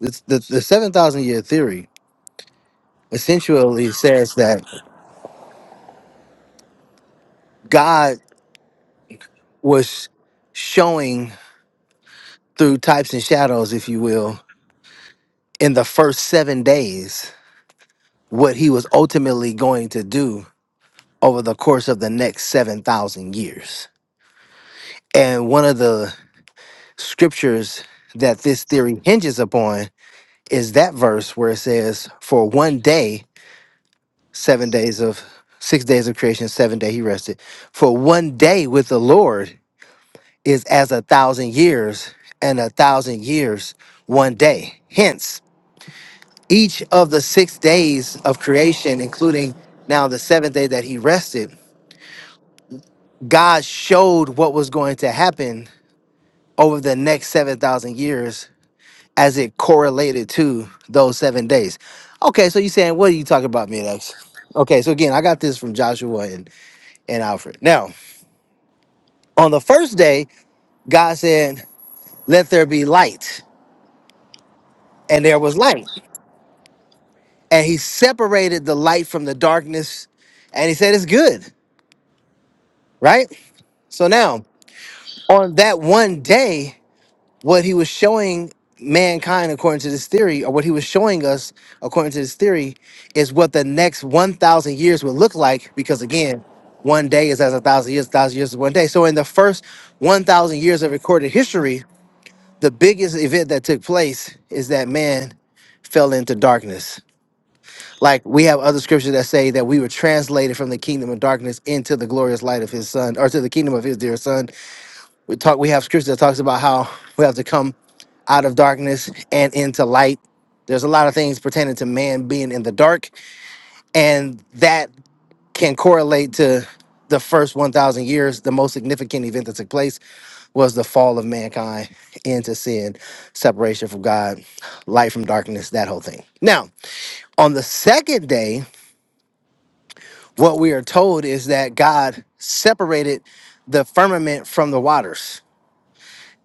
[SPEAKER 1] it's the, the 7,000 year theory essentially says that God was showing through types and shadows, if you will, in the first seven days what he was ultimately going to do over the course of the next 7,000 years. And one of the scriptures that this theory hinges upon is that verse where it says, For one day, seven days of six days of creation, seven day he rested. For one day with the Lord is as a thousand years, and a thousand years one day. Hence, each of the six days of creation, including now the seventh day that he rested, God showed what was going to happen over the next 7,000 years as it correlated to those seven days. Okay, so you're saying, what are you talking about, Midax? Okay, so again, I got this from Joshua and, and Alfred. Now, on the first day, God said, let there be light, and there was light. and he separated the light from the darkness and he said it's good right so now on that one day what he was showing mankind according to this theory or what he was showing us according to this theory is what the next 1000 years would look like because again one day is as a thousand years a thousand years is one day so in the first 1000 years of recorded history the biggest event that took place is that man fell into darkness Like we have other scriptures that say that we were translated from the kingdom of darkness into the glorious light of his son, or to the kingdom of his dear son. We talk we have scripture that talks about how we have to come out of darkness and into light. There's a lot of things pertaining to man being in the dark, and that can correlate to the first 1,000 years. The most significant event that took place was the fall of mankind into sin, separation from God, light from darkness, that whole thing. Now, on the second day, what we are told is that God separated the firmament from the waters,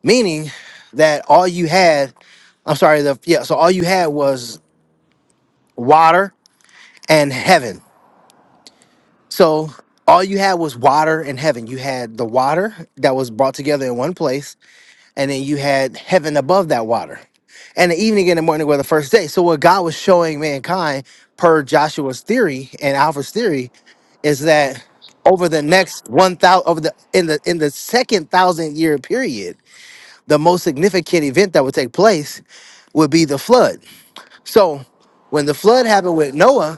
[SPEAKER 1] meaning that all you had, I'm sorry, the yeah, so all you had was water and heaven. So all you had was water and heaven. You had the water that was brought together in one place, and then you had heaven above that water. And the evening and the morning were the first day. So what God was showing mankind per Joshua's theory and Alpha's theory is that over the next one thousand over the in the in the second thousand year period, the most significant event that would take place would be the flood. So when the flood happened with Noah,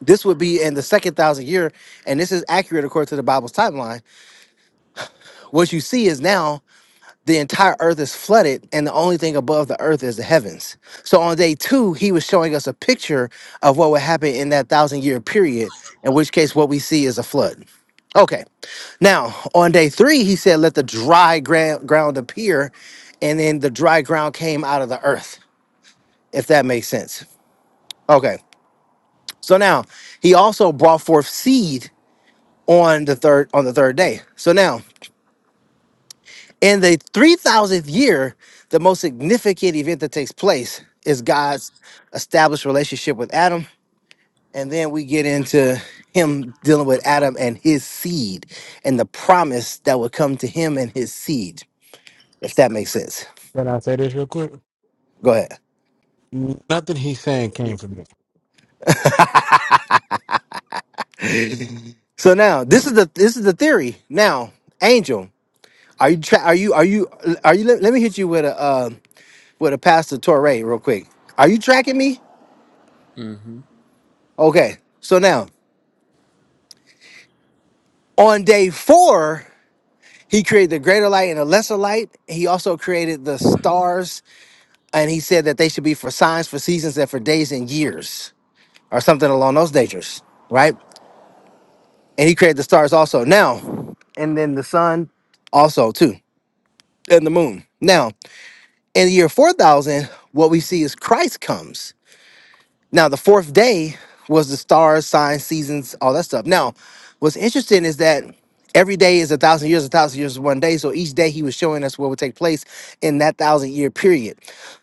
[SPEAKER 1] this would be in the second thousand year, and this is accurate according to the Bible's timeline. What you see is now the entire earth is flooded and the only thing above the earth is the heavens so on day two he was showing us a picture of what would happen in that thousand year period in which case what we see is a flood okay now on day three he said let the dry gra- ground appear and then the dry ground came out of the earth if that makes sense okay so now he also brought forth seed on the third on the third day so now In the 3000th year, the most significant event that takes place is God's established relationship with Adam. And then we get into him dealing with Adam and his seed and the promise that would come to him and his seed, if that makes sense.
[SPEAKER 2] Can I say this real quick?
[SPEAKER 1] Go ahead.
[SPEAKER 2] Nothing he's saying came from me.
[SPEAKER 1] So now this is the this is the theory. Now, Angel, are you tra- are you are you are you let, let me hit you with a uh, with a pastor Torre real quick. Are you tracking me?
[SPEAKER 7] Mm-hmm.
[SPEAKER 1] Okay. So now on day four He created the greater light and the lesser light. He also created the stars, and he said that they should be for signs, for seasons, and for days and years, or something along those natures, right? And he created the stars also. Now, and then the sun also, too, and the moon. Now, in the year 4000, what we see is Christ comes. Now, the fourth day was the stars, signs, seasons, all that stuff. Now, what's interesting is that every day is a thousand years, a thousand years is one day. So each day he was showing us what would take place in that thousand year period.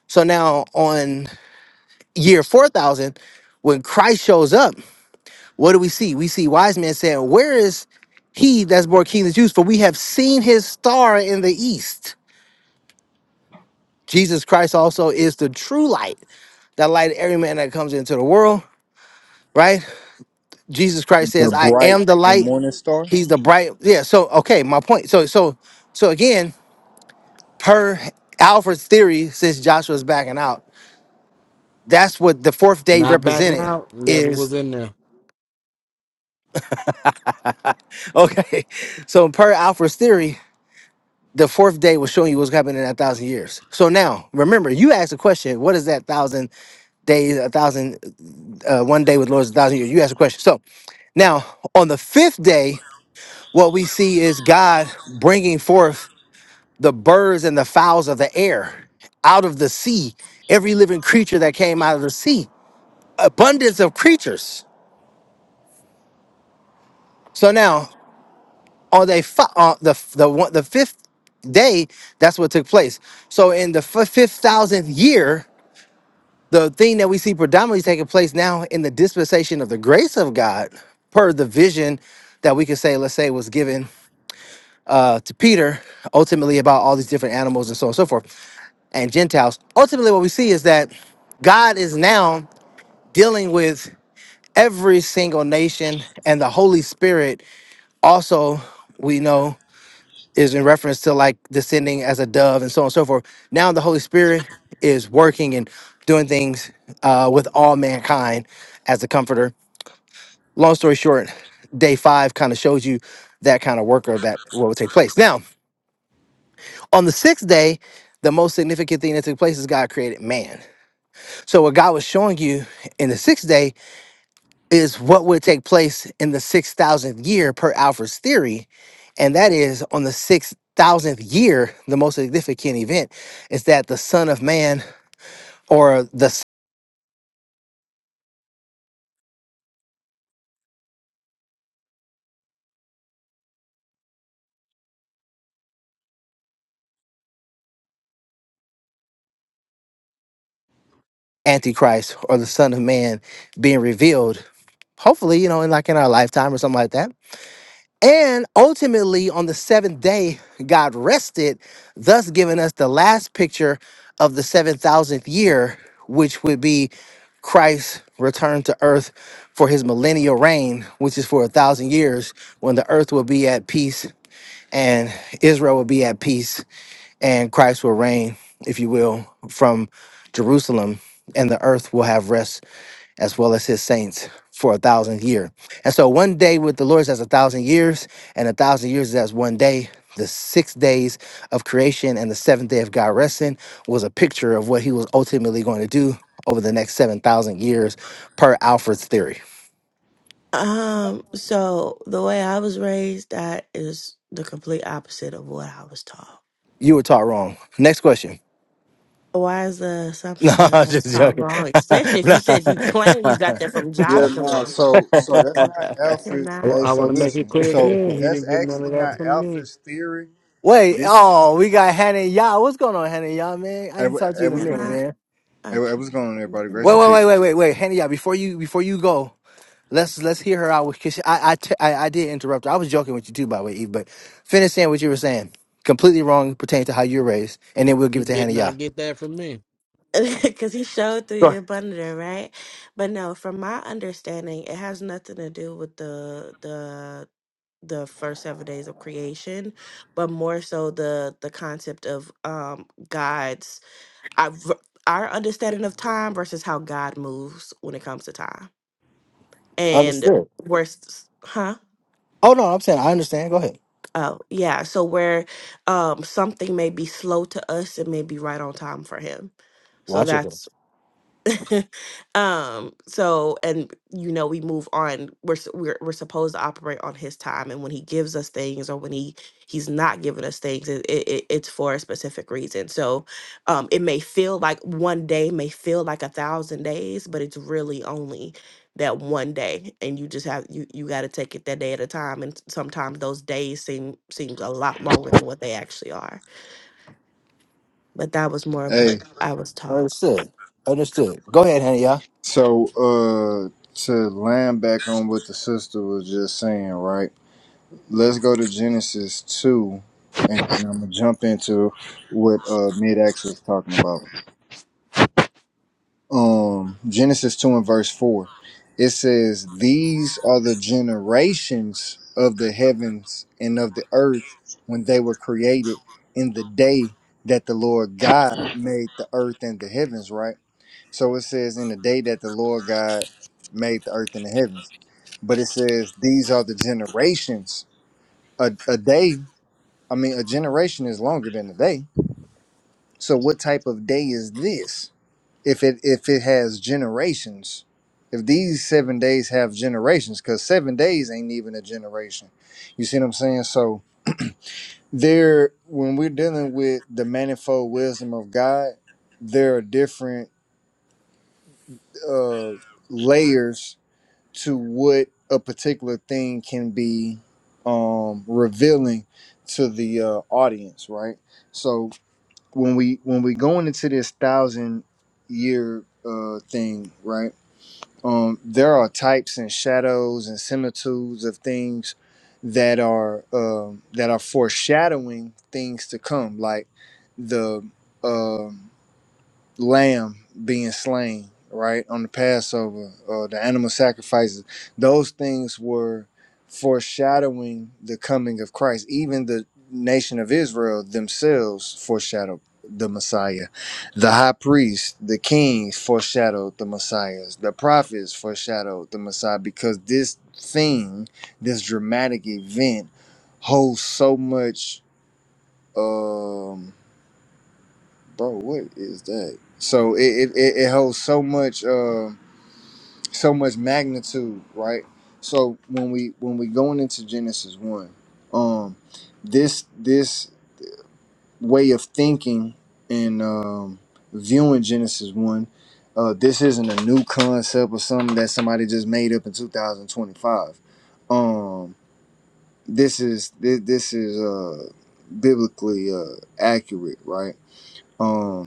[SPEAKER 1] So now on year 4000, when Christ shows up, what do we see? We see wise men saying, Where is he that's born king of the Jews? For we have seen his star in the east. Jesus Christ also is the true light that light every man that comes into the world, right? Jesus Christ says,
[SPEAKER 8] The
[SPEAKER 1] "I
[SPEAKER 8] bright
[SPEAKER 1] am the
[SPEAKER 8] and
[SPEAKER 1] light."
[SPEAKER 8] morning star.
[SPEAKER 1] He's the bright. Yeah. So okay, my point. So so so again, per Alfred's theory, since Joshua's backing out, that's what the fourth day
[SPEAKER 2] Not backing
[SPEAKER 1] represented
[SPEAKER 2] out. Never
[SPEAKER 1] is.
[SPEAKER 2] was in there.
[SPEAKER 1] Okay. So per Alfred's theory, the fourth day was showing you what's happening in that thousand years. So now remember, you asked a question. What is that thousand days? A thousand uh, one day with Lord's a thousand years. You asked a question. So now on the fifth day, what we see is God bringing forth the birds and the fowls of the air, out of the sea, every living creature that came out of the sea, abundance of creatures. So now on they fi- uh, the the one, the fifth day, that's what took place. So in the f- fifth thousandth year, the thing that we see predominantly taking place now in the dispensation of the grace of God, per the vision that we could say, let's say, was given uh, to Peter, ultimately about all these different animals and so on and so forth. and Gentiles. Ultimately, what we see is that God is now dealing with every single nation, and the Holy Spirit also, we know, is in reference to like descending as a dove and so on and so forth. Now the Holy Spirit is working and doing things uh, with all mankind as a comforter. Long story short, day five kind of shows you that kind of worker that what would take place. Now, on the sixth day, the most significant thing that took place is God created man. So what God was showing you in the sixth day is what would take place in the six thousandth year per Alfred's theory, and that is on the six thousandth year, the most significant event is that the Son of Man or the s- Antichrist or the Son of Man being revealed. Hopefully, you know, in like in our lifetime or something like that. And ultimately, on the seventh day, God rested, thus giving us the last picture of the 7,000th year, which would be Christ's return to earth for his millennial reign, which is for a thousand years, when the earth will be at peace and Israel will be at peace, and Christ will reign, if you will, from Jerusalem, and the earth will have rest as well as his saints for a thousand year. And so one day with the Lord is as a thousand years, and a thousand years is as one day. The six days of creation and the seventh day of God resting was a picture of what he was ultimately going to do over the next 7,000 years per Alfred's theory.
[SPEAKER 4] Um, so the way I was raised, that is the complete opposite of what I was taught.
[SPEAKER 1] You were taught wrong. Next question.
[SPEAKER 4] Why is the
[SPEAKER 1] No,
[SPEAKER 4] assumption that
[SPEAKER 1] I'm
[SPEAKER 4] I was
[SPEAKER 1] just
[SPEAKER 4] taught
[SPEAKER 1] joking.
[SPEAKER 4] wrong? Especially if
[SPEAKER 1] Nah.
[SPEAKER 4] you said you claim you got that from
[SPEAKER 8] Yeah, no.
[SPEAKER 4] Joshua.
[SPEAKER 8] So, so that's not Alfred.
[SPEAKER 4] Cannot,
[SPEAKER 8] Hey,
[SPEAKER 2] I,
[SPEAKER 8] so
[SPEAKER 2] want to make it
[SPEAKER 8] listen.
[SPEAKER 2] clear
[SPEAKER 8] So
[SPEAKER 2] again. He
[SPEAKER 8] that's
[SPEAKER 2] didn't get none
[SPEAKER 8] actually
[SPEAKER 2] of that
[SPEAKER 8] not
[SPEAKER 2] from me.
[SPEAKER 8] Alfred's theory.
[SPEAKER 1] Wait,
[SPEAKER 8] This.
[SPEAKER 1] oh, we got Hannah and Yah. What's going on, Hannah and Yah, man? I
[SPEAKER 8] Hey,
[SPEAKER 1] ain't
[SPEAKER 8] wha-
[SPEAKER 1] talked to
[SPEAKER 8] hey,
[SPEAKER 1] you in a
[SPEAKER 8] what's going on?
[SPEAKER 4] cannot.
[SPEAKER 1] minute,
[SPEAKER 8] Hey, wha- hey,
[SPEAKER 4] Okay,
[SPEAKER 8] what's going on, everybody?
[SPEAKER 4] never
[SPEAKER 8] Grace
[SPEAKER 1] Wait,
[SPEAKER 8] and
[SPEAKER 1] wait,
[SPEAKER 8] peace.
[SPEAKER 1] wait,
[SPEAKER 4] mind.
[SPEAKER 1] wait, wait, wait, Hannah, yeah, before you before you go, let's let's hear her out because I I, t- I I did interrupt her. I was joking with you too, by the way, Eve, but finish saying what you were saying. Completely wrong pertaining to how you were raised, and then we'll give
[SPEAKER 2] He
[SPEAKER 1] it to
[SPEAKER 2] did
[SPEAKER 1] Hannah. Yeah.
[SPEAKER 2] not get that from me.
[SPEAKER 4] Because he showed through
[SPEAKER 1] Sure.
[SPEAKER 4] your bundle, right? But no, from my understanding, it has nothing to do with the the the first seven days of creation, but more so the the concept of um God's I, v- our understanding of time versus how God moves when it comes to time. And
[SPEAKER 1] Understood.
[SPEAKER 4] where, s- huh?
[SPEAKER 1] Oh no, I'm saying I understand. Go ahead.
[SPEAKER 4] Oh, yeah. So where um, something may be slow to us, it may be right on time for Him. So
[SPEAKER 1] Watch it.
[SPEAKER 4] that's
[SPEAKER 1] though.
[SPEAKER 4] um so and you know we move on we're, s- we're we're supposed to operate on his time and when he gives us things or when he he's not giving us things it, it, it- it's for a specific reason so um it may feel like one day may feel like a thousand days but it's really only that one day and you just have you you got to take it that day at a time and sometimes those days seem seems a lot longer than what they actually are but that was more of what
[SPEAKER 8] Hey,
[SPEAKER 4] i was taught
[SPEAKER 1] Understood. Understood. Go ahead, Hannah. Yeah.
[SPEAKER 8] so uh, to land back on what the sister was just saying, right? Let's go to Genesis two, and, and I'm gonna jump into what uh Mid X was talking about. um Genesis 2 and verse 4. It says, These are the generations of the heavens and of the earth when they were created in the day that the Lord God made the earth and the heavens, right? So it says, In the day that the Lord God made the earth and the heavens. But it says, These are the generations. A, a day, I mean, a generation is longer than a day. So what type of day is this? if it if it has generations if these seven days have generations because seven days ain't even a generation you see what i'm saying so there when we're dealing with the manifold wisdom of god there are different uh layers to what a particular thing can be um revealing to the uh audience right so when we when we going into this thousand year uh thing right um, there are types and shadows and similitudes of things that are um that are foreshadowing things to come, like the um lamb being slain, right, on the Passover, or the animal sacrifices, those things were foreshadowing the coming of Christ. Even the nation of Israel themselves foreshadowed the Messiah. The high priest, the kings foreshadowed the Messiahs. The prophets foreshadowed the Messiah because this thing, this dramatic event, holds so much. Um, bro what is that so it it, it it holds so much uh so much magnitude right so when we when we going into genesis 1 um this this way of thinking and um viewing genesis 1 uh this isn't a new concept or something that somebody just made up in 2025 um this is this, this is uh biblically uh accurate right um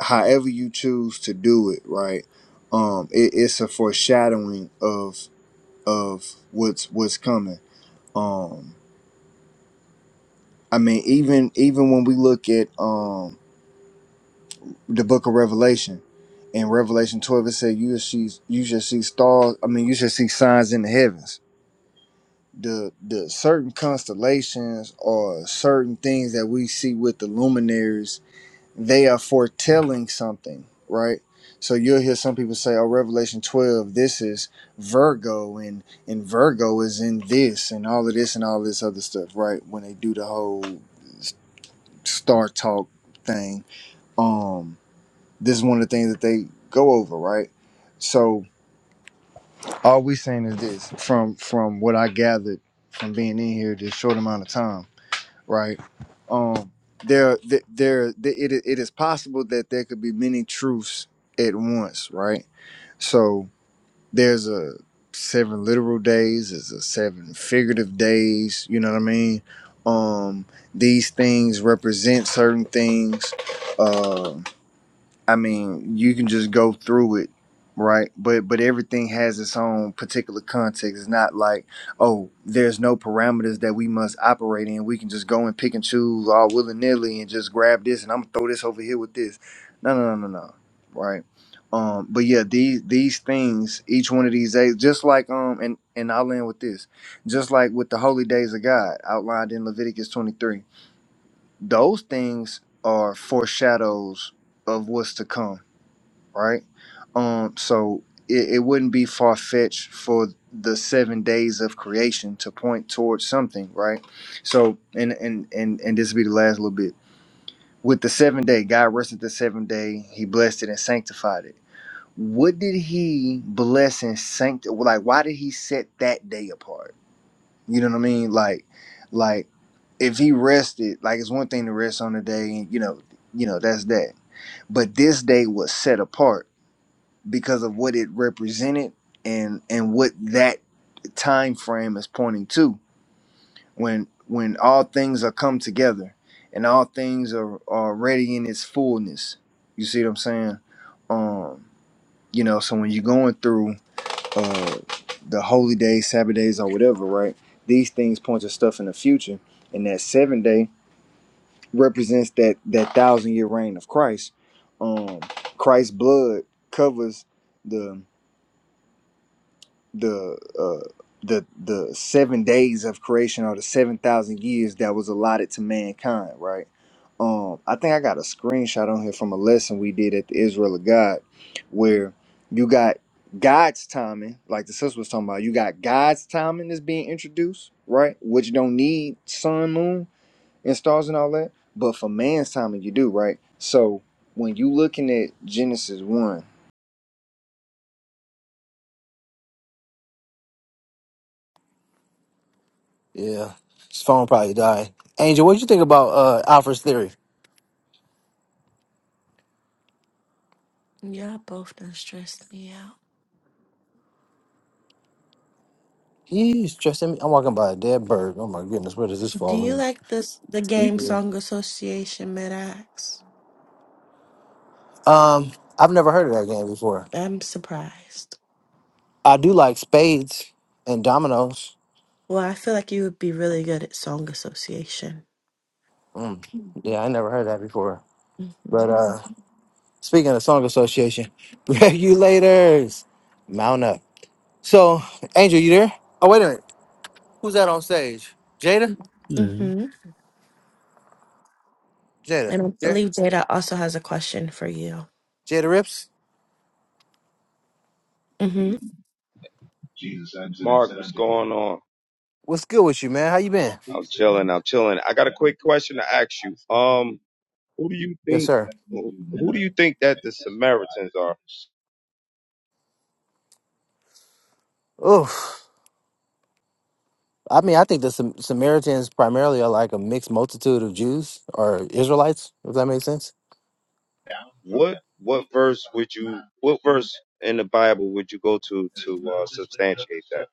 [SPEAKER 8] however you choose to do it, right? Um, it, it's a foreshadowing of of what's what's coming. Um, I mean, even even when we look at um the Book of Revelation, in Revelation twelve, it said you shall see you shall see stars. I mean, you shall see signs in the heavens. The the certain constellations or certain things that we see with the luminaries they are foretelling something, right? So you'll hear some people say, "Oh, Revelation 12, this is Virgo, and and Virgo is in this, and all of this, and all this other stuff," right? When they do the whole s- star talk thing, um, this is one of the things that they go over, right? So all we saying is this, from from what I gathered from being in here this short amount of time right? Um, there, there, there it, i- it is possible that there could be many truths at once, right? So there's a seven literal days, there's a seven figurative days. You know what I mean? Um, these things represent certain things. Um, I mean, you can just go through it, right? But but everything has its own particular context. It's not like, oh, there's no parameters that we must operate in. We can just go and pick and choose all willy nilly and just grab this and I'm gonna throw this over here with this. No, no, no, no, no, right? Um, but yeah, these these things, each one of these days, just like um, and and I'll end with this, just like with the holy days of God outlined in Leviticus 23, those things are foreshadows of what's to come right? Um, so it, it wouldn't be far fetched for the seven days of creation to point towards something, right? So and and and and this will be the last little bit. With the seventh day, God rested the seventh day, he blessed it and sanctified it. What did he bless and sanctify? Like, why did he set that day apart? You know what I mean? Like, like if he rested, like it's one thing to rest on the day, and you know, you know, that's that. But this day was set apart because of what it represented and and what that time frame is pointing to when when all things are come together and all things are are ready in its fullness you see what i'm saying um you know so when you're going through uh the holy days sabbath days or whatever right these things point to stuff in the future and that seven day represents that that thousand year reign of christ um christ's blood covers the. the uh, the the seven days of creation or the seven thousand years that was allotted to mankind, right? Um, I think I got a screenshot on here from a lesson we did at the Israel of God, where you got God's timing, like the sister was talking about. You got God's timing that's being introduced, right? Which don't need sun, moon, and stars and all that, but for man's timing, you do, right? So when you looking at Genesis one.
[SPEAKER 1] Yeah. His phone probably died. Angel, what do you think about uh Alfred's theory?
[SPEAKER 4] y'all both done stressed me out
[SPEAKER 1] He's stressing me. I'm walking by a dead bird. Oh my goodness, where does this
[SPEAKER 4] Do
[SPEAKER 1] fall
[SPEAKER 4] you
[SPEAKER 1] in?
[SPEAKER 4] like this the game Song Association, Medax?
[SPEAKER 1] Um, I've never heard of that game before.
[SPEAKER 4] I'm surprised.
[SPEAKER 1] I do like spades and dominoes.
[SPEAKER 4] Well, I feel like you would be really good at Song Association.
[SPEAKER 1] Mm. Yeah, I never heard that before.
[SPEAKER 4] hmm
[SPEAKER 1] But uh speaking of song association, regulators, mount up. So, Angel, you there? Oh, wait a minute. Who's that on stage? Jada?
[SPEAKER 4] hmm
[SPEAKER 1] Jada.
[SPEAKER 4] And I
[SPEAKER 1] Yeah.
[SPEAKER 4] believe Jada also has a question for you.
[SPEAKER 1] Jada Rips?
[SPEAKER 4] hmm
[SPEAKER 9] Mark, what's going him, on?
[SPEAKER 1] What's good with you, man? How you been?
[SPEAKER 9] I'm chilling. I'm chilling. I got a quick question to ask you. Um, who do you
[SPEAKER 1] Yes,
[SPEAKER 9] think?
[SPEAKER 1] sir.
[SPEAKER 9] Who do you think that the Samaritans are?
[SPEAKER 1] Oof. I mean, I think the Sam- Samaritans primarily are like a mixed multitude of Jews or Israelites, if that makes sense.
[SPEAKER 9] What what verse would you? What verse in the Bible would you go to to uh, substantiate that?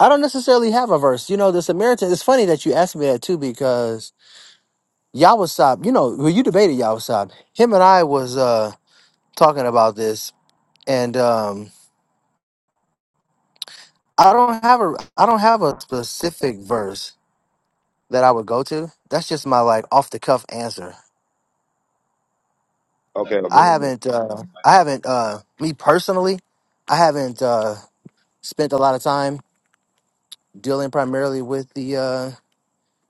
[SPEAKER 1] I don't necessarily have a verse. You know, the Samaritans, it's funny that you asked me that too, because Yawasab, you know, well, you debated Yawasab. Him and I was uh talking about this, and um I don't have a I don't have a specific verse that I would go to. That's just my like off the cuff answer.
[SPEAKER 9] Okay, okay.
[SPEAKER 1] I haven't uh I haven't uh me personally, I haven't uh spent a lot of time dealing primarily with the uh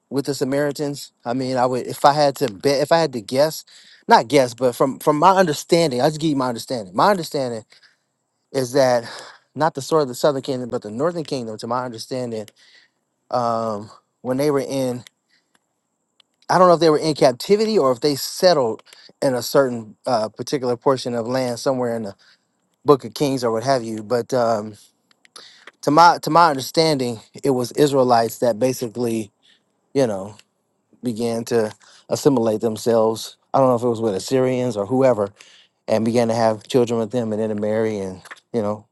[SPEAKER 1] with the Samaritans. I mean, I would if I had to bet if I had to guess, not guess, but from from my understanding, I just give you my understanding. My understanding is that not the sort of the southern kingdom, but the northern kingdom, to my understanding, um, when they were in, I don't know if they were in captivity or if they settled in a certain uh, particular portion of land somewhere in the Book of Kings or what have you. But um, to my to my understanding, it was Israelites that basically, you know, began to assimilate themselves. I don't know if it was with Assyrians or whoever, and began to have children with them, and then to marry, and you know,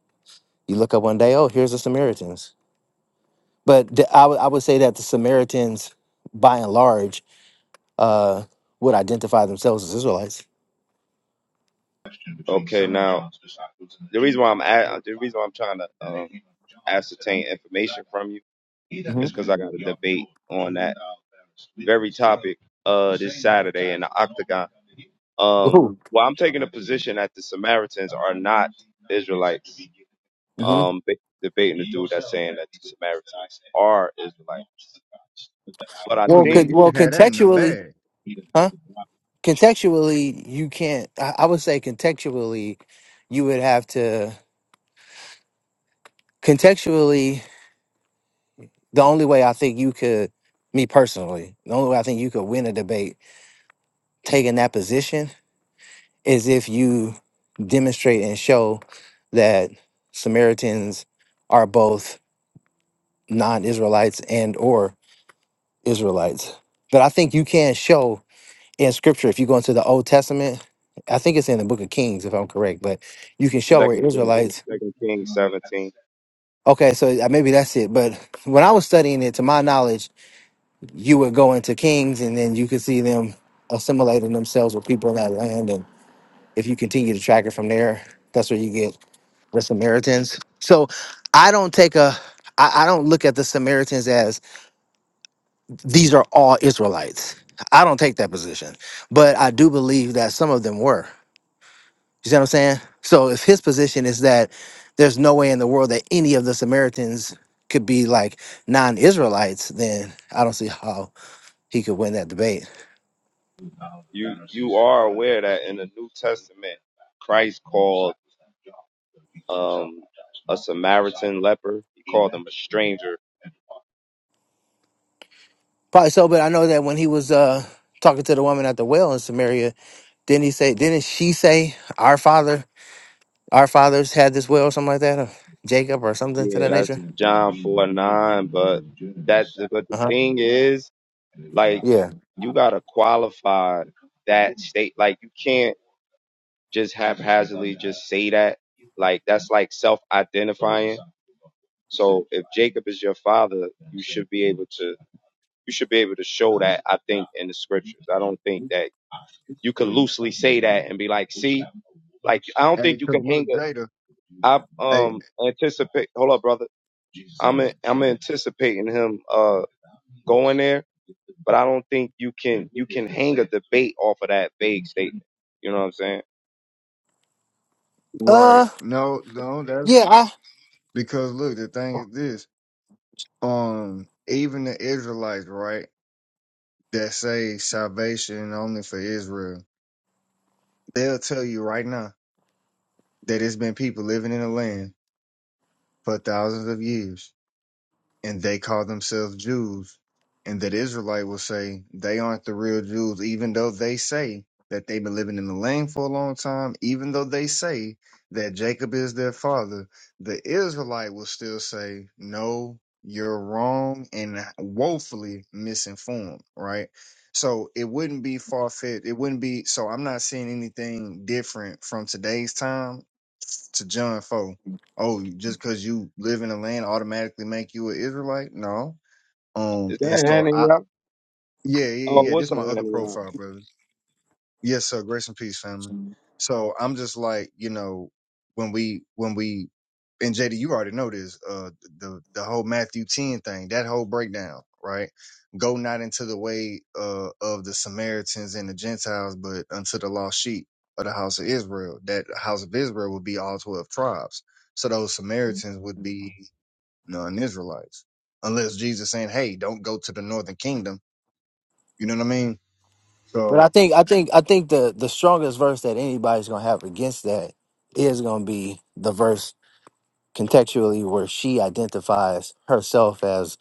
[SPEAKER 1] you look up one day, oh, here's the Samaritans But the, I would I would say that the Samaritans, by and large, uh, would identify themselves as Israelites.
[SPEAKER 9] Okay, now the reason why I'm at, the reason why I'm trying to um, ascertain information from you
[SPEAKER 1] hmm
[SPEAKER 9] is because I got a debate on that very topic uh this Saturday in the Octagon. Um,
[SPEAKER 1] hmm
[SPEAKER 9] well, I'm taking a position that the Samaritans are not Israelites. Um, ba- debating the dude that's saying that the Samaritans are Israelites, but I
[SPEAKER 10] Oh
[SPEAKER 1] Well,
[SPEAKER 10] yeah,
[SPEAKER 1] con-
[SPEAKER 9] think
[SPEAKER 10] you
[SPEAKER 1] well,
[SPEAKER 10] should have that in the
[SPEAKER 1] contextually,
[SPEAKER 10] bag.
[SPEAKER 1] huh? Contextually, you can't. I, I would say contextually, you would have to contextually. The only way I think you could, me personally, the only way I think you could win a debate taking that position is if you demonstrate and show that Samaritans are both non-Israelites and or Israelites. But I think you can show in scripture if you go into the Old Testament, I think it's in the book of Kings if I'm correct, but you can show where
[SPEAKER 9] Second Kings,
[SPEAKER 1] Israelites
[SPEAKER 9] Second Kings 17.
[SPEAKER 1] Okay, so uh, maybe that's it. But when I was studying it, to my knowledge, you would go into Kings and then you could see them assimilating themselves with people in that land. And if you continue to track it from there, that's where you get the Samaritans. So I don't take a, I, I don't look at the Samaritans as these are all Israelites. I don't take that position, but I do believe that some of them were. You see what I'm saying? So if his position is that there's no way in the world that any of the Samaritans could be like non-Israelites, then I don't see how he could win that debate.
[SPEAKER 9] You you are aware that in the New Testament, Christ called um a Samaritan leper. He called him a stranger.
[SPEAKER 1] Probably so, but I know that when he was uh talking to the woman at the well in Samaria, didn't he say didn't she say our father our fathers had this well or something like that? Or Jacob or something to
[SPEAKER 9] Yeah,
[SPEAKER 1] that
[SPEAKER 9] that's
[SPEAKER 1] nature?
[SPEAKER 9] John four nine. But that's but the
[SPEAKER 1] Uh-huh.
[SPEAKER 9] thing is, like,
[SPEAKER 1] Yeah.
[SPEAKER 9] you gotta qualify that state. Like, you can't just haphazardly just say that. Like, that's like self-identifying. So if Jacob is your father, you should be able to. you should be able to show that i think in the scriptures i don't think that you could loosely say that and be like see like i don't
[SPEAKER 10] Hey,
[SPEAKER 9] think you
[SPEAKER 10] cause
[SPEAKER 9] can
[SPEAKER 10] look,
[SPEAKER 9] hang it.
[SPEAKER 10] Jada.
[SPEAKER 9] I
[SPEAKER 10] Hey,
[SPEAKER 9] um anticipate hold up brother i'm in, i'm anticipating him uh going there but i don't think you can you can hang a debate off of that vague statement you know what i'm saying
[SPEAKER 10] right?
[SPEAKER 1] Uh
[SPEAKER 10] No, no, that's
[SPEAKER 1] yeah, I,
[SPEAKER 10] because look, the thing is this. Um, even the Israelites, right, that say salvation only for Israel, they'll tell you right now that it's been people living in the land for thousands of years. and they call themselves Jews, and that Israelite will say they aren't the real Jews, even though they say that they've been living in the land for a long time, even though they say that Jacob is their father, the Israelite will still say, No, you're wrong and woefully misinformed, right? So it wouldn't be far fetched. It wouldn't be so I'm not seeing anything different from today's time to John 4 oh, you- just because you live in a land automatically make you an Israelite? No.
[SPEAKER 9] is
[SPEAKER 10] Um, and
[SPEAKER 9] that
[SPEAKER 10] so
[SPEAKER 9] handing
[SPEAKER 10] I,
[SPEAKER 9] you
[SPEAKER 10] yeah, yeah,
[SPEAKER 9] oh
[SPEAKER 10] yeah. yeah, This
[SPEAKER 9] what's
[SPEAKER 10] is
[SPEAKER 9] up
[SPEAKER 10] my other
[SPEAKER 9] handing you
[SPEAKER 10] profile, brother. Yes, sir. Grace and peace, family. So I'm just like, you know, when we, when we, and JD, you already know this, uh, the, the whole Matthew 10 thing, that whole breakdown, right? Go not into the way, uh, of the Samaritans and the Gentiles, but unto the lost sheep of the house of Israel. That house of Israel would be all 12 tribes. So those Samaritans would be non-Israelites, unless Jesus saying, "Hey, don't go to the northern kingdom." You know what I mean?
[SPEAKER 1] But I
[SPEAKER 10] So
[SPEAKER 1] think I think I think the the strongest verse that anybody's gonna have against that is gonna be the verse contextually where she identifies herself as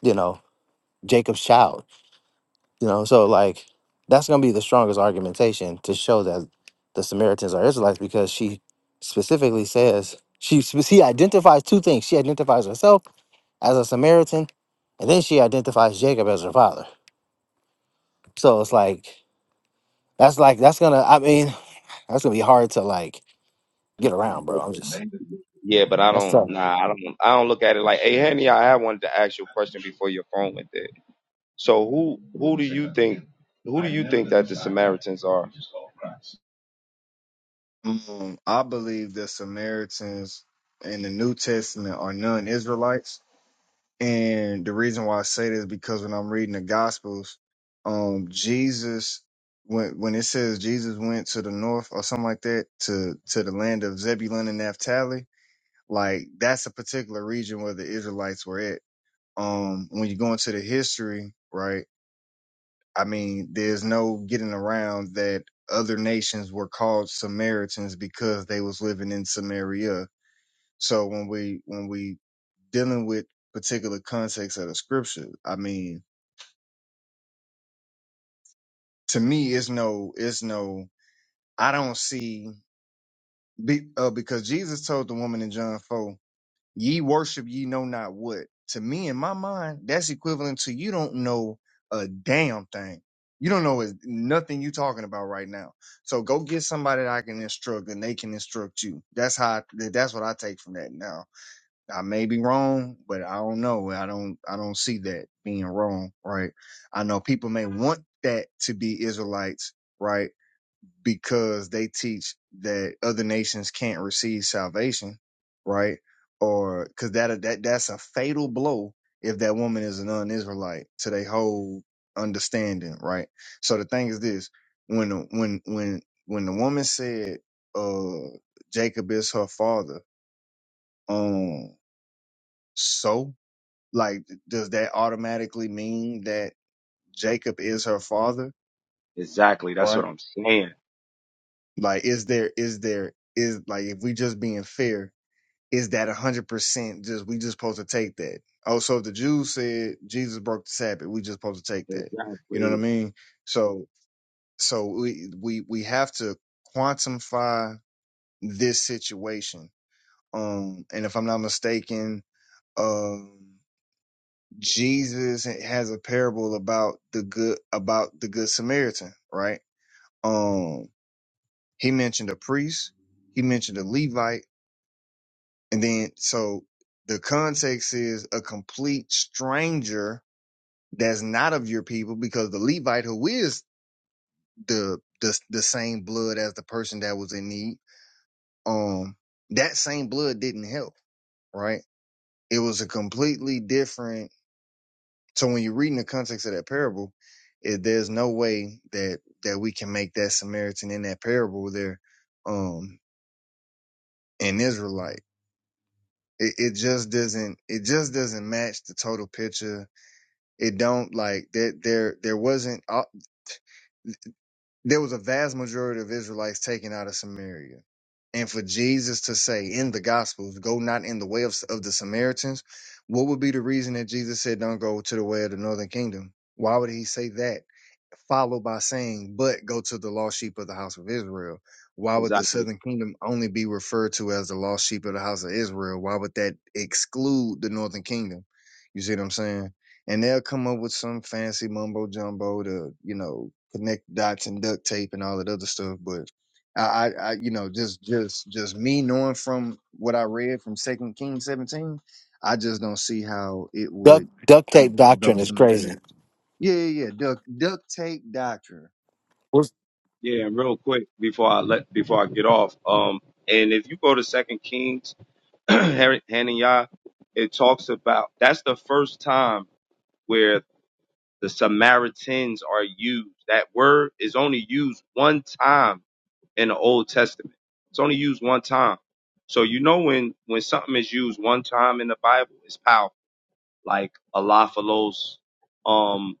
[SPEAKER 1] you know Jacob's child. You know, so like that's gonna be the strongest argumentation to show that the Samaritans are Israelites because she specifically says she spe- she identifies two things. She identifies herself as a Samaritan, and then she identifies Jacob as her father. So it's like that's like that's gonna I mean that's gonna be hard to like. get around,
[SPEAKER 9] but
[SPEAKER 1] bro. I'm just
[SPEAKER 9] yeah, but I
[SPEAKER 1] that's
[SPEAKER 9] don't.
[SPEAKER 1] tough.
[SPEAKER 9] Nah, I don't. I don't look at it like, hey, Henny, I had wanted to ask you a question before your phone went dead. So who who do you think who do you think that the Samaritans are?
[SPEAKER 10] um, I believe the Samaritans in the New Testament are non-Israelites, and the reason why I say this is because when I'm reading the Gospels, um, Jesus when when it says Jesus went to the north or something like that to to the land of Zebulun and Naphtali, like that's a particular region where the Israelites were at. Um, when you go into the history, right? I mean, there's no getting around that other nations were called Samaritans because they was living in Samaria. So when we when we dealing with particular context of the scripture, I mean, to me, it's no, it's no. I don't see be, uh, because Jesus told the woman in John four. Ye worship ye know not what. To me, in my mind, that's equivalent to you don't know a damn thing. You don't know is- nothing you talking about right now. So go get somebody that I can instruct and they can instruct you. That's how I, th- that's what I take from that. Now, I may be wrong, but I don't know. I don't I don't see that being wrong, right? I know people may want that to be Israelites, right? because they teach that other nations can't receive salvation, right? Or because that that that's a fatal blow if that woman is an un israelite to their whole understanding, right? So the thing is this: when the- when when when the woman said, "Uh, Jacob is her father," um, so like, does that automatically mean that Jacob is her father,
[SPEAKER 9] Exactly. That's
[SPEAKER 10] right?
[SPEAKER 9] what I'm saying.
[SPEAKER 10] Like, is there is there is like if we just being fair, is that 100% just we just supposed to take that oh so if the jews said jesus broke the sabbath we just supposed to take that you know what i
[SPEAKER 9] Exactly.
[SPEAKER 10] mean so so we we, we have to quantify this situation um and if i'm not mistaken um jesus has a parable about the good about the good samaritan right um he mentioned a priest he mentioned a levite And then, so the context is a complete stranger that's not of your people, because the Levite who is the the the same blood as the person that was in need, um, that same blood didn't help, right? It was a completely different. So when you're reading the context of that parable, it, there's no way that that we can make that Samaritan in that parable there, um, an Israelite. It, it just doesn't. It just doesn't match the total picture It don't like there there there wasn't uh, there was a vast majority of Israelites taken out of Samaria. And for Jesus to say in the Gospels, go not in the way of, of the Samaritans, what would be the reason that Jesus said, don't go to the way of the northern kingdom? Why would he say that? Followed by saying, but go to the lost sheep of the house of Israel. Why would the
[SPEAKER 9] Exactly.
[SPEAKER 10] southern kingdom only be referred to as the lost sheep of the house of Israel? Why would that exclude the northern kingdom? You see what I'm saying? and they'll come up with some fancy mumbo jumbo to you know connect dots and duct tape and all that other stuff but I, I, I, you know, just, just, just me knowing from what I read from Second Kings seventeen, I just don't see how it
[SPEAKER 1] Duct
[SPEAKER 10] would
[SPEAKER 1] duct
[SPEAKER 10] how
[SPEAKER 1] tape doctrine
[SPEAKER 10] those
[SPEAKER 1] is crazy.
[SPEAKER 10] Samaritans. Yeah, yeah, yeah, duct, duct tape doctrine.
[SPEAKER 9] Yeah, and real quick before I let before I get off, um, and if you go to Second Kings, Har- Hananiah, it talks about that's the first time where the Samaritans are used. That word is only used one time in the Old Testament. It's only used one time. So you know when when something is used one time in the Bible, it's powerful. Like alophilos, um,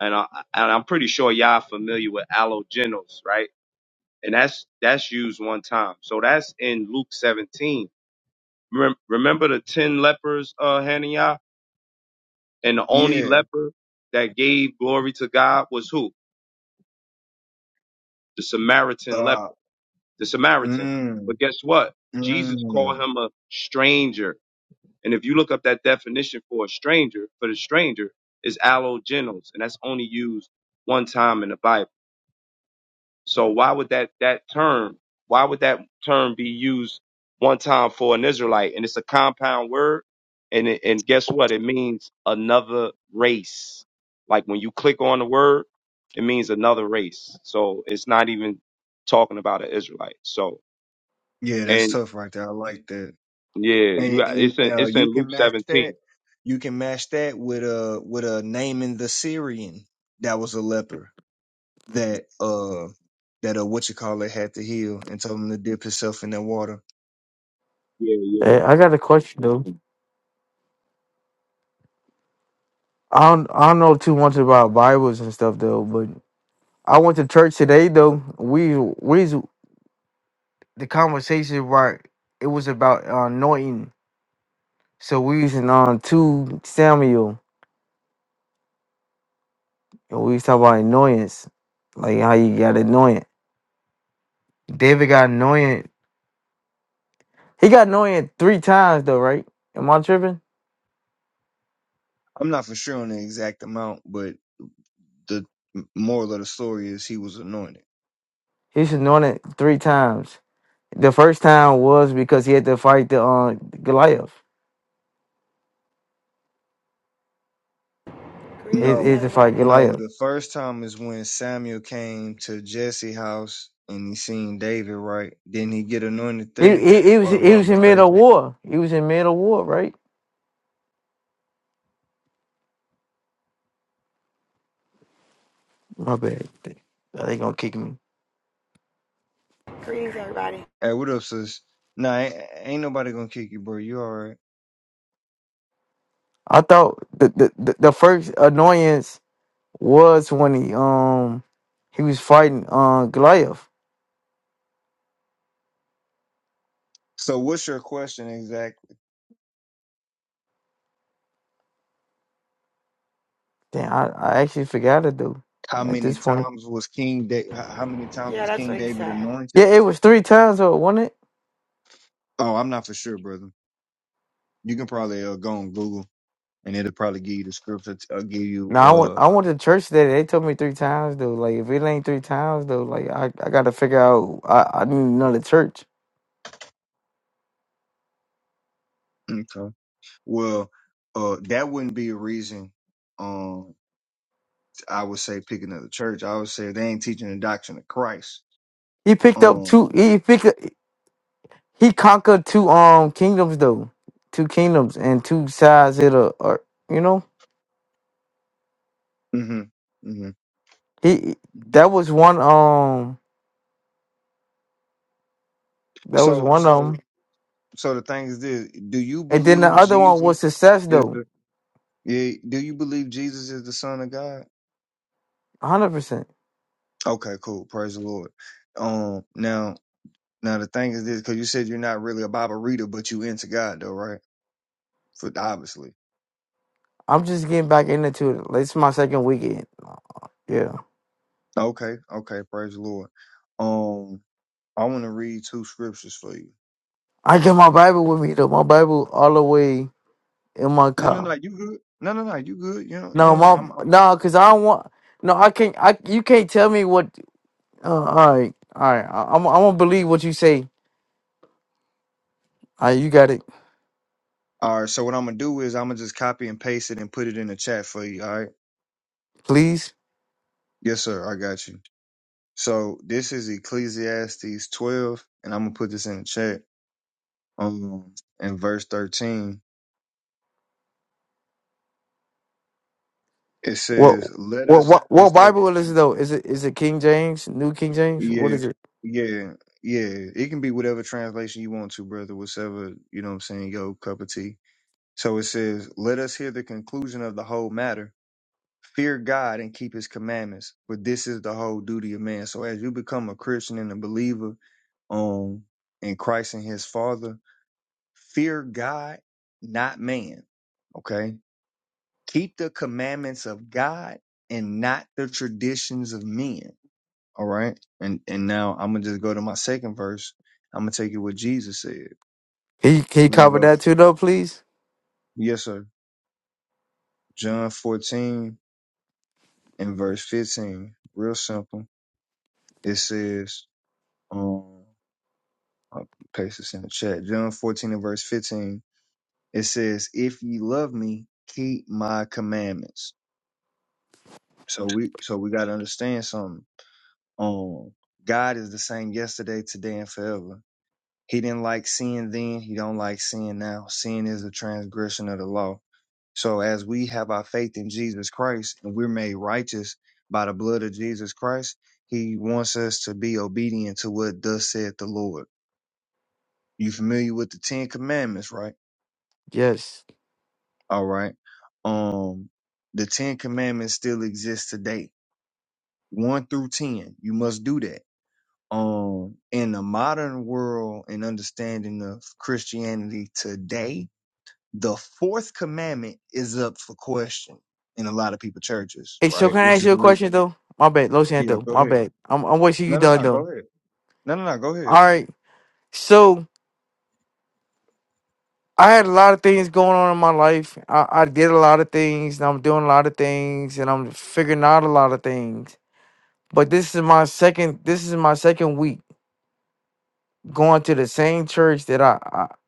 [SPEAKER 9] and I and I'm pretty sure y'all familiar with allogenos, right? And that's that's used one time. So that's in Luke 17. Rem- Remember the ten lepers, uh, Hananiah, and the only
[SPEAKER 10] Yeah.
[SPEAKER 9] leper that gave glory to God was who? The Samaritan leper,
[SPEAKER 10] Uh.
[SPEAKER 9] the Samaritan.
[SPEAKER 10] Mm,
[SPEAKER 9] But guess what? Jesus
[SPEAKER 10] mm,
[SPEAKER 9] called him a stranger And if you look up that definition for a stranger, for the stranger, is allogenos, and that's only used one time in the Bible. So why would that that term, why would that term be used one time for an Israelite? And it's a compound word, and it, and guess what? It means another race. Like when you click on the word, it means another race. So it's not even talking about an Israelite. So
[SPEAKER 10] yeah, that's
[SPEAKER 9] and
[SPEAKER 10] tough right there. I like that.
[SPEAKER 9] yeah, you
[SPEAKER 10] and,
[SPEAKER 9] got
[SPEAKER 10] and
[SPEAKER 9] it's in
[SPEAKER 10] uh,
[SPEAKER 9] it's
[SPEAKER 10] you
[SPEAKER 9] in Luke
[SPEAKER 10] can match
[SPEAKER 9] 17.
[SPEAKER 10] that. You can match that with a with a Naaman the Syrian that was a leper that uh that uh what you call it had to heal and told him to dip himself in that water.
[SPEAKER 9] Yeah, yeah.
[SPEAKER 11] Hey, I got a question though. I don't I don't know too much about Bibles and stuff though, but I went to church today though. We we the conversation right it was about uh, anointing. So we was in on two Samuel and we was talking about annoyance. Like how you got anointed. David got anointed. He got anointed three times though, right? Am I tripping?
[SPEAKER 10] I'm not for sure on the exact amount, but the moral of the story is he was anointed.
[SPEAKER 11] He's anointed three times. The first time was because he had to fight the uh, Goliath. He,
[SPEAKER 12] Greetings,
[SPEAKER 11] he
[SPEAKER 10] No,
[SPEAKER 11] had to fight
[SPEAKER 12] everybody.
[SPEAKER 11] Goliath.
[SPEAKER 10] no. The first time is when Samuel came to Jesse's house and he seen David. Right? Didn't he get anointed
[SPEAKER 11] He,
[SPEAKER 10] there?
[SPEAKER 11] he he was
[SPEAKER 10] Or am
[SPEAKER 11] he
[SPEAKER 10] I
[SPEAKER 11] was in middle of
[SPEAKER 10] mistaken?
[SPEAKER 11] war. He was in middle of war, right? My bad. They they gonna kick me.
[SPEAKER 12] Greetings, everybody.
[SPEAKER 10] Hey, what up, sis? Nah, ain't, ain't nobody gonna kick you, bro. You all right?
[SPEAKER 11] I thought the, the the the first annoyance was when he um he was fighting uh Goliath.
[SPEAKER 10] So, what's your question exactly?
[SPEAKER 11] Damn, I, I actually forgot to do
[SPEAKER 10] How
[SPEAKER 11] at
[SPEAKER 10] many
[SPEAKER 11] this point.
[SPEAKER 10] times was King da- h- How many times
[SPEAKER 12] Yeah,
[SPEAKER 10] was
[SPEAKER 12] that's
[SPEAKER 10] King
[SPEAKER 12] what he
[SPEAKER 10] David
[SPEAKER 12] said.
[SPEAKER 11] Yeah,
[SPEAKER 10] anointed?
[SPEAKER 11] it was three times though, wasn't it?
[SPEAKER 10] Oh, I'm not for sure, brother. You can probably uh, go on Google, and it'll probably give you the scripture. I'll give you.
[SPEAKER 11] No, I went
[SPEAKER 10] Uh,
[SPEAKER 11] I went to church today. They told me three times though. Like if it ain't three times though, like I, I gotta figure out I, I need another church.
[SPEAKER 10] okay. Well, uh, that wouldn't be a reason. Um, I would say pick another church. I would say they ain't teaching the doctrine of Christ.
[SPEAKER 11] He picked up
[SPEAKER 10] Um.
[SPEAKER 11] two. He picked. He conquered two um kingdoms though, two kingdoms and two sides of the earth. You know,
[SPEAKER 10] hmm hmm
[SPEAKER 11] he that was one um that was
[SPEAKER 10] So,
[SPEAKER 11] one of
[SPEAKER 10] so
[SPEAKER 11] them,
[SPEAKER 10] So the thing is this: Do you
[SPEAKER 11] and then the
[SPEAKER 10] believe
[SPEAKER 11] other one was
[SPEAKER 10] Jesus
[SPEAKER 11] success
[SPEAKER 10] is
[SPEAKER 11] though,
[SPEAKER 10] the? Yeah, do you believe Jesus is the Son of God?
[SPEAKER 11] hundred percent.
[SPEAKER 10] Okay, cool. Praise the Lord. Um, now, now the thing is this: because you said you're not really a Bible reader, but you into God though, right? For obviously.
[SPEAKER 11] I'm just getting back into it. It's my second weekend. Yeah,
[SPEAKER 10] Okay, okay. Praise the Lord. Um, I want to read two scriptures for you.
[SPEAKER 11] I get my Bible with me though. My Bible all the way in my
[SPEAKER 10] No, no,
[SPEAKER 11] car.
[SPEAKER 10] no. You good? No, no, no. You good? You know, you
[SPEAKER 11] No,
[SPEAKER 10] know.
[SPEAKER 11] my
[SPEAKER 10] I'm, I'm.
[SPEAKER 11] no, cause I don't want. No, I can't. I you can't tell me what. Uh, all right, all right. I, I'm I'm gonna believe what you say. All right, you got it.
[SPEAKER 10] All right. So what I'm gonna do is I'm gonna just copy and paste it and put it in the chat for you. All right.
[SPEAKER 11] Please.
[SPEAKER 10] Yes, sir. I got you. So this is Ecclesiastes 12, and I'm gonna put this in the chat. Um, in verse 13, it
[SPEAKER 11] What
[SPEAKER 10] says, "Let
[SPEAKER 11] what
[SPEAKER 10] us."
[SPEAKER 11] what
[SPEAKER 10] It's
[SPEAKER 11] what
[SPEAKER 10] the
[SPEAKER 11] Bible is it though? Is it is it King James, New King James? What
[SPEAKER 10] yeah,
[SPEAKER 11] is it?
[SPEAKER 10] yeah, yeah. It can be whatever translation you want to, brother. Whatever you know, what I'm saying, yo, cup of tea. So it says, "Let us hear the conclusion of the whole matter." Fear God and keep His commandments, for this is the whole duty of man. So, as you become a Christian and a believer, um, in Christ and His Father, fear God, not man Okay. Keep the commandments of God and not the traditions of men. All right. And and now I'm gonna just go to my second verse. I'm gonna take you what Jesus said.
[SPEAKER 11] Can you can you
[SPEAKER 10] We're gonna
[SPEAKER 11] cover
[SPEAKER 10] go,
[SPEAKER 11] that too though, please?
[SPEAKER 10] yes, sir. John 14 and verse 15. Real simple. It says, um, I'll paste this in the chat. John 14 and verse 15. It says, If ye love me, keep my commandments. So we so we gotta understand something Um, God is the same yesterday, today, and forever. He didn't like sin then. He don't like sin now. Sin is a transgression of the law. So as we have our faith in Jesus Christ and we're made righteous by the blood of Jesus Christ, he wants us to be obedient to what thus saith the Lord. You familiar with the Ten Commandments, right?
[SPEAKER 11] Yes.
[SPEAKER 10] All right. Um, the Ten Commandments still exist today. One through ten. You must do that. Um, in the modern world and understanding of Christianity today, the fourth commandment is up for question in a lot of people churches,
[SPEAKER 11] Hey, so
[SPEAKER 10] right?
[SPEAKER 11] can I
[SPEAKER 10] Which
[SPEAKER 11] ask
[SPEAKER 10] is
[SPEAKER 11] you a
[SPEAKER 10] the re-
[SPEAKER 11] question though? My bad, Los
[SPEAKER 10] yeah.
[SPEAKER 11] Santo. My
[SPEAKER 10] Go ahead.
[SPEAKER 11] bad. I'm I'm waiting wishing you
[SPEAKER 10] No, no,
[SPEAKER 11] done
[SPEAKER 10] no.
[SPEAKER 11] though.
[SPEAKER 10] Go ahead. No, no, no. Go ahead.
[SPEAKER 11] All right. So I had a lot of things going on in my life. I, I did a lot of things and I'm doing a lot of things and I'm figuring out a lot of things. But this is my second this is my second week going to the same church that I I,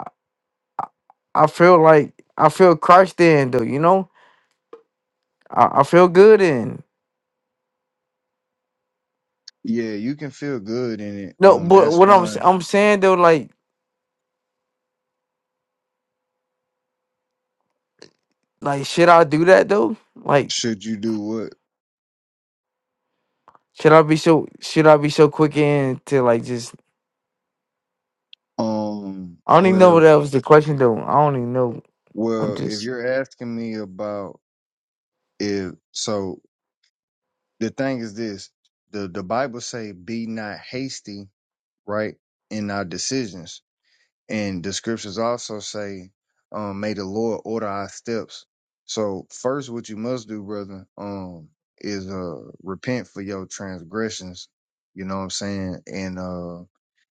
[SPEAKER 11] I feel like I feel Christ in though, you know? I, I feel good in.
[SPEAKER 10] Yeah, you can feel good in it.
[SPEAKER 11] No,
[SPEAKER 10] Um,
[SPEAKER 11] but
[SPEAKER 10] that's
[SPEAKER 11] what I'm s-
[SPEAKER 10] fine.
[SPEAKER 11] I'm saying though, like like should I do that though? Like
[SPEAKER 10] Should you do what?
[SPEAKER 11] should I be so should I be so quick in to like just
[SPEAKER 10] Um,
[SPEAKER 11] I don't even know what
[SPEAKER 10] well,
[SPEAKER 11] that was the question though. I don't even know. I'm
[SPEAKER 10] well, if
[SPEAKER 11] just
[SPEAKER 10] you're asking me about if so, the thing is this: the the Bible say, "Be not hasty." right, in our decisions. And the scriptures also say, um, may the Lord order our steps. So first, what you must do, brother, um, is, uh, repent for your transgressions. You know what I'm saying? And, uh,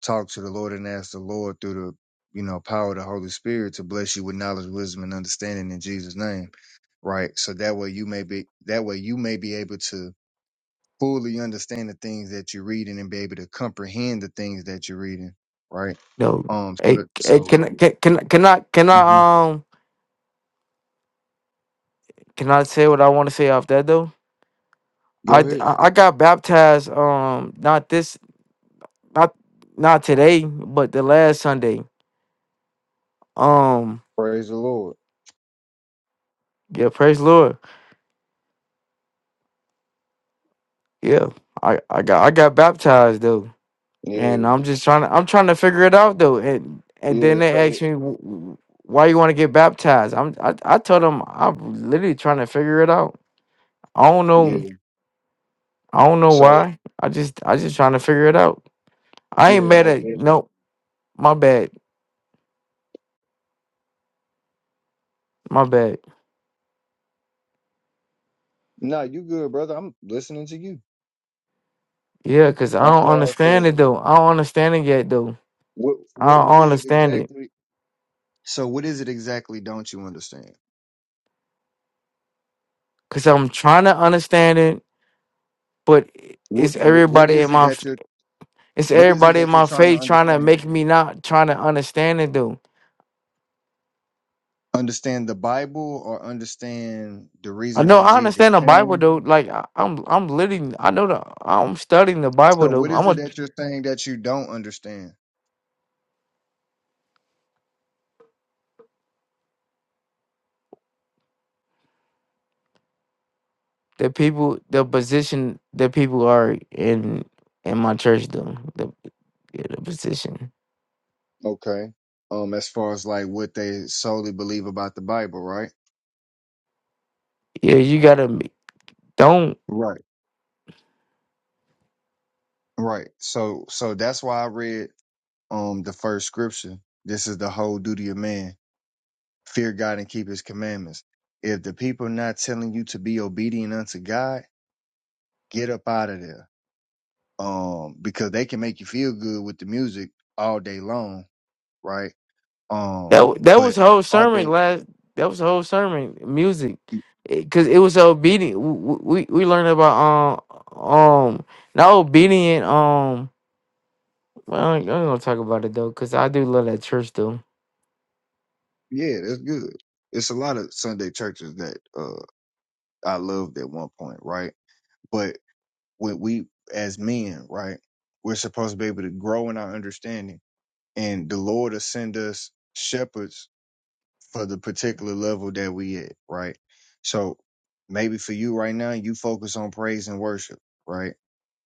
[SPEAKER 10] talk to the Lord and ask the Lord through the, you know, power of the Holy Spirit to bless you with knowledge, wisdom, and understanding in Jesus' name. Right. So that way you may be, that way you may be able to fully understand the things that you're reading and be able to comprehend the things that you're reading, right?
[SPEAKER 11] no.
[SPEAKER 10] Um, so
[SPEAKER 11] Hey,
[SPEAKER 10] that
[SPEAKER 11] hey
[SPEAKER 10] so
[SPEAKER 11] can, I- can can I- can I can
[SPEAKER 10] Mhm.
[SPEAKER 11] I um can I say what I want to say off that though?
[SPEAKER 10] go
[SPEAKER 11] I, d-
[SPEAKER 10] ahead,
[SPEAKER 11] I I got baptized um not this not not today but the last Sunday. Um
[SPEAKER 10] praise the Lord.
[SPEAKER 11] yeah, praise the Lord. Yeah. I, I got I got baptized though. and
[SPEAKER 10] Yeah,
[SPEAKER 11] I'm just trying to I'm trying to figure it out though. And and then
[SPEAKER 10] yeah.
[SPEAKER 11] they asked
[SPEAKER 10] So
[SPEAKER 11] me "W- w- why you want to get baptized. I'm I, I told them I'm literally trying to figure it out. I don't know
[SPEAKER 10] yeah,
[SPEAKER 11] I don't know
[SPEAKER 10] so
[SPEAKER 11] why. I just I just trying to figure it out. I ain't
[SPEAKER 10] yeah,
[SPEAKER 11] mad
[SPEAKER 10] most
[SPEAKER 11] at
[SPEAKER 10] definitely.
[SPEAKER 11] no my bad my bad.
[SPEAKER 10] Nah, you good, brother. I'm listening to you.
[SPEAKER 11] Yeah, cause I
[SPEAKER 10] I'm
[SPEAKER 11] don't
[SPEAKER 10] sorry
[SPEAKER 11] understand
[SPEAKER 10] for
[SPEAKER 11] it though. I don't understand it yet though.
[SPEAKER 10] what
[SPEAKER 11] I
[SPEAKER 10] what what
[SPEAKER 11] don't
[SPEAKER 10] is it
[SPEAKER 11] understand it
[SPEAKER 10] exactly? So what is it exactly? Don't you understand?
[SPEAKER 11] cause I'm trying to understand it, but
[SPEAKER 10] What
[SPEAKER 11] it's
[SPEAKER 10] what what
[SPEAKER 11] everybody in
[SPEAKER 10] is it
[SPEAKER 11] my
[SPEAKER 10] that
[SPEAKER 11] f-
[SPEAKER 10] you're
[SPEAKER 11] it's
[SPEAKER 10] what is it
[SPEAKER 11] everybody in
[SPEAKER 10] that you're
[SPEAKER 11] my
[SPEAKER 10] trying to
[SPEAKER 11] face trying to
[SPEAKER 10] understand?
[SPEAKER 11] make me not trying to understand it though.
[SPEAKER 10] Understand the Bible or understand the
[SPEAKER 11] I
[SPEAKER 10] reason
[SPEAKER 11] know
[SPEAKER 10] why
[SPEAKER 11] I
[SPEAKER 10] Jesus
[SPEAKER 11] understand the Bible
[SPEAKER 10] came?
[SPEAKER 11] though. Like I, I'm, I'm literally, I know the, I'm studying the Bible
[SPEAKER 10] So
[SPEAKER 11] though.
[SPEAKER 10] what is
[SPEAKER 11] I'm
[SPEAKER 10] it
[SPEAKER 11] a
[SPEAKER 10] that you're saying that you don't understand?
[SPEAKER 11] the people, the position that people are in in my church though. The yeah, the position.
[SPEAKER 10] Okay. Um, as far as like what they solely believe about the Bible, right?
[SPEAKER 11] Yeah, you gotta be- don't.
[SPEAKER 10] Right. Right. So so that's why I read um the first scripture. This is the whole duty of man. Fear God and keep his commandments. If the people not telling you to be obedient unto God, get up out of there. Um, because they can make you feel good with the music all day long, right? Um,
[SPEAKER 11] That wa- that was
[SPEAKER 10] but
[SPEAKER 11] the whole
[SPEAKER 10] are
[SPEAKER 11] sermon
[SPEAKER 10] they?
[SPEAKER 11] last. That was the whole sermon music, because it, 'cause it was obedient. w- We we learned about um um not obedient um. Well, I ain't I ain't gonna talk about it though, cause I do love that church though.
[SPEAKER 10] Yeah, that's good. It's a lot of Sunday churches that uh I loved at one point, right? But when we as men, right, we're supposed to be able to grow in our understanding and the Lord will send us shepherds for the particular level that we at, right? So maybe for you right now, you focus on praise and worship, right?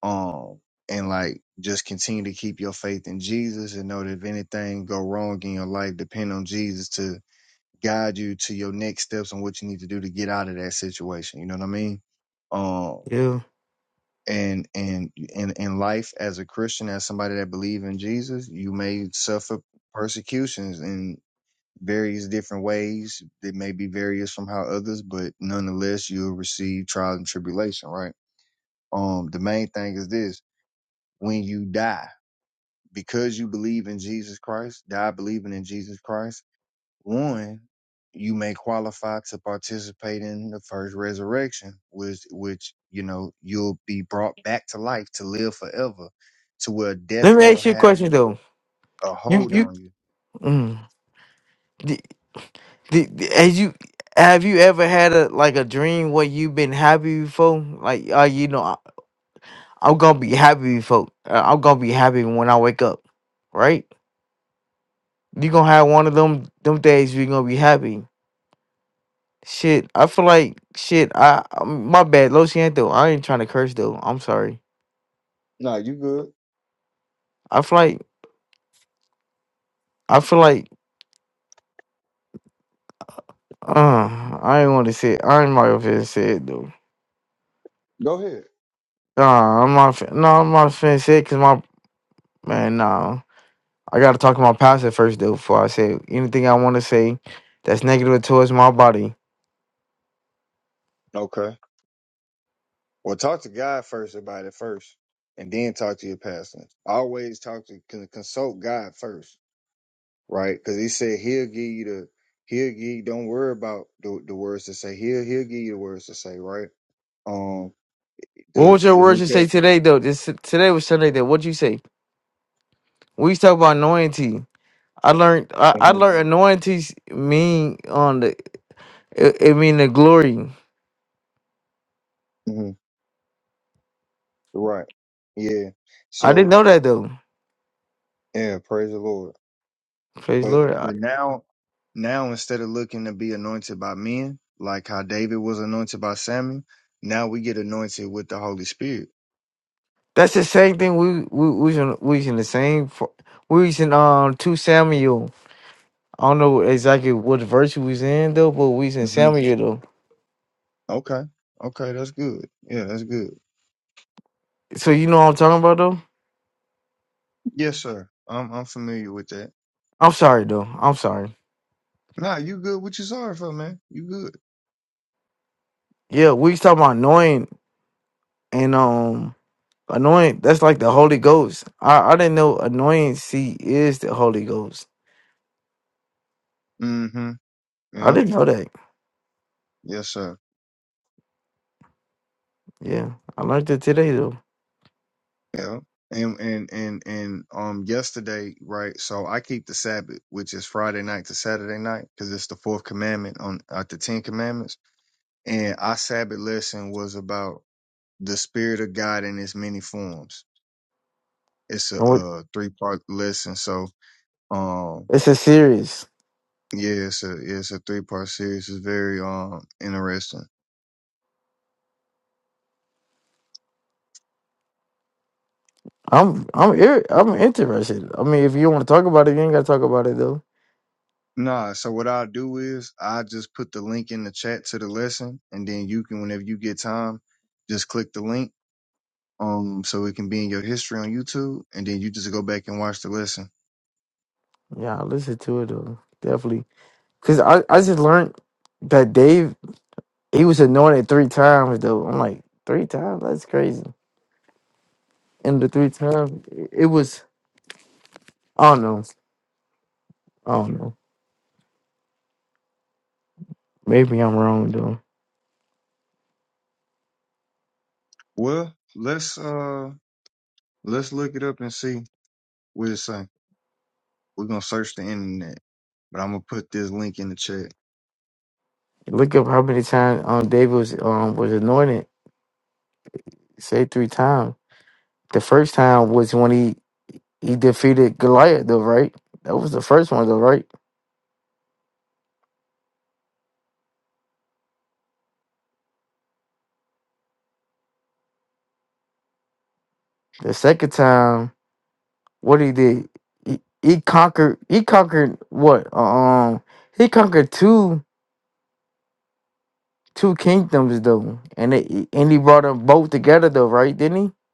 [SPEAKER 10] Um and like just continue to keep your faith in Jesus and know that if anything go wrong in your life, depend on Jesus to guide you to your next steps on what you need to do to get out of that situation. You know what I mean? Um,
[SPEAKER 11] Yeah.
[SPEAKER 10] and and in in life as a Christian, as somebody that believes in Jesus, you may suffer persecutions in various different ways. It may be various from how others, but nonetheless, you'll receive trial and tribulation. Right? Um, the main thing is this: when you die, because you believe in Jesus Christ, die believing in Jesus Christ One, you may qualify to participate in the first resurrection, which which you know you'll be brought back to life to live forever, to where death
[SPEAKER 11] Let me ask
[SPEAKER 10] won't
[SPEAKER 11] you a
[SPEAKER 10] have
[SPEAKER 11] question though.
[SPEAKER 10] a, a
[SPEAKER 11] You
[SPEAKER 10] hold
[SPEAKER 11] you
[SPEAKER 10] on you.
[SPEAKER 11] mm, the, the, the- as you have you ever had a like a dream where you've been happy before? Like uh, you know, I, I'm gonna be happy before. Uh, I'm gonna be happy when I wake up, right? You gonna have one of them them days you're gonna be happy. Shit, I feel like shit. I um, my bad, Lo Siento. I ain't trying to curse though. I'm sorry.
[SPEAKER 10] No, you good.
[SPEAKER 11] I feel like I feel like uh, I ain't want to say. It. I ain't my finna say it though.
[SPEAKER 10] Go ahead.
[SPEAKER 11] Nah, I'm not. fin- No, I'm not finna say it because my man. Nah. I gotta talk about my pastor first though before I say anything I wanna say that's negative towards my body.
[SPEAKER 10] Okay. Well, talk to God first about it first, and then talk to your pastor. Always talk to con- consult God first, right? Because He said He'll give you the He'll give. Don't worry about the, the words to say. He'll He'll give you the words to say, right? Um.
[SPEAKER 11] What
[SPEAKER 10] the
[SPEAKER 11] was your
[SPEAKER 10] the New
[SPEAKER 11] words you say
[SPEAKER 10] Testament.
[SPEAKER 11] today though? This today was Sunday though. What'd you say? We used to talk about anointing. I learned I, I
[SPEAKER 10] hmm
[SPEAKER 11] learned anointing mean on the it, it mean the glory.
[SPEAKER 10] hmm Right. Yeah.
[SPEAKER 11] I didn't
[SPEAKER 10] So
[SPEAKER 11] know that though.
[SPEAKER 10] yeah, praise the Lord.
[SPEAKER 11] Praise the
[SPEAKER 10] But
[SPEAKER 11] Lord. I-
[SPEAKER 10] but now now instead of looking to be anointed by men, like how David was anointed by Samuel, now we get anointed with the Holy Spirit.
[SPEAKER 11] that's the same thing we we we was in, we was in the same for, we was in um two Samuel. I don't know exactly what verse we was in though, but we was in
[SPEAKER 10] hmm
[SPEAKER 11] Samuel though.
[SPEAKER 10] Okay. Okay, that's good. Yeah, that's good.
[SPEAKER 11] So you know what I'm talking about though?
[SPEAKER 10] Yes, sir. I'm I'm familiar with that.
[SPEAKER 11] I'm sorry, though. I'm sorry.
[SPEAKER 10] Nah, you good? What you sorry for, man? You good?
[SPEAKER 11] Yeah, we was talking about annoying and um annoying. That's like the Holy Ghost. I I didn't know annoyancy is the Holy Ghost.
[SPEAKER 10] Mm-hmm.
[SPEAKER 11] I
[SPEAKER 10] Yeah.
[SPEAKER 11] didn't know that.
[SPEAKER 10] Yes, sir.
[SPEAKER 11] Yeah, I learned it today though.
[SPEAKER 10] Yeah. And and and and um yesterday, right? So I keep the Sabbath, which is Friday night to Saturday night, because it's the fourth commandment on out the Ten Commandments. And our Sabbath lesson was about the Spirit of God in its many forms. It's a,
[SPEAKER 11] And what-
[SPEAKER 10] uh three part lesson. So um
[SPEAKER 11] It's a series.
[SPEAKER 10] yeah, it's a it's a three part series. It's very um interesting.
[SPEAKER 11] I'm I'm ir- I'm interested. I mean, if you want to talk about it, you ain't gotta talk about it though.
[SPEAKER 10] Nah, so what I'll do is I just put the link in the chat to the lesson and then you can whenever you get time, just click the link um, so it can be in your history on YouTube, and then you just go back and watch the lesson.
[SPEAKER 11] Yeah, I listen to it though. Definitely, cause I I just learned that Dave he was anointed three times though. I'm like three times. That's crazy. And the three times it it was. I don't know. I don't know. Maybe I'm wrong though.
[SPEAKER 10] Well, let's uh let's look it up and see what it say. We're gonna search the internet, but I'm gonna put this link in the chat.
[SPEAKER 11] Look up how many times um David was um was anointed. Say three times. The first time was when he he defeated Goliath though, right? That was the first one though, right? The second time, what he did, he, he conquered. He conquered what? Um, he conquered two two kingdoms though, and it, and he brought them both together though, right? Didn't he?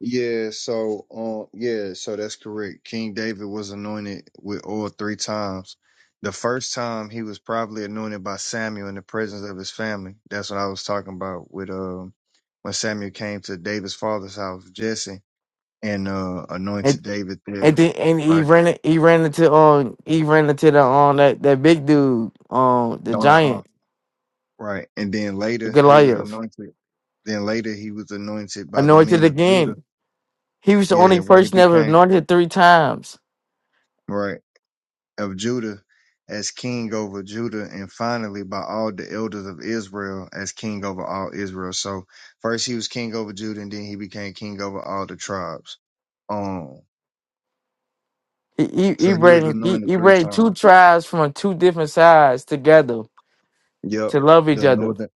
[SPEAKER 10] Yeah, so um, yeah, so that's correct. King David was anointed with oil three times. The first time he was probably anointed by Samuel in the presence of his family. That's what I was talking about with um when Samuel came to David's father's house, Jesse and uh anointed David
[SPEAKER 11] And
[SPEAKER 10] there,
[SPEAKER 11] then and he
[SPEAKER 10] right?
[SPEAKER 11] ran it- he ran into um he ran into the um that, that big dude um the
[SPEAKER 10] Uh huh.
[SPEAKER 11] giant
[SPEAKER 10] Right. And then
[SPEAKER 11] the
[SPEAKER 10] later he was
[SPEAKER 11] Goliath
[SPEAKER 10] anointed. Then later he was anointed by the
[SPEAKER 11] anointed
[SPEAKER 10] men of Judah.
[SPEAKER 11] again. He was the
[SPEAKER 10] Yeah,
[SPEAKER 11] only
[SPEAKER 10] when he
[SPEAKER 11] person ever
[SPEAKER 10] became
[SPEAKER 11] anointed three times.
[SPEAKER 10] right of Judah as king over Judah, and finally by all the elders of Israel as king over all Israel. So first he was king over Judah, and then he became king over all the tribes. Um,
[SPEAKER 11] He he, he
[SPEAKER 10] so he was
[SPEAKER 11] ran he,
[SPEAKER 10] anointed
[SPEAKER 11] he
[SPEAKER 10] three
[SPEAKER 11] ran two
[SPEAKER 10] times.
[SPEAKER 11] tribes from two different sides together
[SPEAKER 10] Yep,
[SPEAKER 11] to love each
[SPEAKER 10] the
[SPEAKER 11] other.
[SPEAKER 10] northern.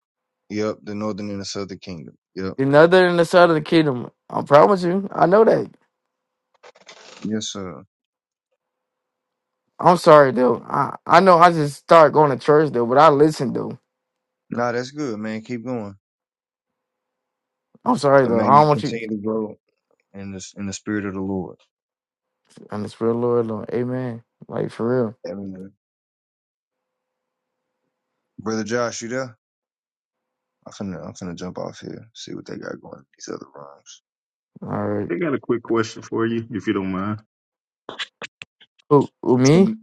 [SPEAKER 10] Yep, the northern and the southern kingdom. Yep,
[SPEAKER 11] Another in the southern kingdom. I promise you, I know that.
[SPEAKER 10] yes sir.
[SPEAKER 11] I'm sorry though. I I know I just start going to church though, but I listen though.
[SPEAKER 10] Nah, that's good, man. Keep going.
[SPEAKER 11] I'm sorry
[SPEAKER 10] And
[SPEAKER 11] though.
[SPEAKER 10] may
[SPEAKER 11] I
[SPEAKER 10] you
[SPEAKER 11] don't want you.
[SPEAKER 10] continue to grow in this in the spirit of the Lord.
[SPEAKER 11] And it's real Lord, Lord. Amen. Like for real.
[SPEAKER 10] Amen. Brother Josh, you there? I'm finna I'm finna jump off here. See what they got going in these other rooms.
[SPEAKER 11] All right.
[SPEAKER 13] I got a quick question for you, if you don't mind.
[SPEAKER 11] Who, who, me?
[SPEAKER 10] From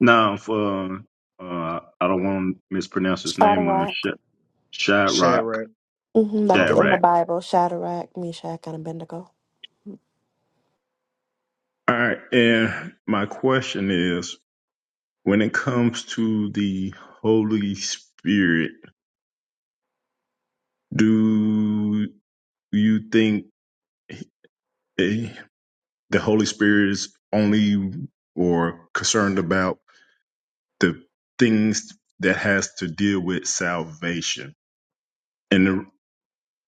[SPEAKER 13] Now, if, uh, uh, I don't want to mispronounce his name, uh,
[SPEAKER 4] Shadrach.
[SPEAKER 13] Sh- Shadrach,
[SPEAKER 10] Shadrach.
[SPEAKER 4] hmm Like
[SPEAKER 10] Uh
[SPEAKER 4] the,
[SPEAKER 10] huh.
[SPEAKER 4] in the
[SPEAKER 13] Shadrach.
[SPEAKER 4] Bible, Shadrach, Meshach, and Abednego.
[SPEAKER 13] All right, and my question is, when it comes to the Holy Spirit, do you think eh, the Holy Spirit is only or concerned about the things that has to deal with salvation? and the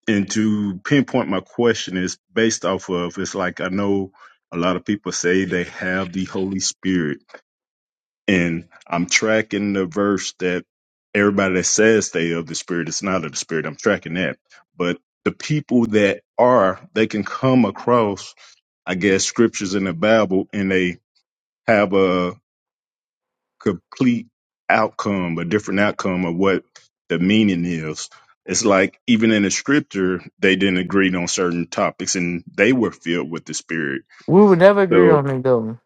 [SPEAKER 13] and to pinpoint my question is based off of it's like I know a lot of people say they have the Holy Spirit, and I'm tracking the verse that everybody that says they of the Spirit is not of the Spirit. I'm tracking that, but the people that are, they can come across, I guess, scriptures in the Bible, and they have a complete outcome, a different outcome of what the meaning is. It's like even in the scripture, they didn't agree on certain topics and they were filled with the spirit.
[SPEAKER 11] We would never agree
[SPEAKER 13] So,
[SPEAKER 11] on it though.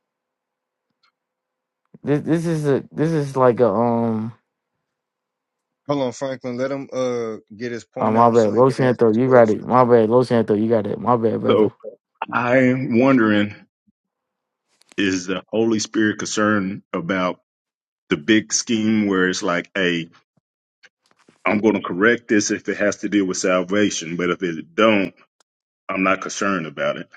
[SPEAKER 11] This this is a this is like a um
[SPEAKER 10] Hold on, Franklin. Let him uh get his
[SPEAKER 11] oh
[SPEAKER 10] point
[SPEAKER 11] my
[SPEAKER 10] out so
[SPEAKER 11] bad.
[SPEAKER 10] he
[SPEAKER 11] Los
[SPEAKER 10] can ask
[SPEAKER 11] Santo,
[SPEAKER 10] his
[SPEAKER 11] you got it.
[SPEAKER 10] question.
[SPEAKER 11] My bad, Los Santo, you got it. My bad, brother.
[SPEAKER 13] so I'm wondering, is the Holy Spirit concerned about the big scheme where it's like, Hey, I'm going to correct this if it has to deal with salvation, but if it don't, I'm not concerned about it.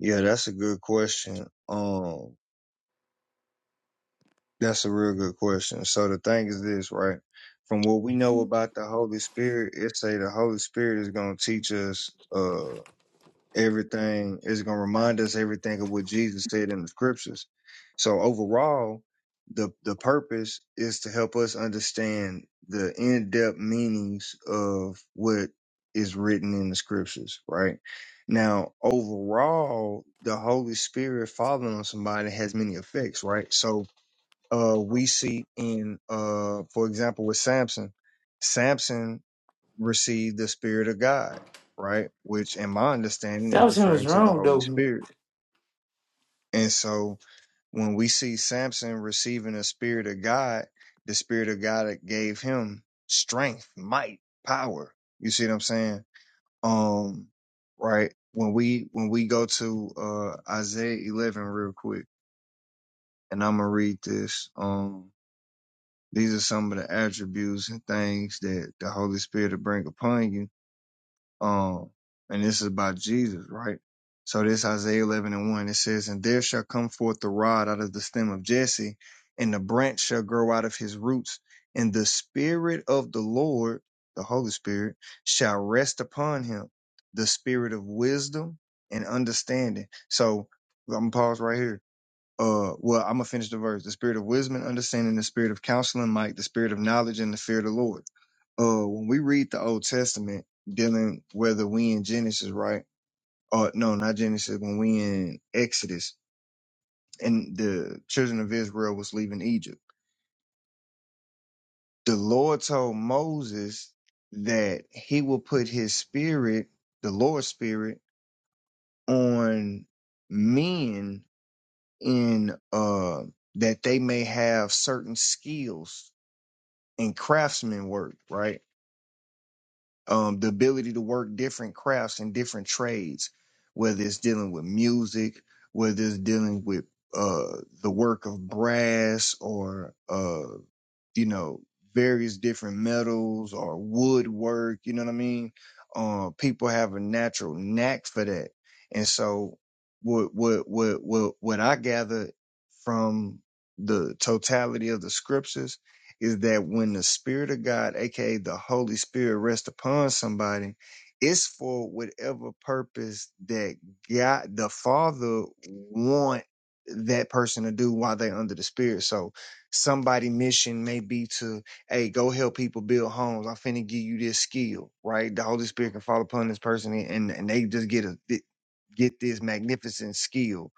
[SPEAKER 10] Yeah, that's a good question. Um, that's a real good question. So the thing is this, right? From what we know about the Holy Spirit, it say the Holy Spirit is gonna teach us. uh. everything is going to remind us everything of what Jesus said in the scriptures. So overall, the the purpose is to help us understand the in-depth meanings of what is written in the scriptures, right? Now, overall, the Holy Spirit falling on somebody has many effects, right? So, uh, we see in, uh, for example, with Samson, Samson, receive the Spirit of God, right? Which, in my understanding, is
[SPEAKER 11] Samson
[SPEAKER 10] referring
[SPEAKER 11] was
[SPEAKER 10] to the
[SPEAKER 11] wrong
[SPEAKER 10] Holy
[SPEAKER 11] though.
[SPEAKER 10] Spirit. And so, when we see Samson receiving the Spirit of God, the Spirit of God that gave him strength, might, power. You see what I'm saying? Um, right. When we when we go to uh Isaiah 11 real quick, and I'm gonna read this. Um, these are some of the attributes and things that the Holy Spirit will bring upon you Um, and this is about Jesus, right? So this Isaiah 11 and 1, it says, And there shall come forth the rod out of the stem of Jesse, and the branch shall grow out of his roots, and the spirit of the Lord, the Holy Spirit, shall rest upon him, the spirit of wisdom and understanding. So I'm gonna pause right here. Uh, well, I'm gonna finish the verse. The spirit of wisdom and understanding, the spirit of counsel and might, the spirit of knowledge and the fear of the Lord uh when we read the Old Testament dealing whether we in Genesis, right? Or no, not Genesis, when we in Exodus and the children of Israel was leaving Egypt. The Lord told Moses that he will put his spirit, the Lord's spirit, on men in uh that they may have certain skills and craftsman work, right? um, the ability to work different crafts and different trades, whether it's dealing with music, whether it's dealing with uh, the work of brass or, uh, you know, various different metals or woodwork, you know what I mean? Uh, people have a natural knack for that. And so what, what, what, what, what I gather from the totality of the scriptures is that when the Spirit of God, aka the Holy Spirit, rests upon somebody, it's for whatever purpose that God, the Father, want that person to do while they're under the Spirit. So somebody' mission may be to, hey, go help people build homes. I'm finna give you this skill, right? The Holy Spirit can fall upon this person and, and they just get a get this magnificent skill.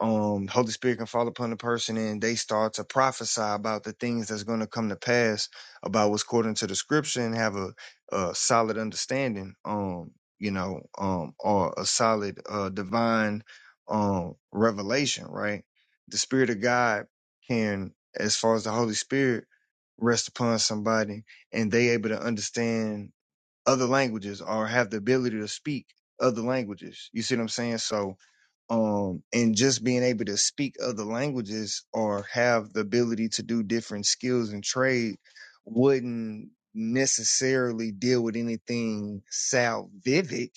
[SPEAKER 10] Um, Holy Spirit can fall upon a person and they start to prophesy about the things that's going to come to pass about what's according to the scripture and have a, a solid understanding, um, you know, um, or a solid uh, divine um, revelation, right? The Spirit of God can, as far as the Holy Spirit, rest upon somebody and they able to understand other languages or have the ability to speak other languages. You see what I'm saying? So, um, and just being able to speak other languages or have the ability to do different skills and trade wouldn't necessarily deal with anything salvific,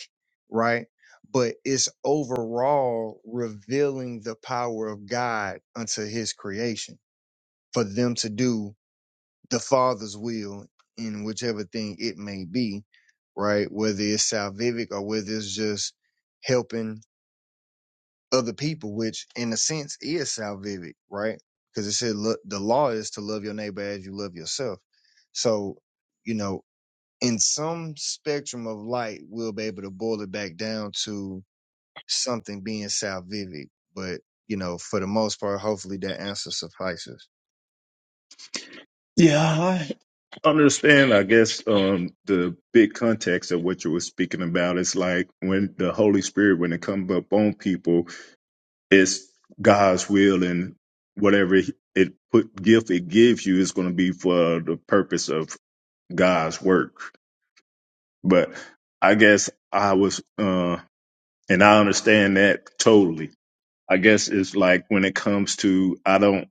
[SPEAKER 10] right? But it's overall revealing the power of God unto his creation for them to do the Father's will in whichever thing it may be, right? Whether it's salvific or whether it's just helping other people, which in a sense is salvific, right? Because it said "Look, the law is to love your neighbor as you love yourself. So, you know, in some spectrum of light, we'll be able to boil it back down to something being salvific. But, you know, for the most part, hopefully that answer suffices.
[SPEAKER 13] Yeah, understand, I guess, um, the big context of what you were speaking about. It's like when the Holy Spirit, when it comes up on people, it's God's will and whatever it put gift it gives you is going to be for the purpose of God's work. But I guess I was, uh, and I understand that totally. I guess it's like when it comes to, I don't,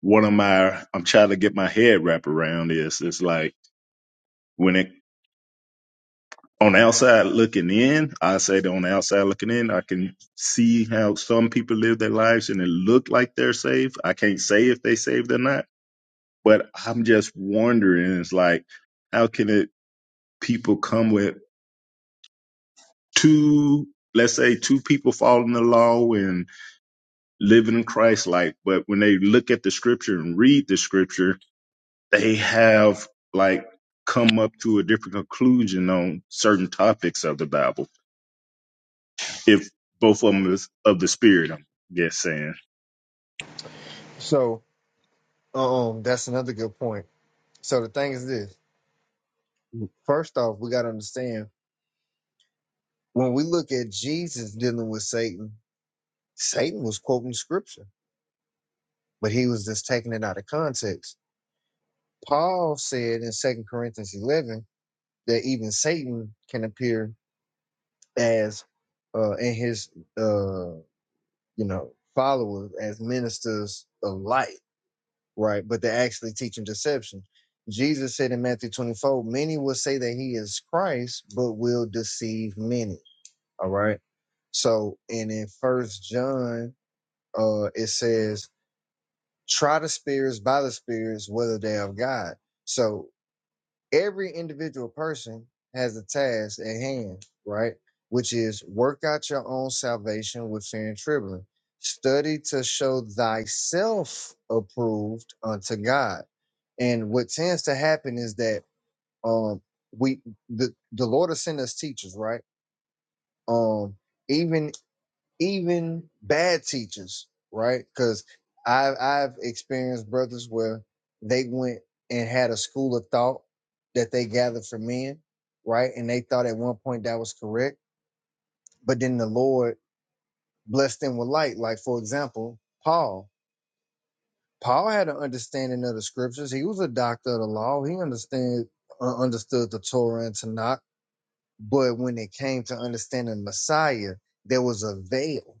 [SPEAKER 13] one of my, I'm trying to get my head wrapped around this. It's like, when it on the outside looking in, I say that on the outside looking in, I can see how some people live their lives and it look like they're saved. I can't say if they saved or not, but I'm just wondering, it's like, how can it people come with two, let's say two people following the law and living in Christ like, but when they look at the scripture and read the scripture, they have like come up to a different conclusion on certain topics of the Bible if both of them is of the spirit. I'm guess saying.
[SPEAKER 10] So, um, that's another good point. So the thing is this. First off, we got to understand when we look at Jesus dealing with Satan, Satan was quoting scripture, but he was just taking it out of context. Paul said in Second Corinthians 11 that even Satan can appear as uh, in his uh, you know followers as ministers of light, right? But they're actually teaching deception. Jesus said in Matthew 24, many will say that he is Christ, but will deceive many All right. So, and in First John, uh, it says, "Try the spirits by the spirits whether they are of God." So every individual person has a task at hand, right? Which is work out your own salvation with fear and trembling. Study to show thyself approved unto God. And what tends to happen is that um we the, the Lord will send us teachers, right? Um, even even bad teachers, right? Because I've I've experienced brothers where they went and had a school of thought that they gathered from men, right? And they thought at one point that was correct, but then the Lord blessed them with light. Like for example, Paul. Paul had an understanding of the scriptures. He was a doctor of the law. He understood uh, understood the Torah and Tanakh. But when it came to understanding Messiah, there was a veil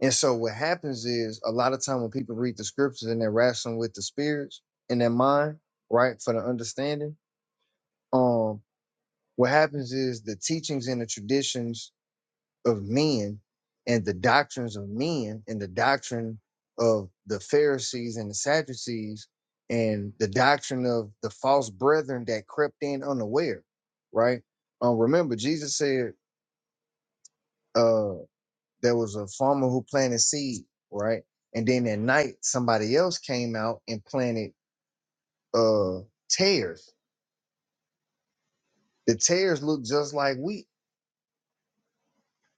[SPEAKER 10] And so what happens is a lot of time when people read the scriptures and they're wrestling with the spirits in their mind, right, for the understanding, um, what happens is the teachings and the traditions of men and the doctrines of men and the doctrine of the Pharisees and the Sadducees and the doctrine of the false brethren that crept in unaware, right? Um, remember Jesus said, uh. there was a farmer who planted seed, right? And then at night, somebody else came out and planted uh tares. The tares look just like wheat,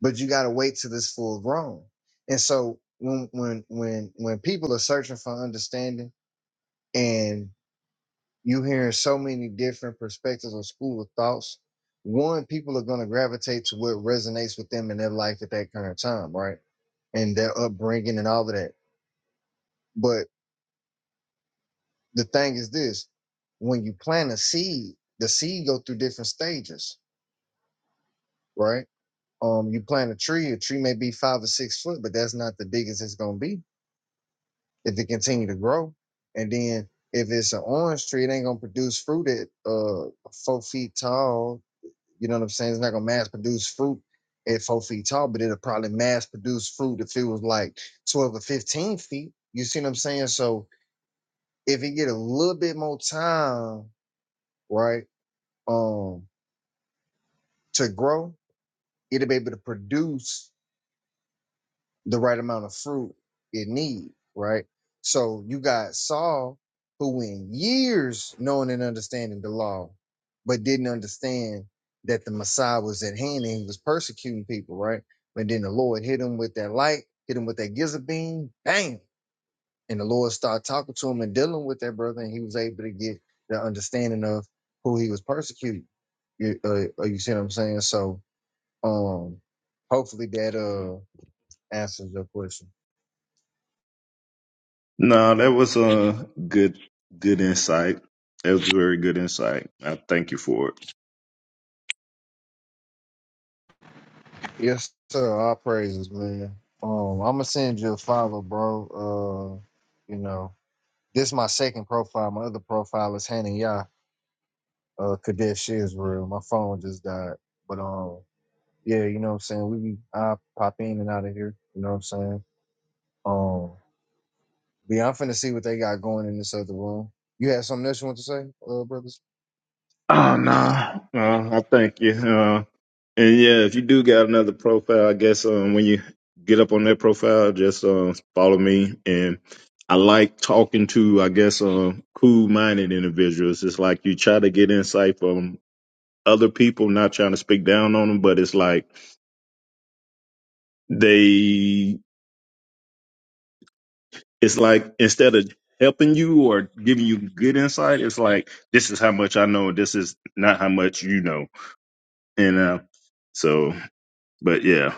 [SPEAKER 10] but you gotta wait till it's full grown. And so when when when when people are searching for understanding and you hearing so many different perspectives or school of thoughts, one, people are gonna gravitate to what resonates with them in their life at that current time, right? And their upbringing and all of that. but. the thing is this when you plant a seed the seed go through different stages right um you plant a tree a tree may be five or six foot but that's not the biggest it's going to be if it continue to grow and then if it's an orange tree it ain't going to produce fruit at uh four feet tall you know what i'm saying it's not going to mass produce fruit at four feet tall but it'll probably mass produce fruit if it was like 12 or 15 feet you see what i'm saying so if it get a little bit more time right um to grow, it'll be able to produce the right amount of fruit it needs, right? So you got Saul, who in years knowing and understanding the law, but didn't understand that the Messiah was at hand and he was persecuting people, right? But then the Lord hit him with that light, hit him with that gizzard beam, bang. And the Lord started talking to him and dealing with that brother, and he was able to get the understanding of who he was persecuting. You, uh, uh, you see what I'm saying? So, um, hopefully that uh answers your question.
[SPEAKER 13] No, that was a good good insight. That was very good insight. I thank you for it.
[SPEAKER 10] Yes, sir. All praises, man. Um, I'm gonna send you a follow, bro. Uh, you know, this is my second profile. My other profile is Hannah Yah, uh, Kadesh Israel. My phone just died, but um, yeah, you know what I'm saying. We be I pop in and out of here. You know what I'm saying. Um, but yeah, I'm finna see what they got going in this other room. You had something else you want to say, uh, brothers?
[SPEAKER 13] Oh no, uh, I thank you. Uh, and yeah, if you do got another profile, I guess um, when you get up on that profile, just uh, follow me. And I like talking to, I guess, um, cool-minded individuals. It's like you try to get insight from other people, not trying to speak down on them, but it's like they it's like instead of helping you or giving you good insight, it's like this is how much I know, this is not how much you know. And uh so but yeah.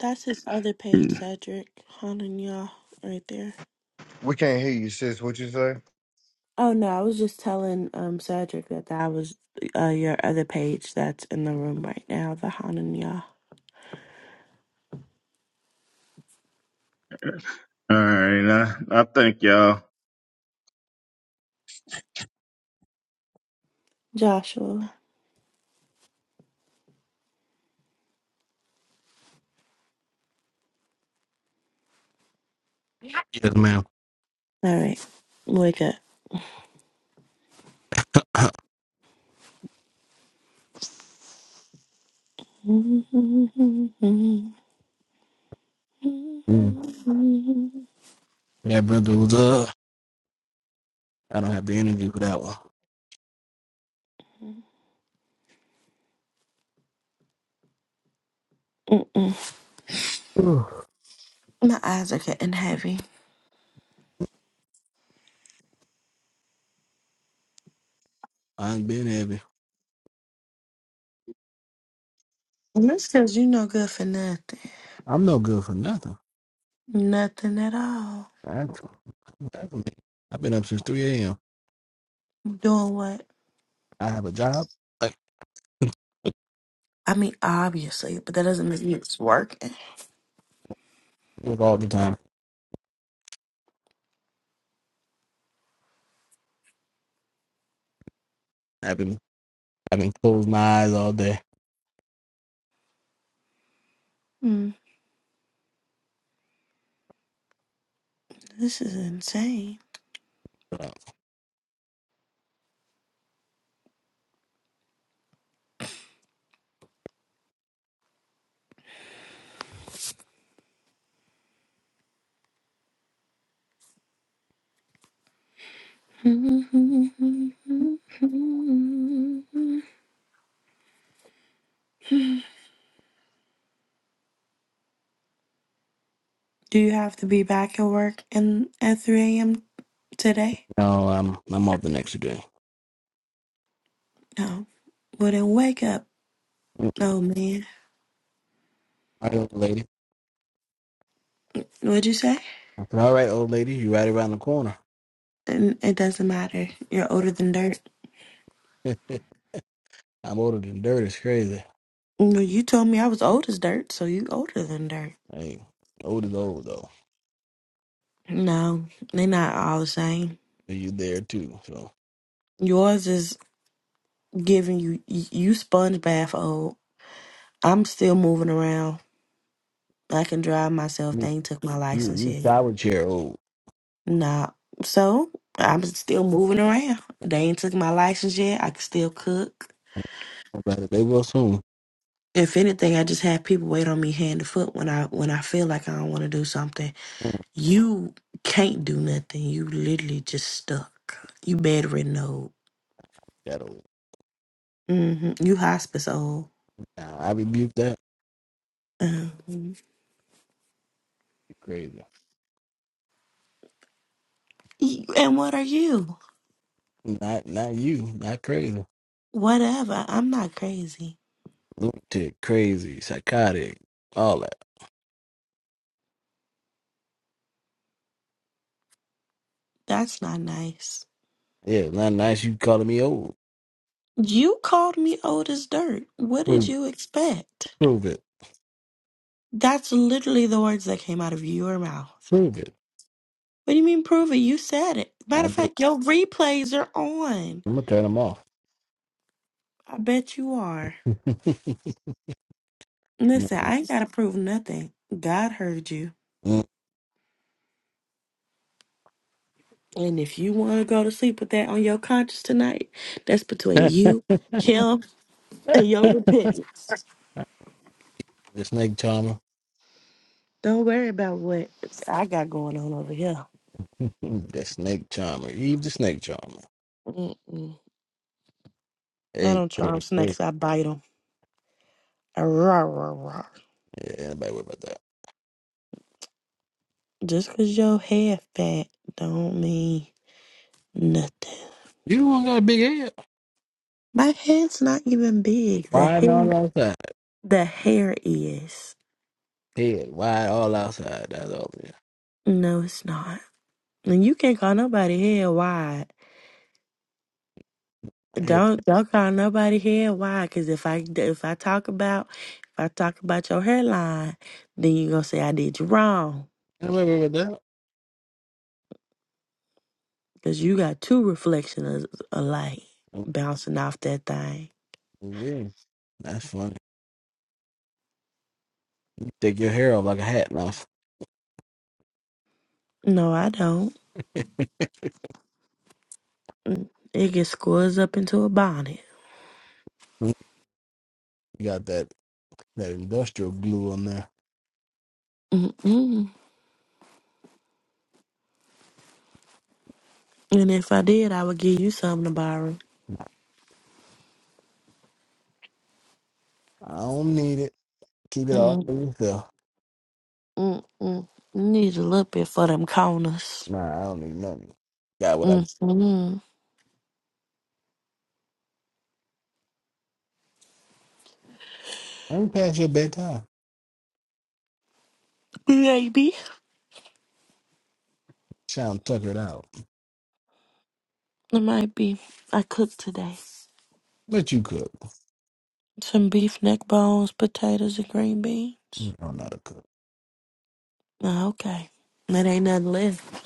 [SPEAKER 4] That's his other page,
[SPEAKER 13] Mm.
[SPEAKER 4] Cedric. Hananya, right there.
[SPEAKER 10] We can't hear you, sis. What you say?
[SPEAKER 4] Oh, no, I was just telling um Cedric that that was uh, your other page that's in the room right now, the Hananya.
[SPEAKER 13] All right, I, I thank y'all.
[SPEAKER 4] Joshua.
[SPEAKER 2] Yes, ma'am.
[SPEAKER 4] All right, wake up. Mm-mm.
[SPEAKER 2] Mm. That brother was up. I don't have the energy for that one. Whew.
[SPEAKER 4] My eyes are getting heavy.
[SPEAKER 2] I ain't been heavy.
[SPEAKER 4] And that's because you no good for nothing.
[SPEAKER 2] I'm no good for nothing.
[SPEAKER 4] Nothing at all.
[SPEAKER 2] That's- that's me. I've been up since 3 a.m.
[SPEAKER 4] Doing what?
[SPEAKER 2] I have a job. I
[SPEAKER 4] I mean, obviously, but that doesn't mean it's working.
[SPEAKER 2] work all the time. I've been I've been closing my eyes all day.
[SPEAKER 4] Mm, this is insane.
[SPEAKER 2] But,
[SPEAKER 4] Do you have to be back at work in, at 3 a.m. today?
[SPEAKER 2] no, I'm I'm off the next day.
[SPEAKER 4] No. Well, then wake up.
[SPEAKER 2] Mm.
[SPEAKER 4] Oh, man.
[SPEAKER 2] All right, old lady.
[SPEAKER 4] What'd you say?
[SPEAKER 2] I said, all right, old lady, you right around the corner.
[SPEAKER 4] And it doesn't matter. You're older than dirt.
[SPEAKER 2] I'm older than dirt. It's crazy.
[SPEAKER 4] No, you told me I was old as dirt, so you older than dirt.
[SPEAKER 2] Like old is old though.
[SPEAKER 4] No, they not all the same.
[SPEAKER 2] And you there too. So
[SPEAKER 4] Yours is giving you you you sponge bath old. I'm still moving around. I can drive myself.
[SPEAKER 2] you,
[SPEAKER 4] They ain't took my
[SPEAKER 2] you,
[SPEAKER 4] license
[SPEAKER 2] you
[SPEAKER 4] yet.
[SPEAKER 2] shower chair old.
[SPEAKER 4] Nah, so I'm still moving around. They ain't took my license yet. I can still cook.
[SPEAKER 2] But they will soon.
[SPEAKER 4] If anything, I just have people wait on me hand to foot when I when I feel like I don't want to do something. You can't do nothing. You literally just stuck. You bedridden old.
[SPEAKER 2] That old.
[SPEAKER 4] hmm You hospice old.
[SPEAKER 2] Nah, I rebuke that.
[SPEAKER 4] Um,
[SPEAKER 2] You crazy.
[SPEAKER 4] y- and what are you?
[SPEAKER 2] Not not you. Not crazy.
[SPEAKER 4] Whatever. I'm not crazy.
[SPEAKER 2] Lunatic, crazy, psychotic, all that.
[SPEAKER 4] That's not nice.
[SPEAKER 2] Yeah, it's not nice you calling me old.
[SPEAKER 4] You called me old as dirt. What did
[SPEAKER 2] Prove it.
[SPEAKER 4] you expect?
[SPEAKER 2] Prove it.
[SPEAKER 4] That's literally the words that came out of your mouth.
[SPEAKER 2] Prove it.
[SPEAKER 4] What do you mean, prove it? You said it. Matter
[SPEAKER 2] I
[SPEAKER 4] of
[SPEAKER 2] do.
[SPEAKER 4] fact, your replays are on.
[SPEAKER 2] I'm gonna turn them off.
[SPEAKER 4] I bet you are. Listen, I ain't got to prove nothing. God heard you.
[SPEAKER 2] Mm.
[SPEAKER 4] And if you want to go to sleep with that on your conscience tonight, that's between
[SPEAKER 2] the
[SPEAKER 4] you, him, and your repentance.
[SPEAKER 2] snake charmer.
[SPEAKER 4] Don't worry about what I got going on over here.
[SPEAKER 2] The snake charmer. Eve the snake charmer.
[SPEAKER 4] Mm-mm. I
[SPEAKER 2] Hey,
[SPEAKER 4] don't charm
[SPEAKER 2] hey, hey.
[SPEAKER 4] snakes, I bite them. Rawr, rawr, rawr.
[SPEAKER 2] Yeah, nobody worry about that.
[SPEAKER 4] Just because your hair fat don't mean nothing.
[SPEAKER 2] You don't got a big head.
[SPEAKER 4] My head's not even big. The
[SPEAKER 2] Wide and
[SPEAKER 4] hair,
[SPEAKER 2] all outside.
[SPEAKER 4] the hair is.
[SPEAKER 2] Head wide all outside. That's all. Yeah.
[SPEAKER 4] No, it's not. And you can't call nobody hair wide.
[SPEAKER 2] Head.
[SPEAKER 4] Don't don't call nobody hair. Why? Because if I if I talk about if I talk about your hairline, then you gonna say I did you wrong.
[SPEAKER 2] Anybody worry about
[SPEAKER 4] Because you got two reflections of light
[SPEAKER 2] that?
[SPEAKER 4] bouncing off that thing.
[SPEAKER 2] Weird. That's funny. take your hair off like a hat now.
[SPEAKER 4] No, I don't. It gets squished up into a bonnet.
[SPEAKER 2] Mm-hmm. You got that that industrial glue on there.
[SPEAKER 4] Mm-mm. And if I did, I would give you something to borrow.
[SPEAKER 2] I don't need it. Keep it all
[SPEAKER 4] Mm-mm-mm.
[SPEAKER 2] for yourself.
[SPEAKER 4] Need a little bit for them corners.
[SPEAKER 2] Nah, I don't need nothing. Got what I need.
[SPEAKER 4] Mm-mm.
[SPEAKER 2] I ain't past your bedtime.
[SPEAKER 4] Maybe.
[SPEAKER 2] Sound tuckered out.
[SPEAKER 4] It might be. I cooked today.
[SPEAKER 2] But you cook.
[SPEAKER 4] Some beef neck bones, potatoes, and green
[SPEAKER 2] You
[SPEAKER 4] beans.
[SPEAKER 2] don't know how to cook.
[SPEAKER 4] Oh, okay. That ain't nothing left.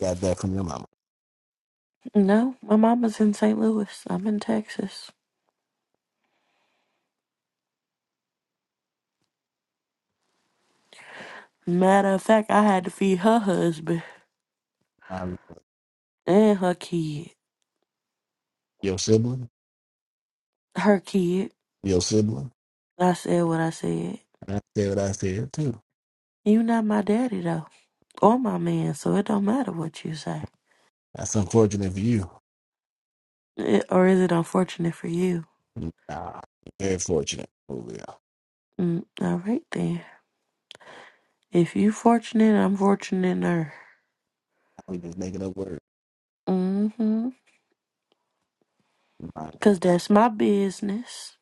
[SPEAKER 2] Got that from your mama.
[SPEAKER 4] No, my mama's in St. Louis. I'm in Texas. Matter of fact, I had to feed her husband
[SPEAKER 2] Um,
[SPEAKER 4] and her kid.
[SPEAKER 2] your sibling.
[SPEAKER 4] Her kid.
[SPEAKER 2] Your sibling.
[SPEAKER 4] I said what I said.
[SPEAKER 2] And I said what I said too.
[SPEAKER 4] You not my daddy though, or my man, so it don't matter what you say.
[SPEAKER 2] That's unfortunate for you.
[SPEAKER 4] It, or is it unfortunate for you?
[SPEAKER 2] Nah, very fortunate. Oh yeah,
[SPEAKER 4] Mm, all right then. If you fortunate, I'm fortunate.
[SPEAKER 2] we just making up words.
[SPEAKER 4] Mm-hmm.
[SPEAKER 2] Nah,
[SPEAKER 4] Cause that's my business.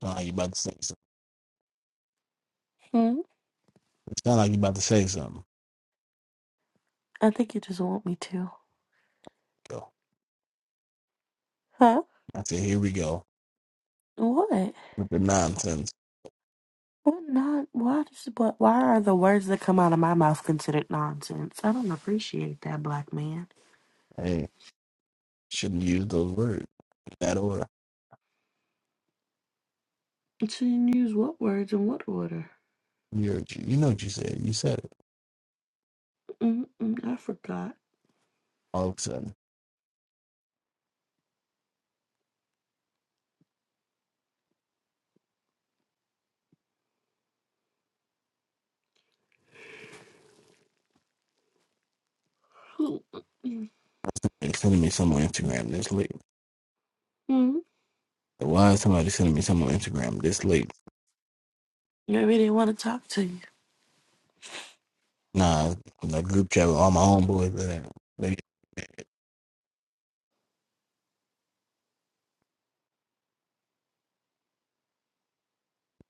[SPEAKER 2] sound like you about to say something.
[SPEAKER 4] Mm-hmm.
[SPEAKER 2] It sound like you about to say something.
[SPEAKER 4] I think you just want me to.
[SPEAKER 2] Go.
[SPEAKER 4] Huh?
[SPEAKER 2] I said, here we go
[SPEAKER 4] What?
[SPEAKER 2] with the nonsense.
[SPEAKER 4] What not? Why does but why are the words that come out of my mouth considered nonsense? I don't appreciate that, black man.
[SPEAKER 2] Hey, shouldn't use those words in that order.
[SPEAKER 4] So you use what words in what order?
[SPEAKER 2] You heard you. You know what you said. You said it.
[SPEAKER 4] Mm-mm, I forgot.
[SPEAKER 2] All of a sudden,
[SPEAKER 4] Hmm.
[SPEAKER 2] they're sending me something on Instagram this late.
[SPEAKER 4] hmm.
[SPEAKER 2] Why is somebody sending me something on Instagram this late?
[SPEAKER 4] Maybe they want to talk to
[SPEAKER 2] Nah, the group chat with all my homeboys. They, they, they,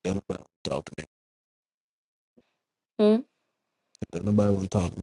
[SPEAKER 2] don't nobody talk to me.
[SPEAKER 4] you.
[SPEAKER 2] Don't nobody want to talk to me.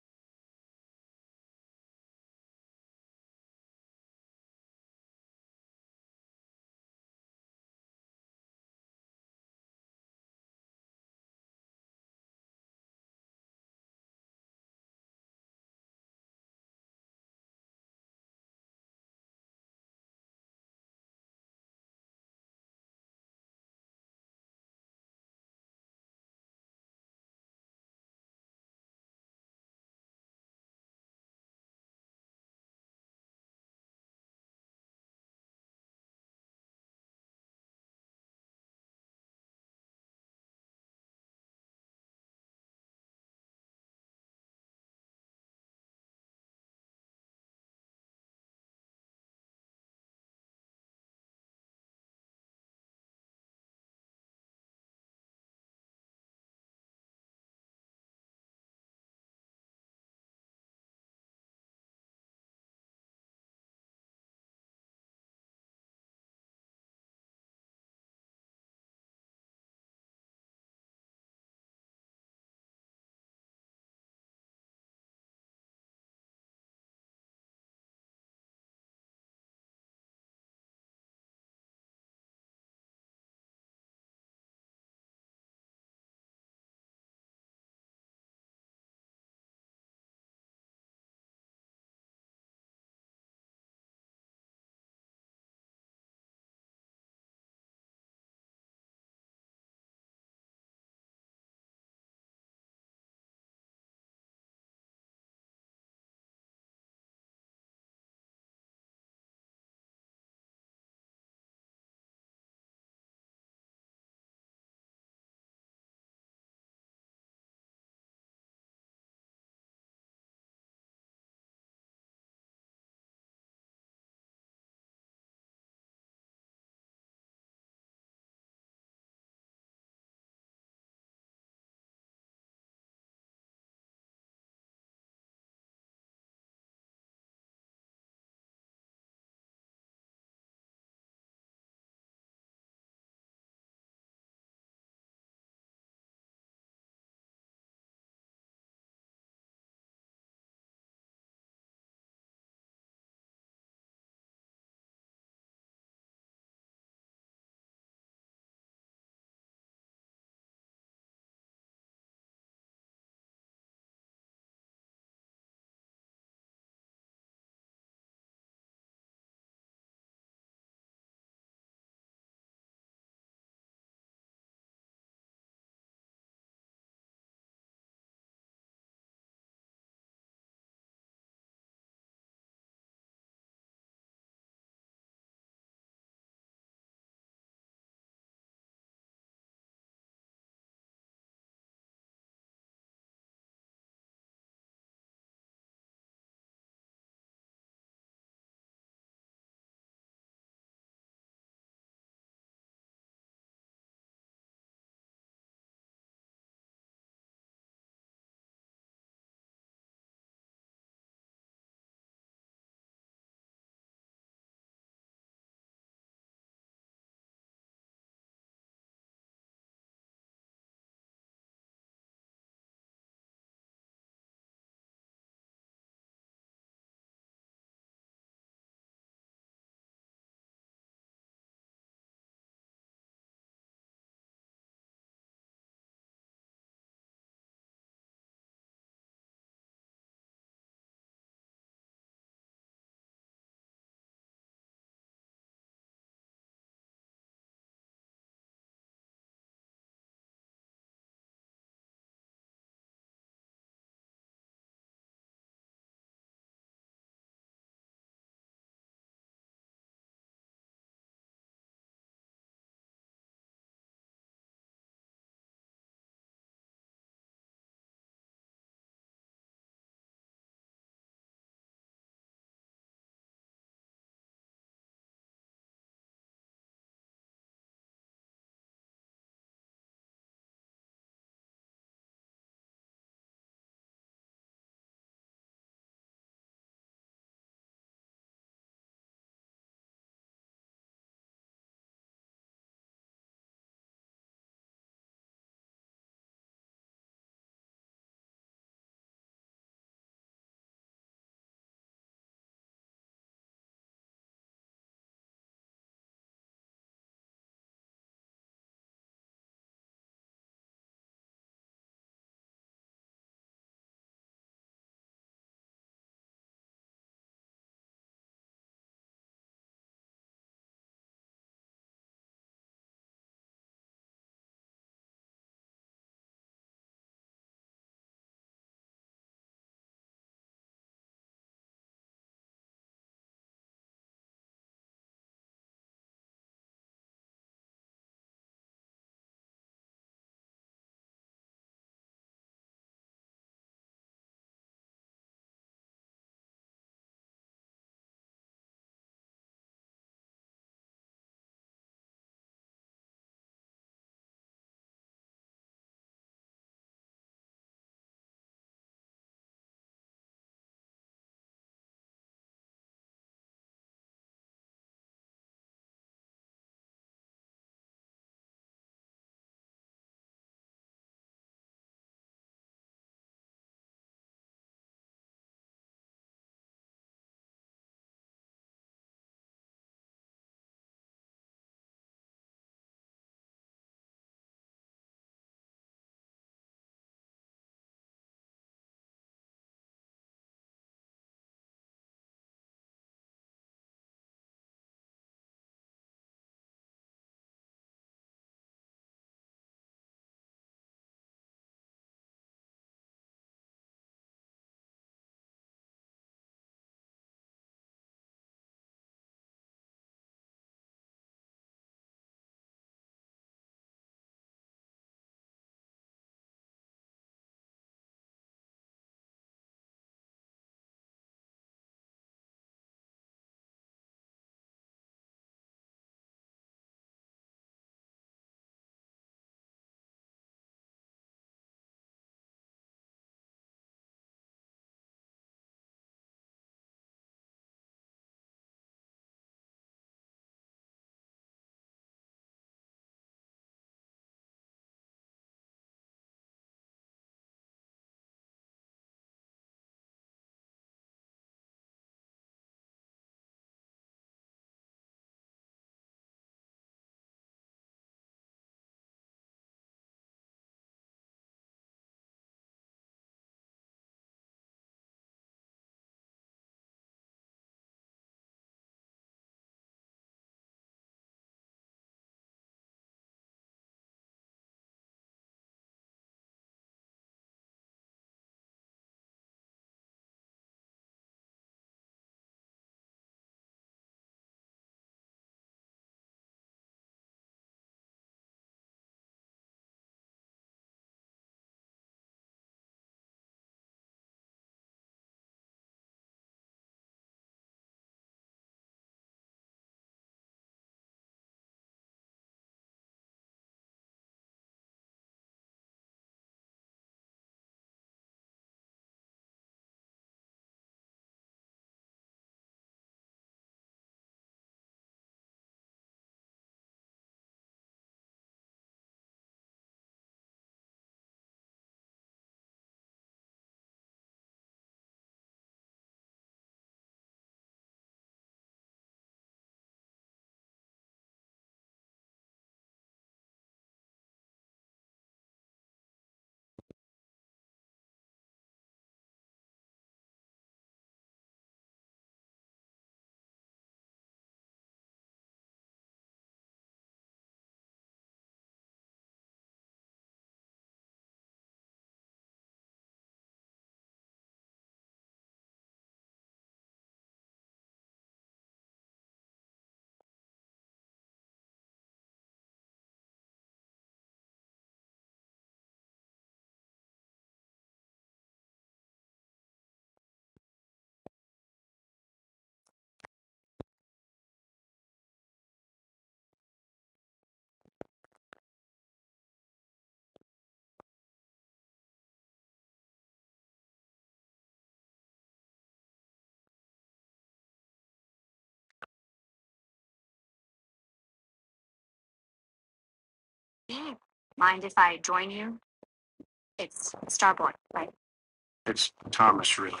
[SPEAKER 2] It's Thomas, really.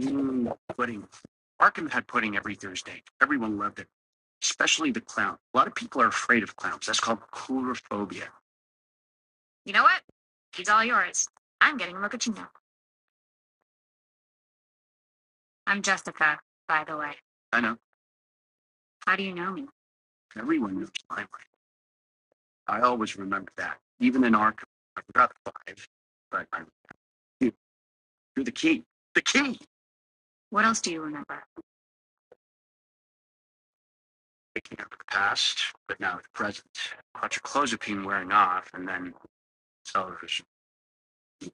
[SPEAKER 2] Mm, pudding. Arkham had pudding every Thursday. Everyone loved it, especially the clown. A lot of people are afraid of clowns. That's called coulrophobia. I know. Everyone knows limelight. I always remember that. Even in Arkham, I forgot the five, but I you, you're the key. The key. Picking up the past, but now the present. Clozapine wearing off, and then television,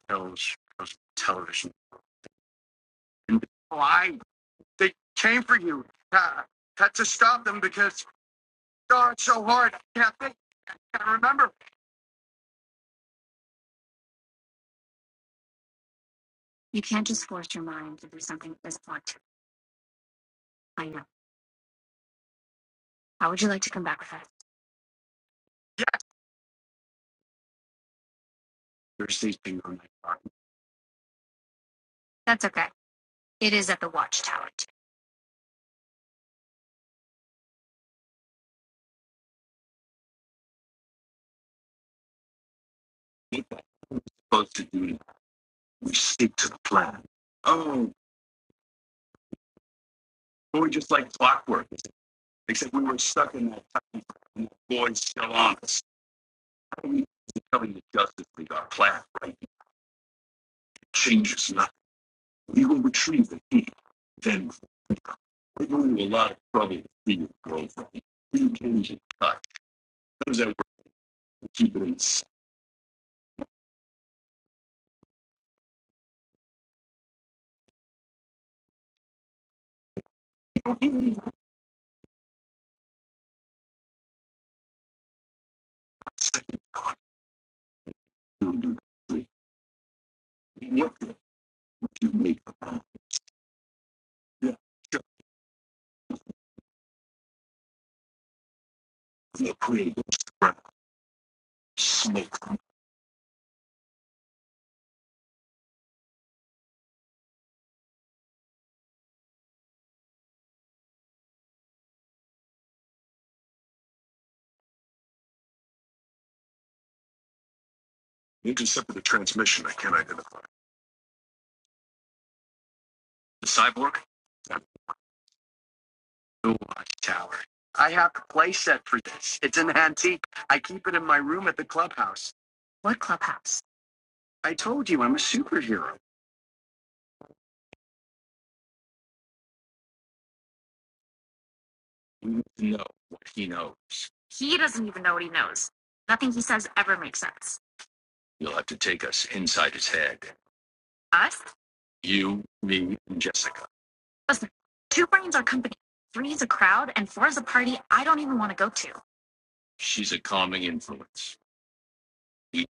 [SPEAKER 2] pills, pills, television. And, oh, I. They came for you. Uh, had to stop them because God so hard. I can't think. I gotta remember. Yeah. There's these things on that clock. We ain't supposed to do that. We stick to the plan. Oh, but we were just like clockwork. Except we were stuck in that time and the boy's still on us. How do we telling the Justice League our plan, right? It changes nothing. We will retrieve the key. Then we're going to a lot of trouble to see your girlfriend. You can get cut. How does that work? to Keep it in. What did you make of the creative? Smoke. Intercepted the transmission I can't identify. The cyborg? The watchtower. I have a playset for this. It's an antique. I keep it in my room at the clubhouse. I told you I'm a superhero. You know what he knows. You'll have to take us inside his head. You, me, and Jessica. She's a calming influence. He's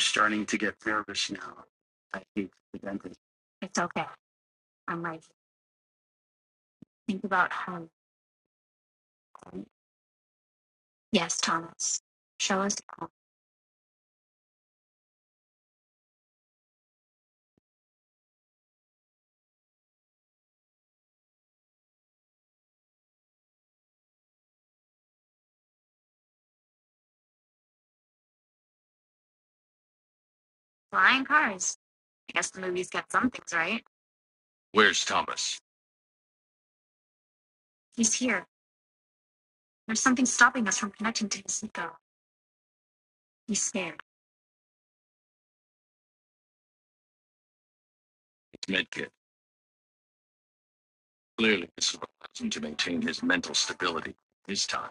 [SPEAKER 2] starting to get nervous now. I hate the dentist. Where's Thomas? His medkit. Clearly, this allows him to maintain his mental stability. His time.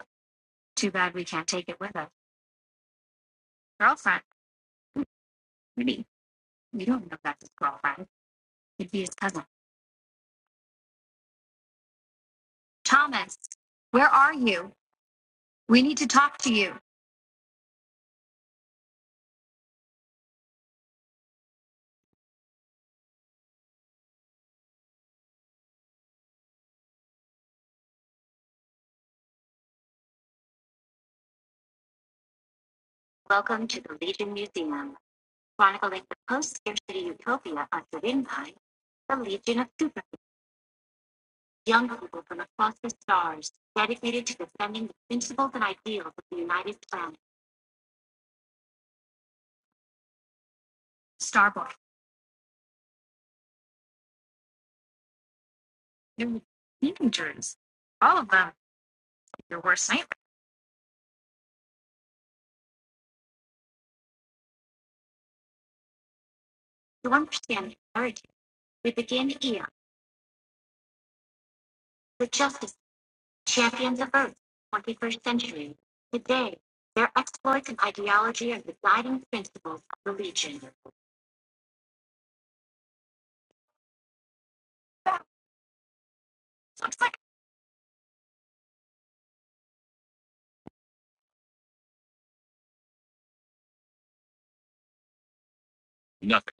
[SPEAKER 2] nothing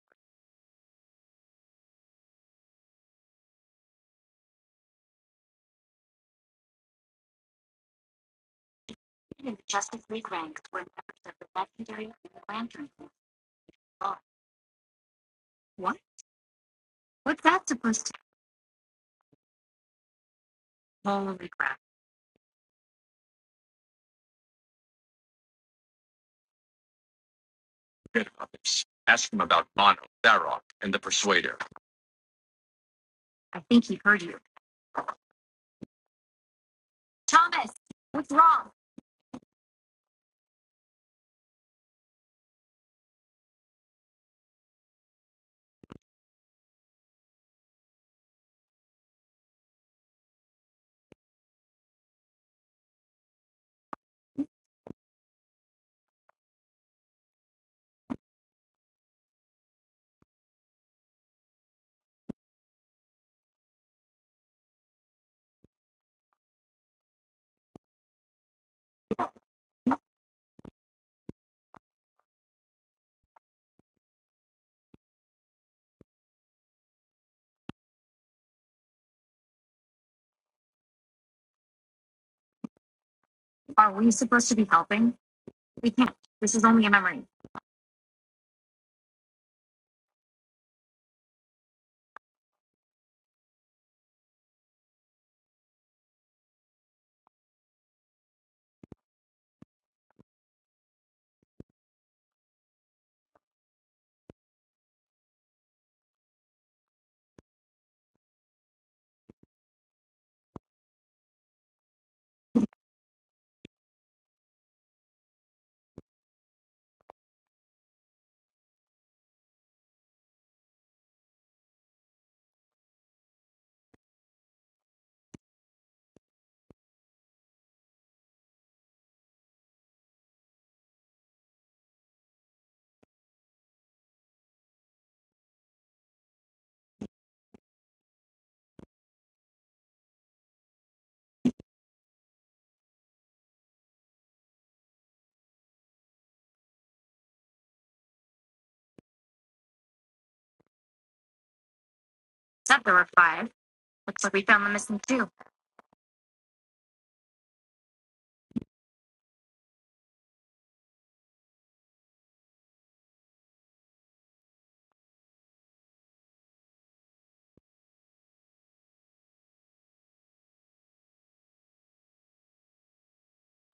[SPEAKER 2] good about this. Ask him about Mono, Tharok, and the Persuader.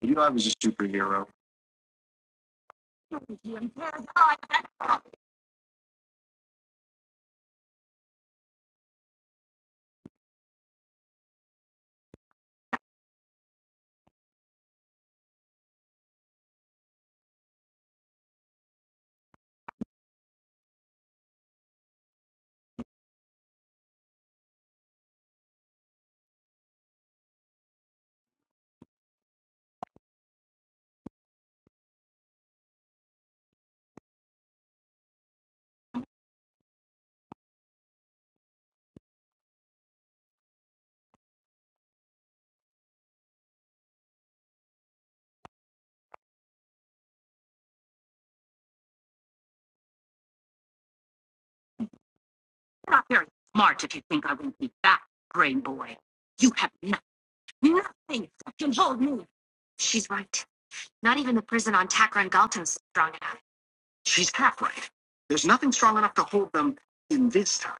[SPEAKER 2] You knew I was a superhero. Not of them in this time.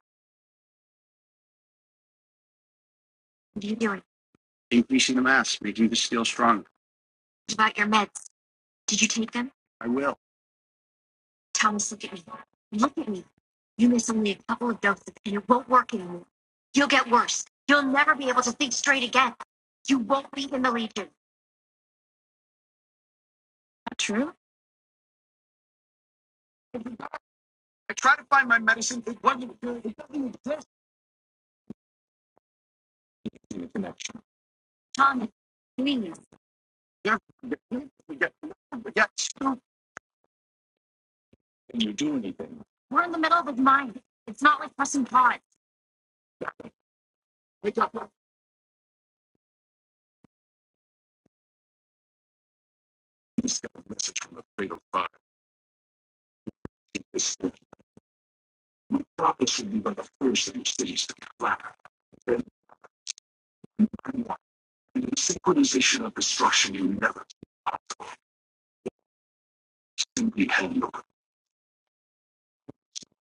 [SPEAKER 2] Increasing the mass, making the steel stronger. I will. Germany, big of fun. Probably should be one the first in cities to collapse. Then anyone in the synchronization of destruction you never simply held your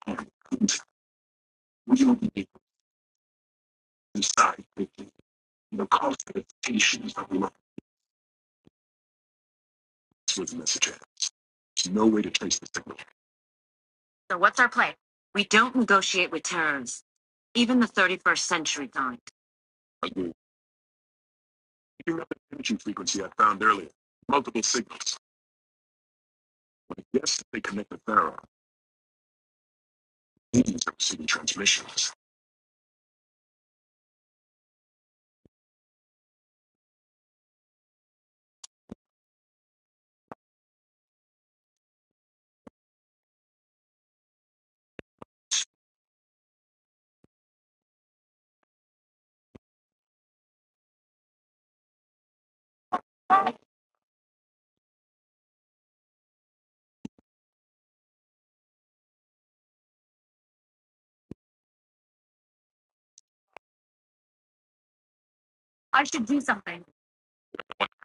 [SPEAKER 2] hand. And we only need to decide quickly. The cost of adaptation is not worth with the message. There's no way to trace the signal. Agreed. You have the energy frequency I found earlier. Multiple signals. Yes, they commit the Pharaoh. These are city transmissions.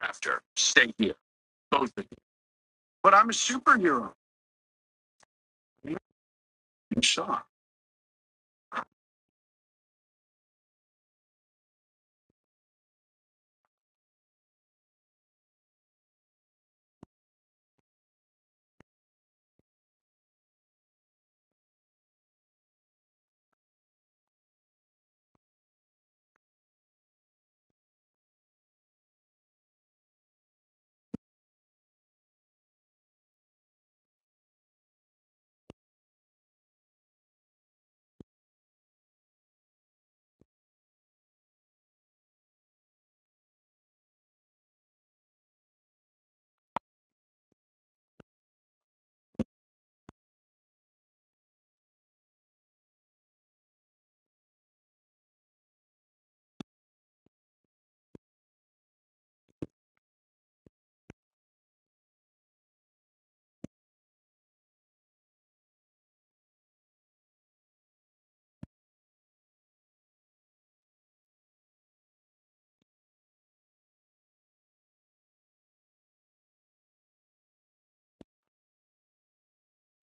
[SPEAKER 2] After, stay here, both of you. But I'm a superhero. You saw. Are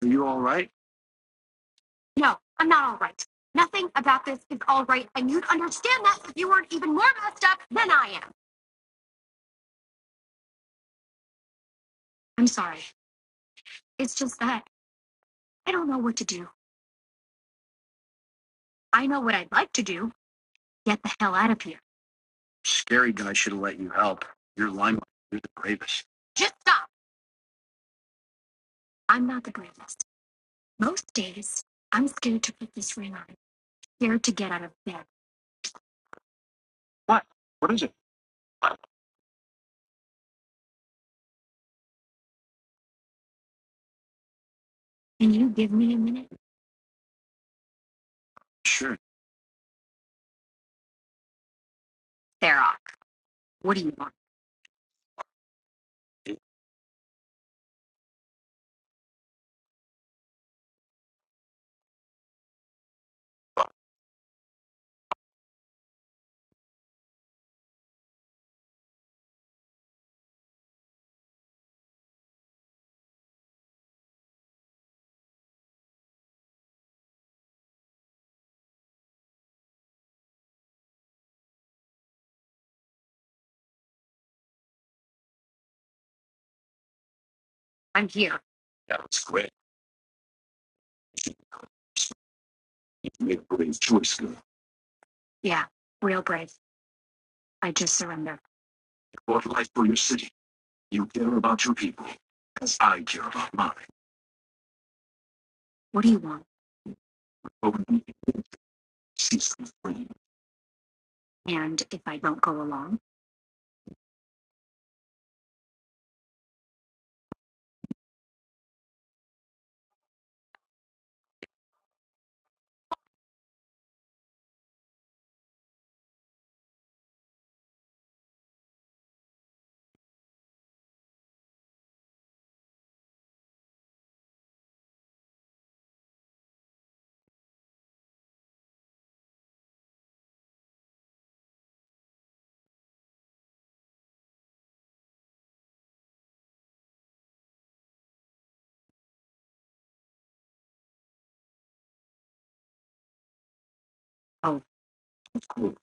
[SPEAKER 2] you all right? Scary guy should have let you help. You're limelight. You're the bravest. What? What is it? I'm sure. That was great. You made a brave choice, girl. You bought life for your city. You care about your people, as I care about mine. Over the cease from free. Who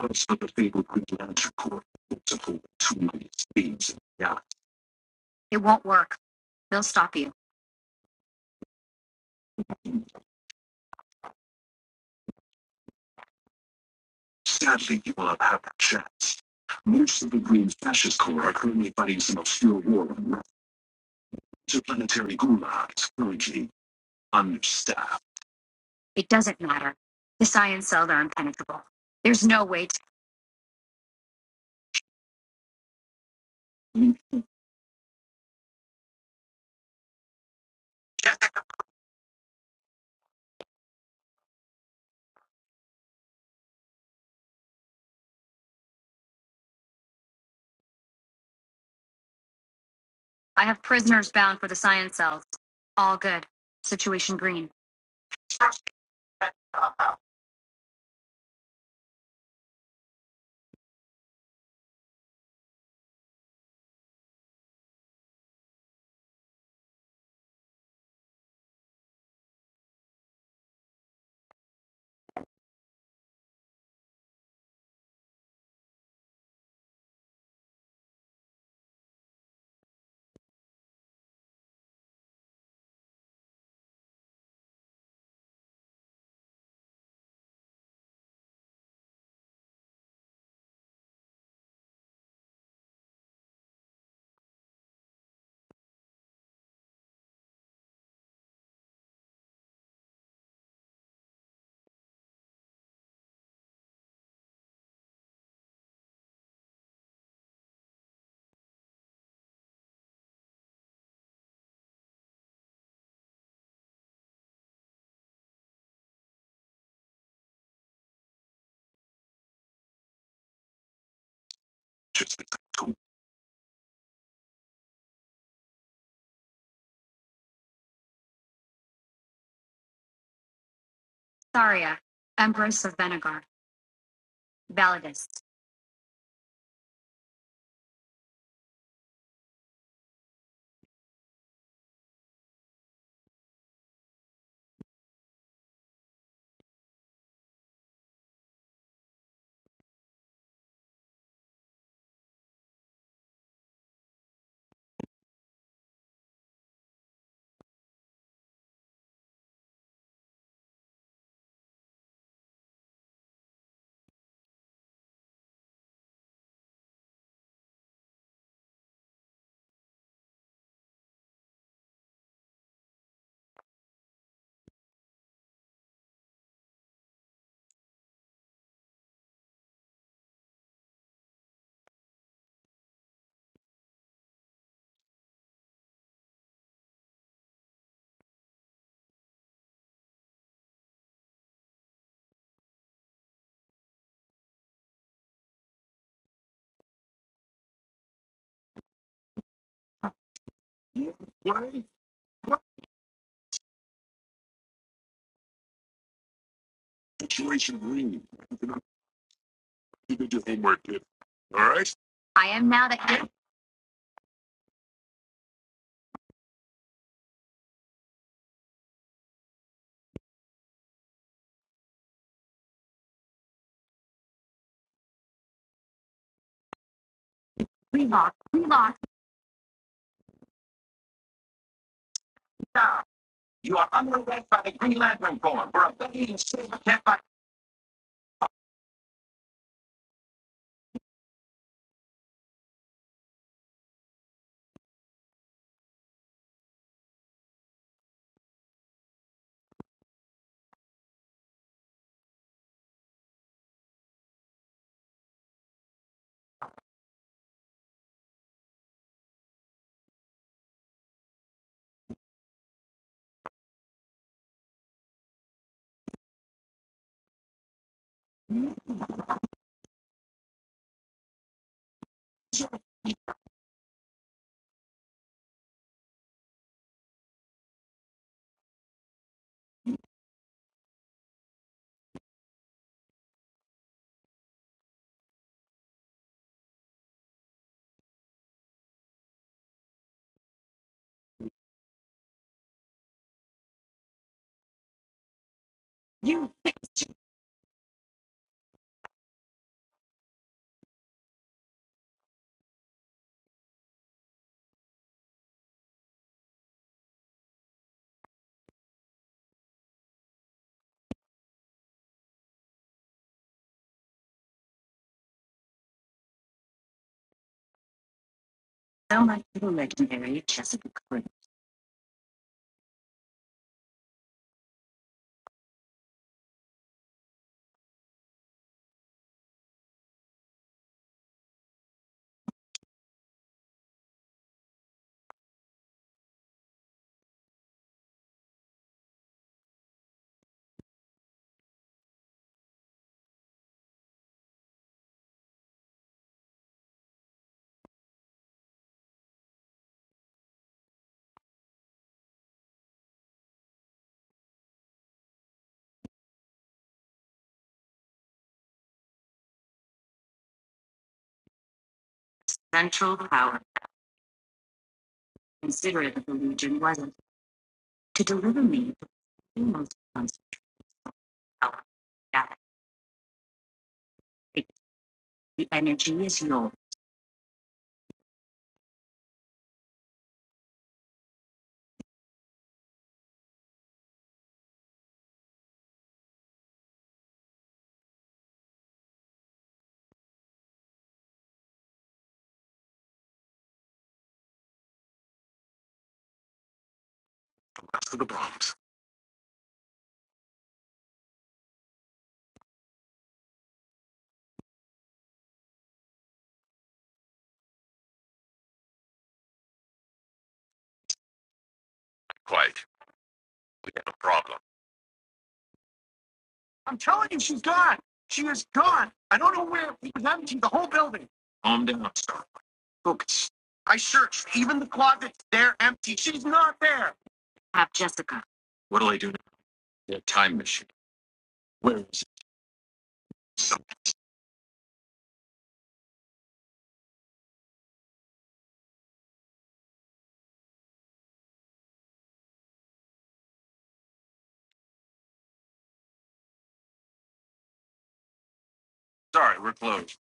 [SPEAKER 2] else but the fabled Greek lancer corps? It's a whole two million thieves in the Sadly, you will not have that chance. Most of the Green Fascist Corps are currently fighting some obscure war on interplanetary gulags, currently understaffed. Just go- Why? What situation Green? you cannot You did your homework, kid. All right? Now, you are underway by the Green Lantern Corps. We're a baby and silver can't fight. us for the bombs. Quiet. We have a problem. I'm telling you, she's gone. She is gone. I don't know where. It was empty, the whole building. Calm down, sir. books. I searched even the closet's there empty. She's not there. What'll I do now? Yeah, time machine. Where is it? Sorry, we're closed.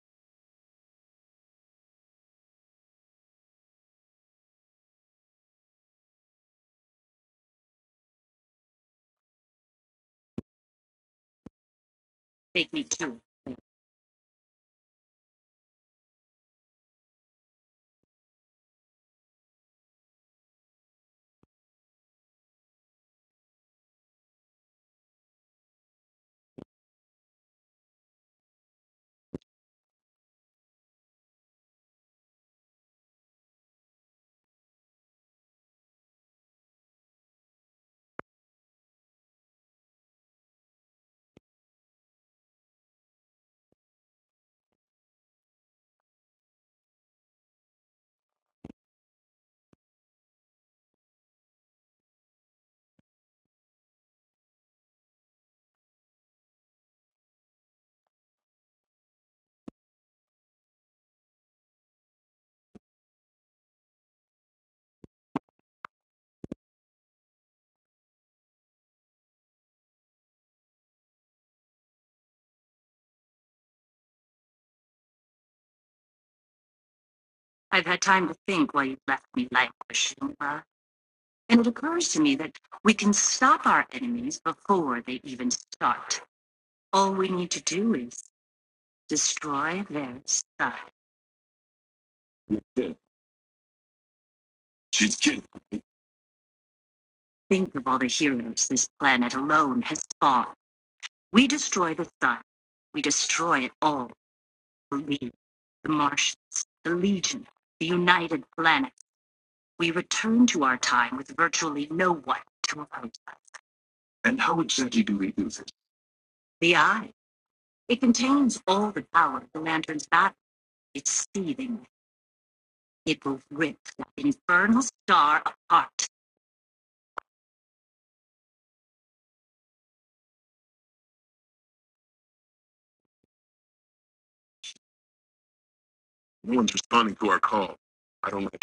[SPEAKER 2] Yeah, she's kidding. And how exactly do we do this? No one's responding to our call. I don't like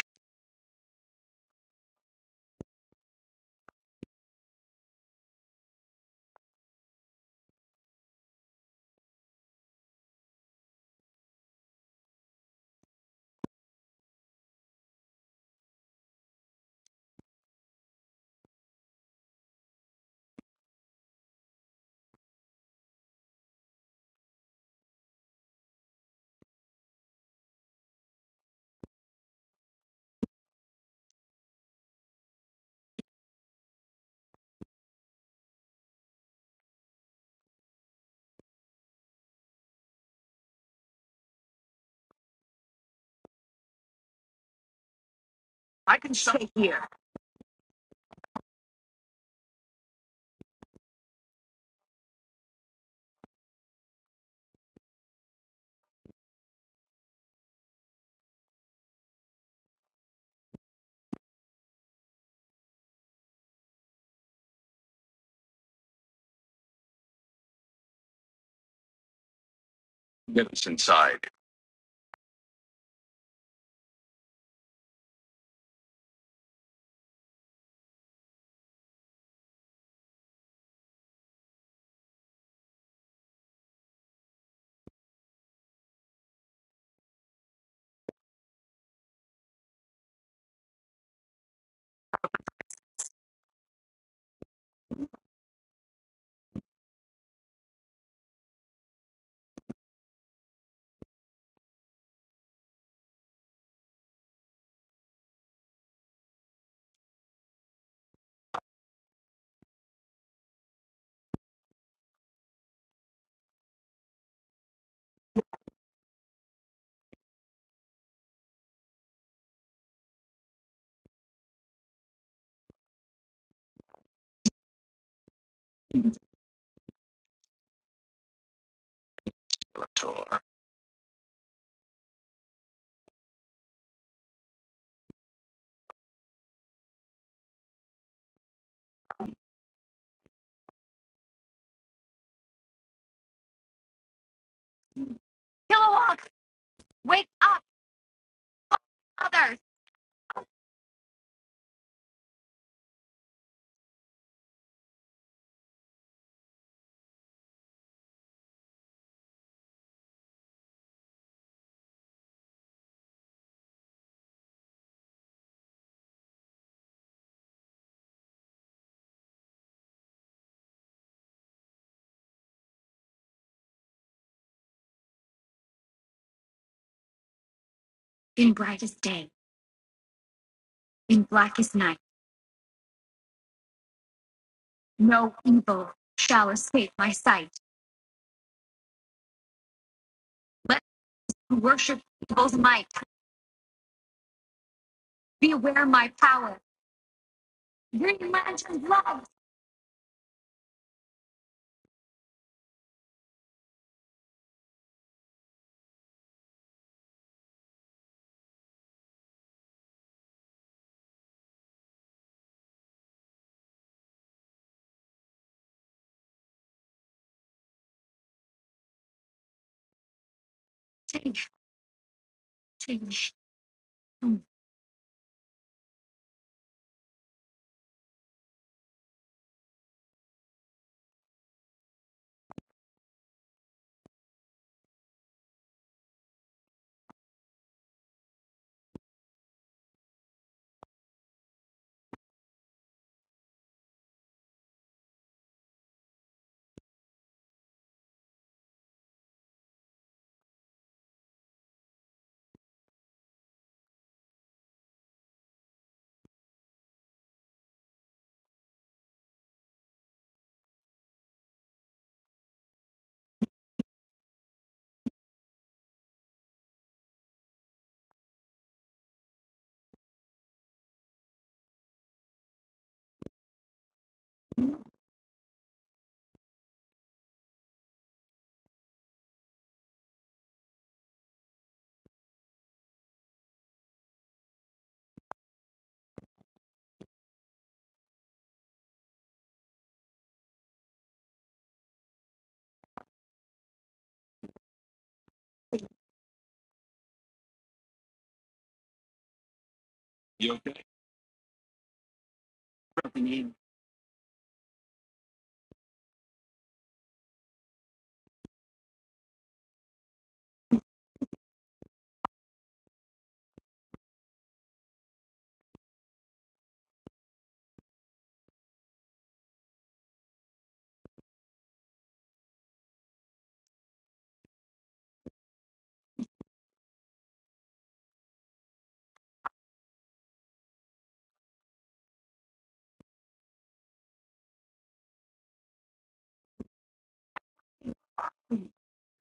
[SPEAKER 2] it. Get us inside.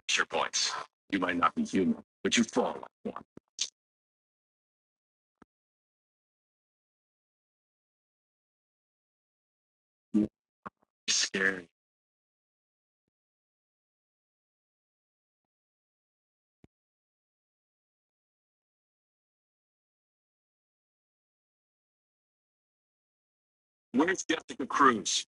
[SPEAKER 2] Sure points. You might not be human, but you fall. It's scary. Where's Jessica Cruz?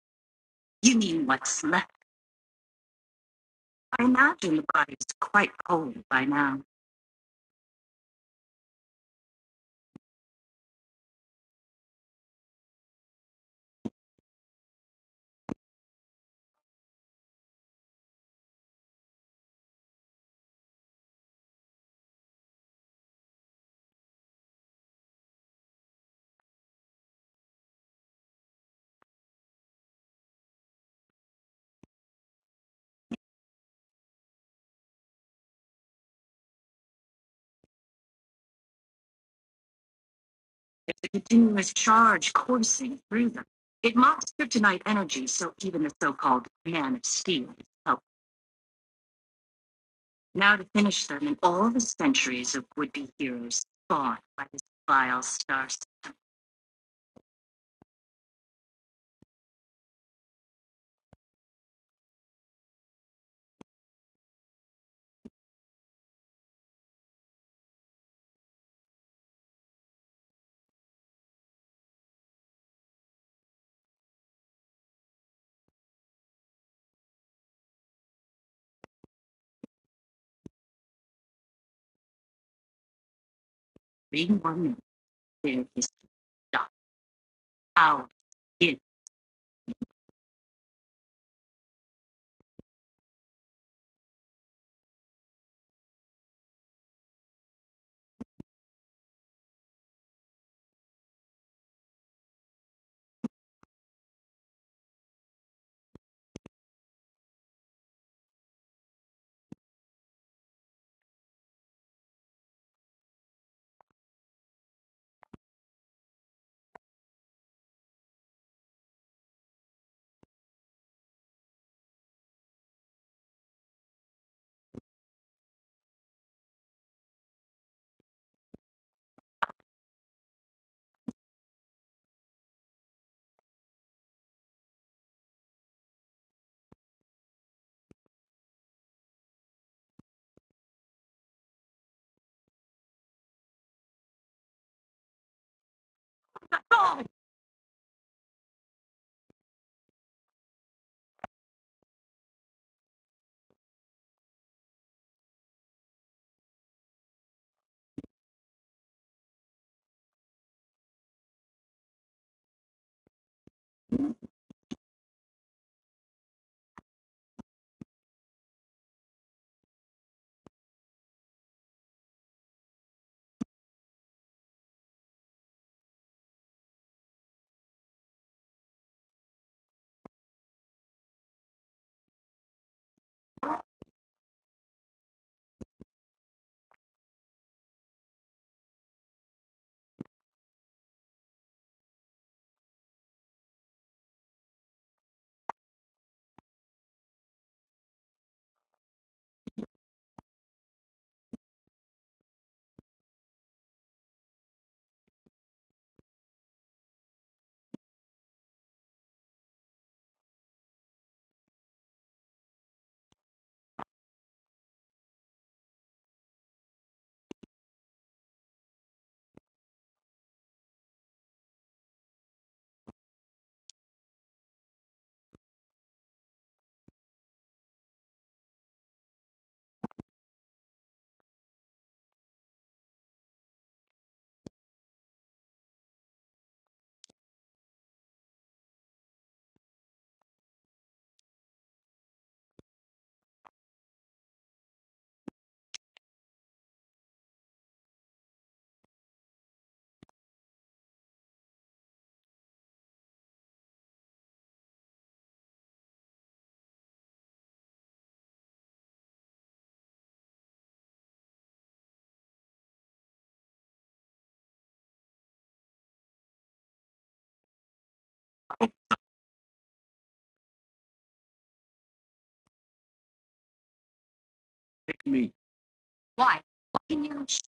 [SPEAKER 2] Pick me.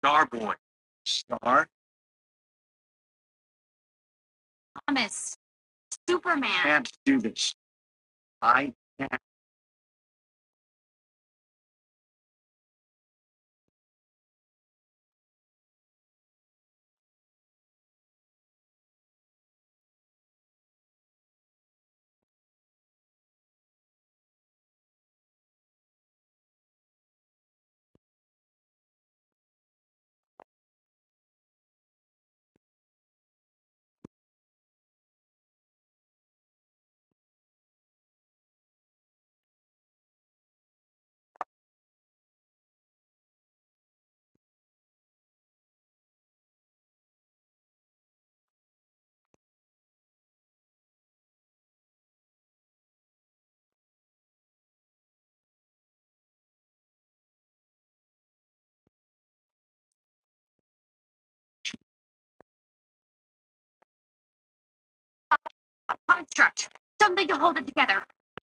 [SPEAKER 2] Starboy. Star? I have to do this. I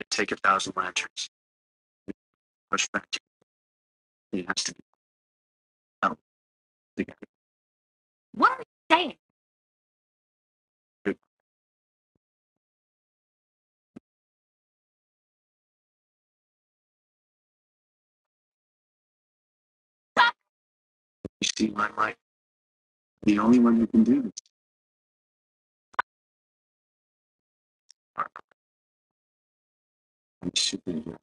[SPEAKER 2] take a thousand lanterns. Push back. It has to be out. The You see my light? The only one who can do this is a superhero.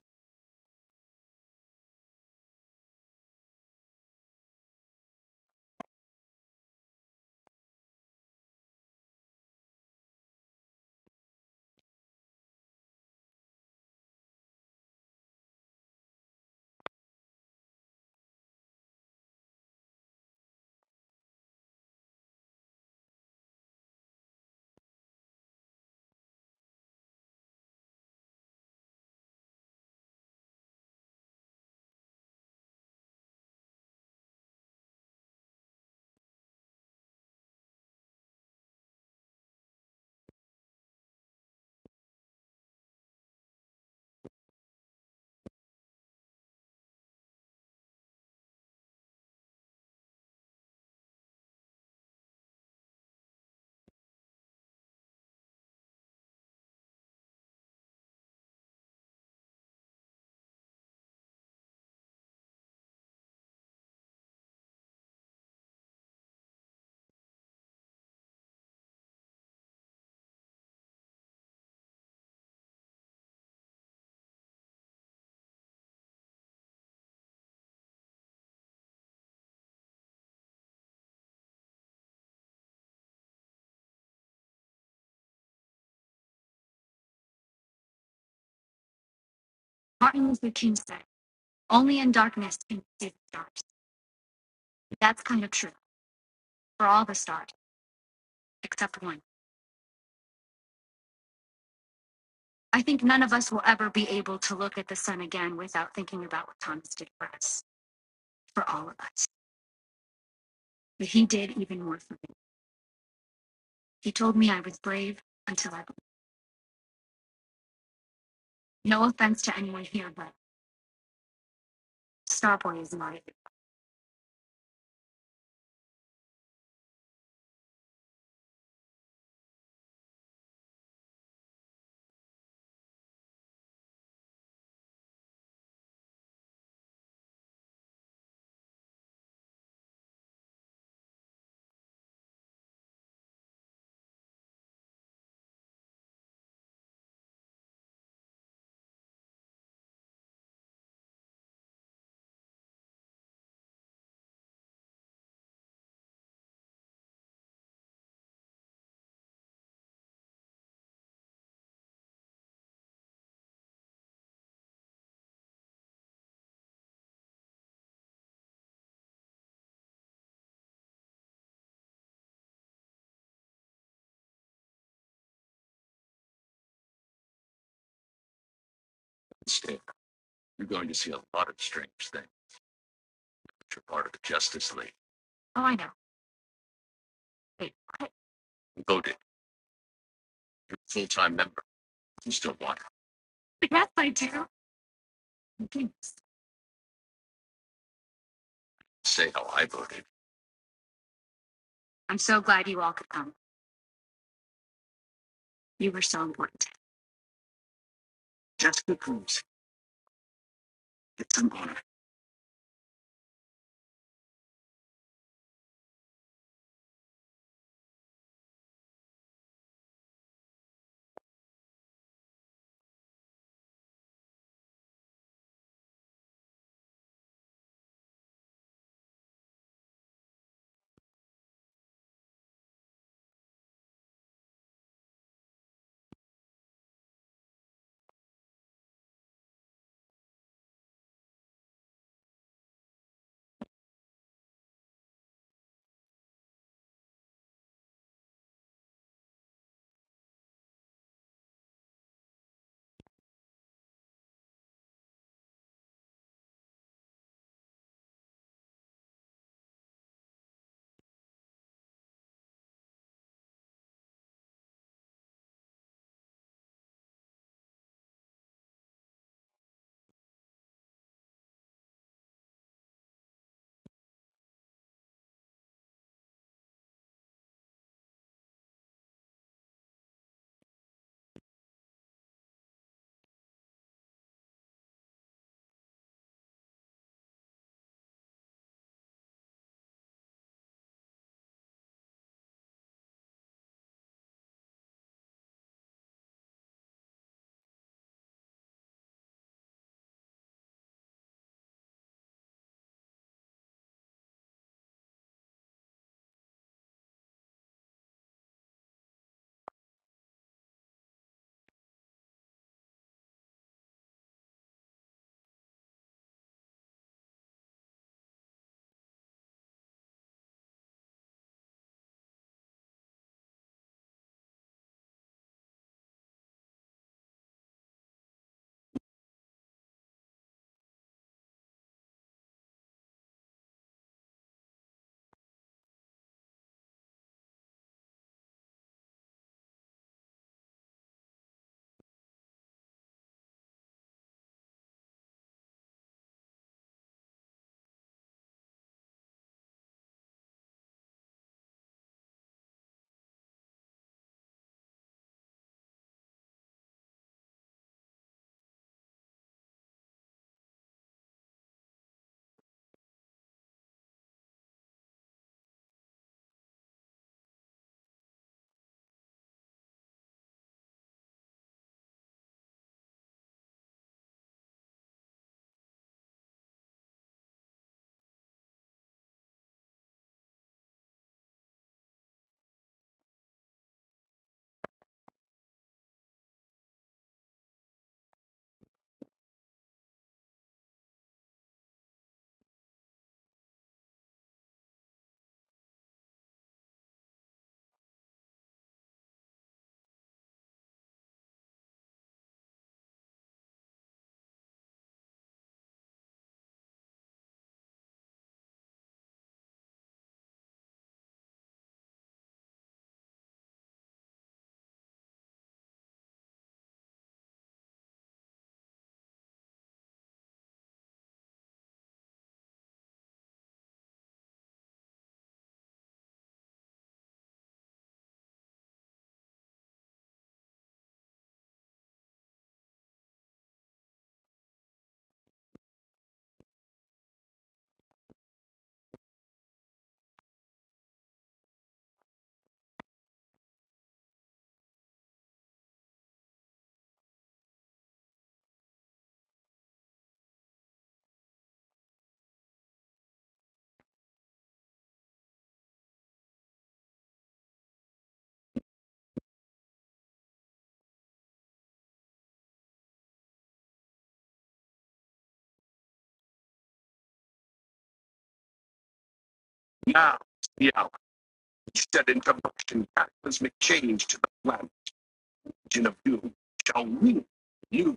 [SPEAKER 2] Instead, you're going to see a lot of strange things. You're part of the Justice League. You voted. You're a full-time member. You still want to say how I voted. Now, yeah, he said in promotion, cataclysmic change to the flat region of you. Shall we? You.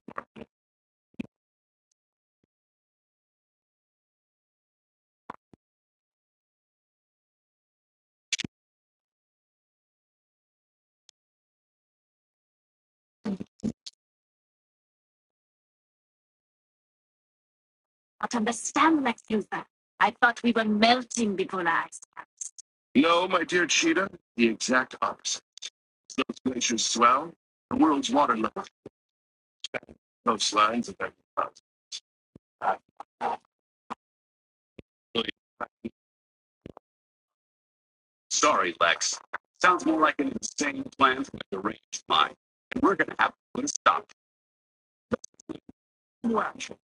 [SPEAKER 2] No, my dear Cheetah, the exact opposite. As Those glaciers swell. The world's water level. Coastlines of every thousand. Sorry, Lex. Sounds more like an insane plan from a deranged mind. And we're gonna have to put a stop to new action.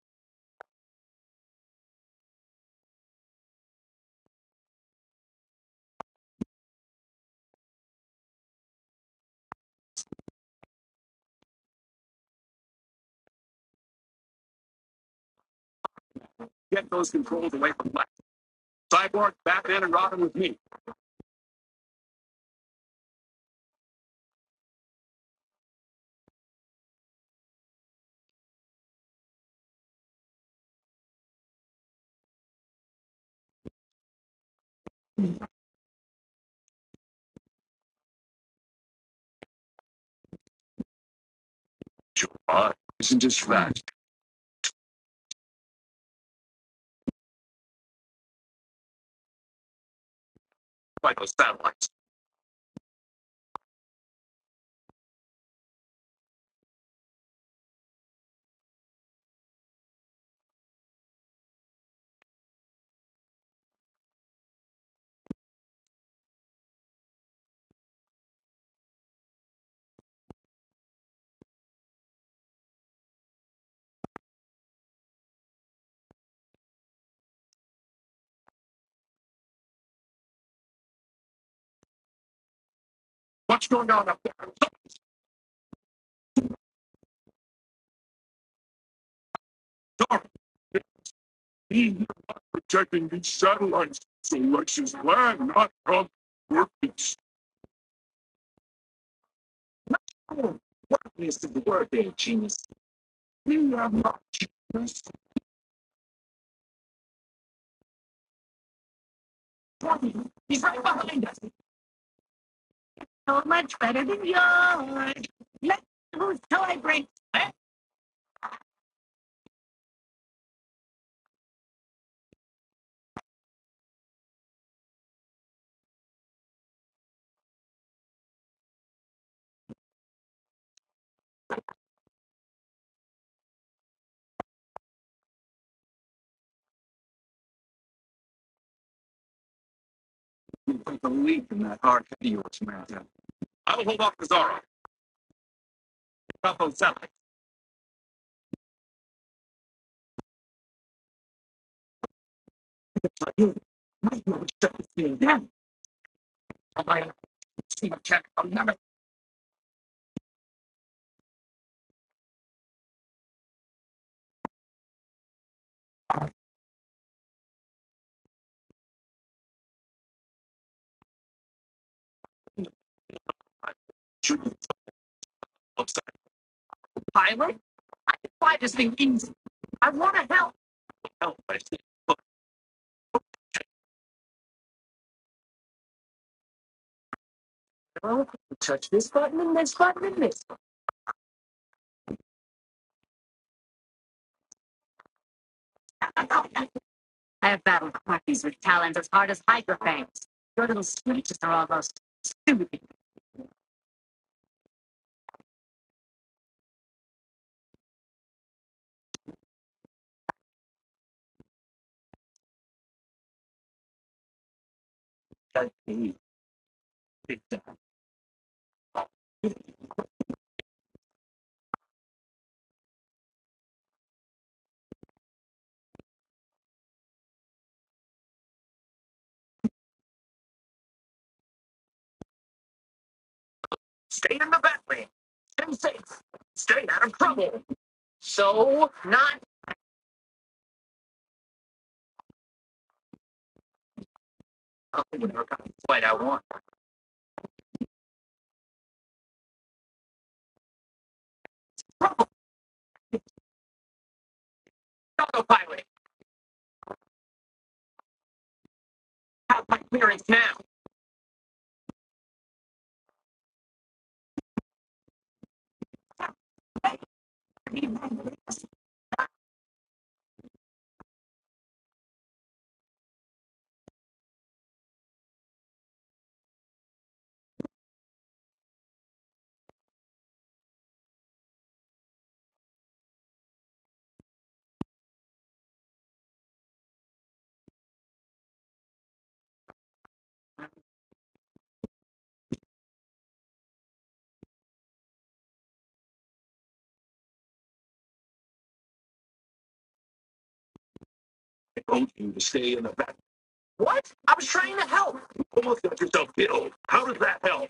[SPEAKER 2] Get those controls away from Lex. Cyborg, Batman, and Robin with me. Sure. Isn't just fast by those satellites. You put the lead in that hard head of yours, Marathon. I'll hold off the Zorro. About those satellites. So not what I want. I told you to stay in the back. What? I was trying to help. You almost got yourself killed. How does that help?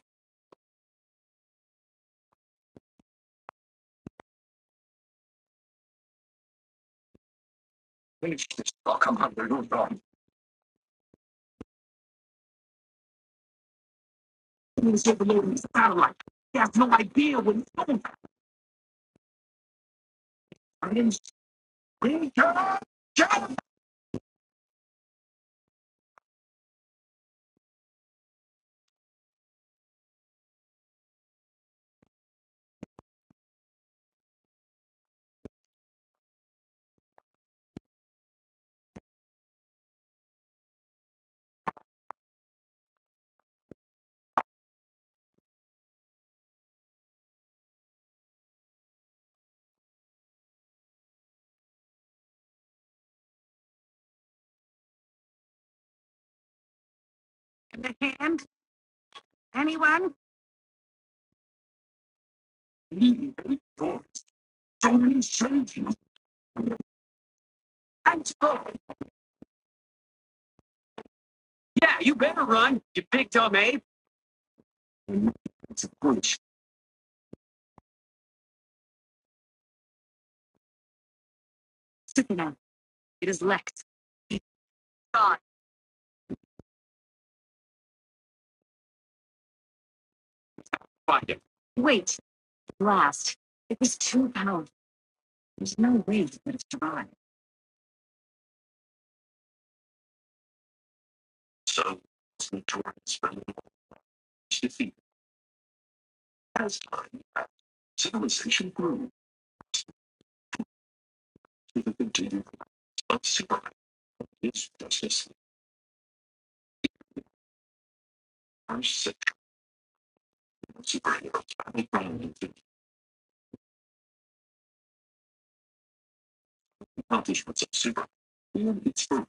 [SPEAKER 2] Finish this. Oh, come on, we're going wrong. Shit below the satellite. He has no idea what he's doing. I didn't scream. Defeat has time. Civilization grew to the continuance of super is justice. Our section of superheroes finally found the accomplishments of super.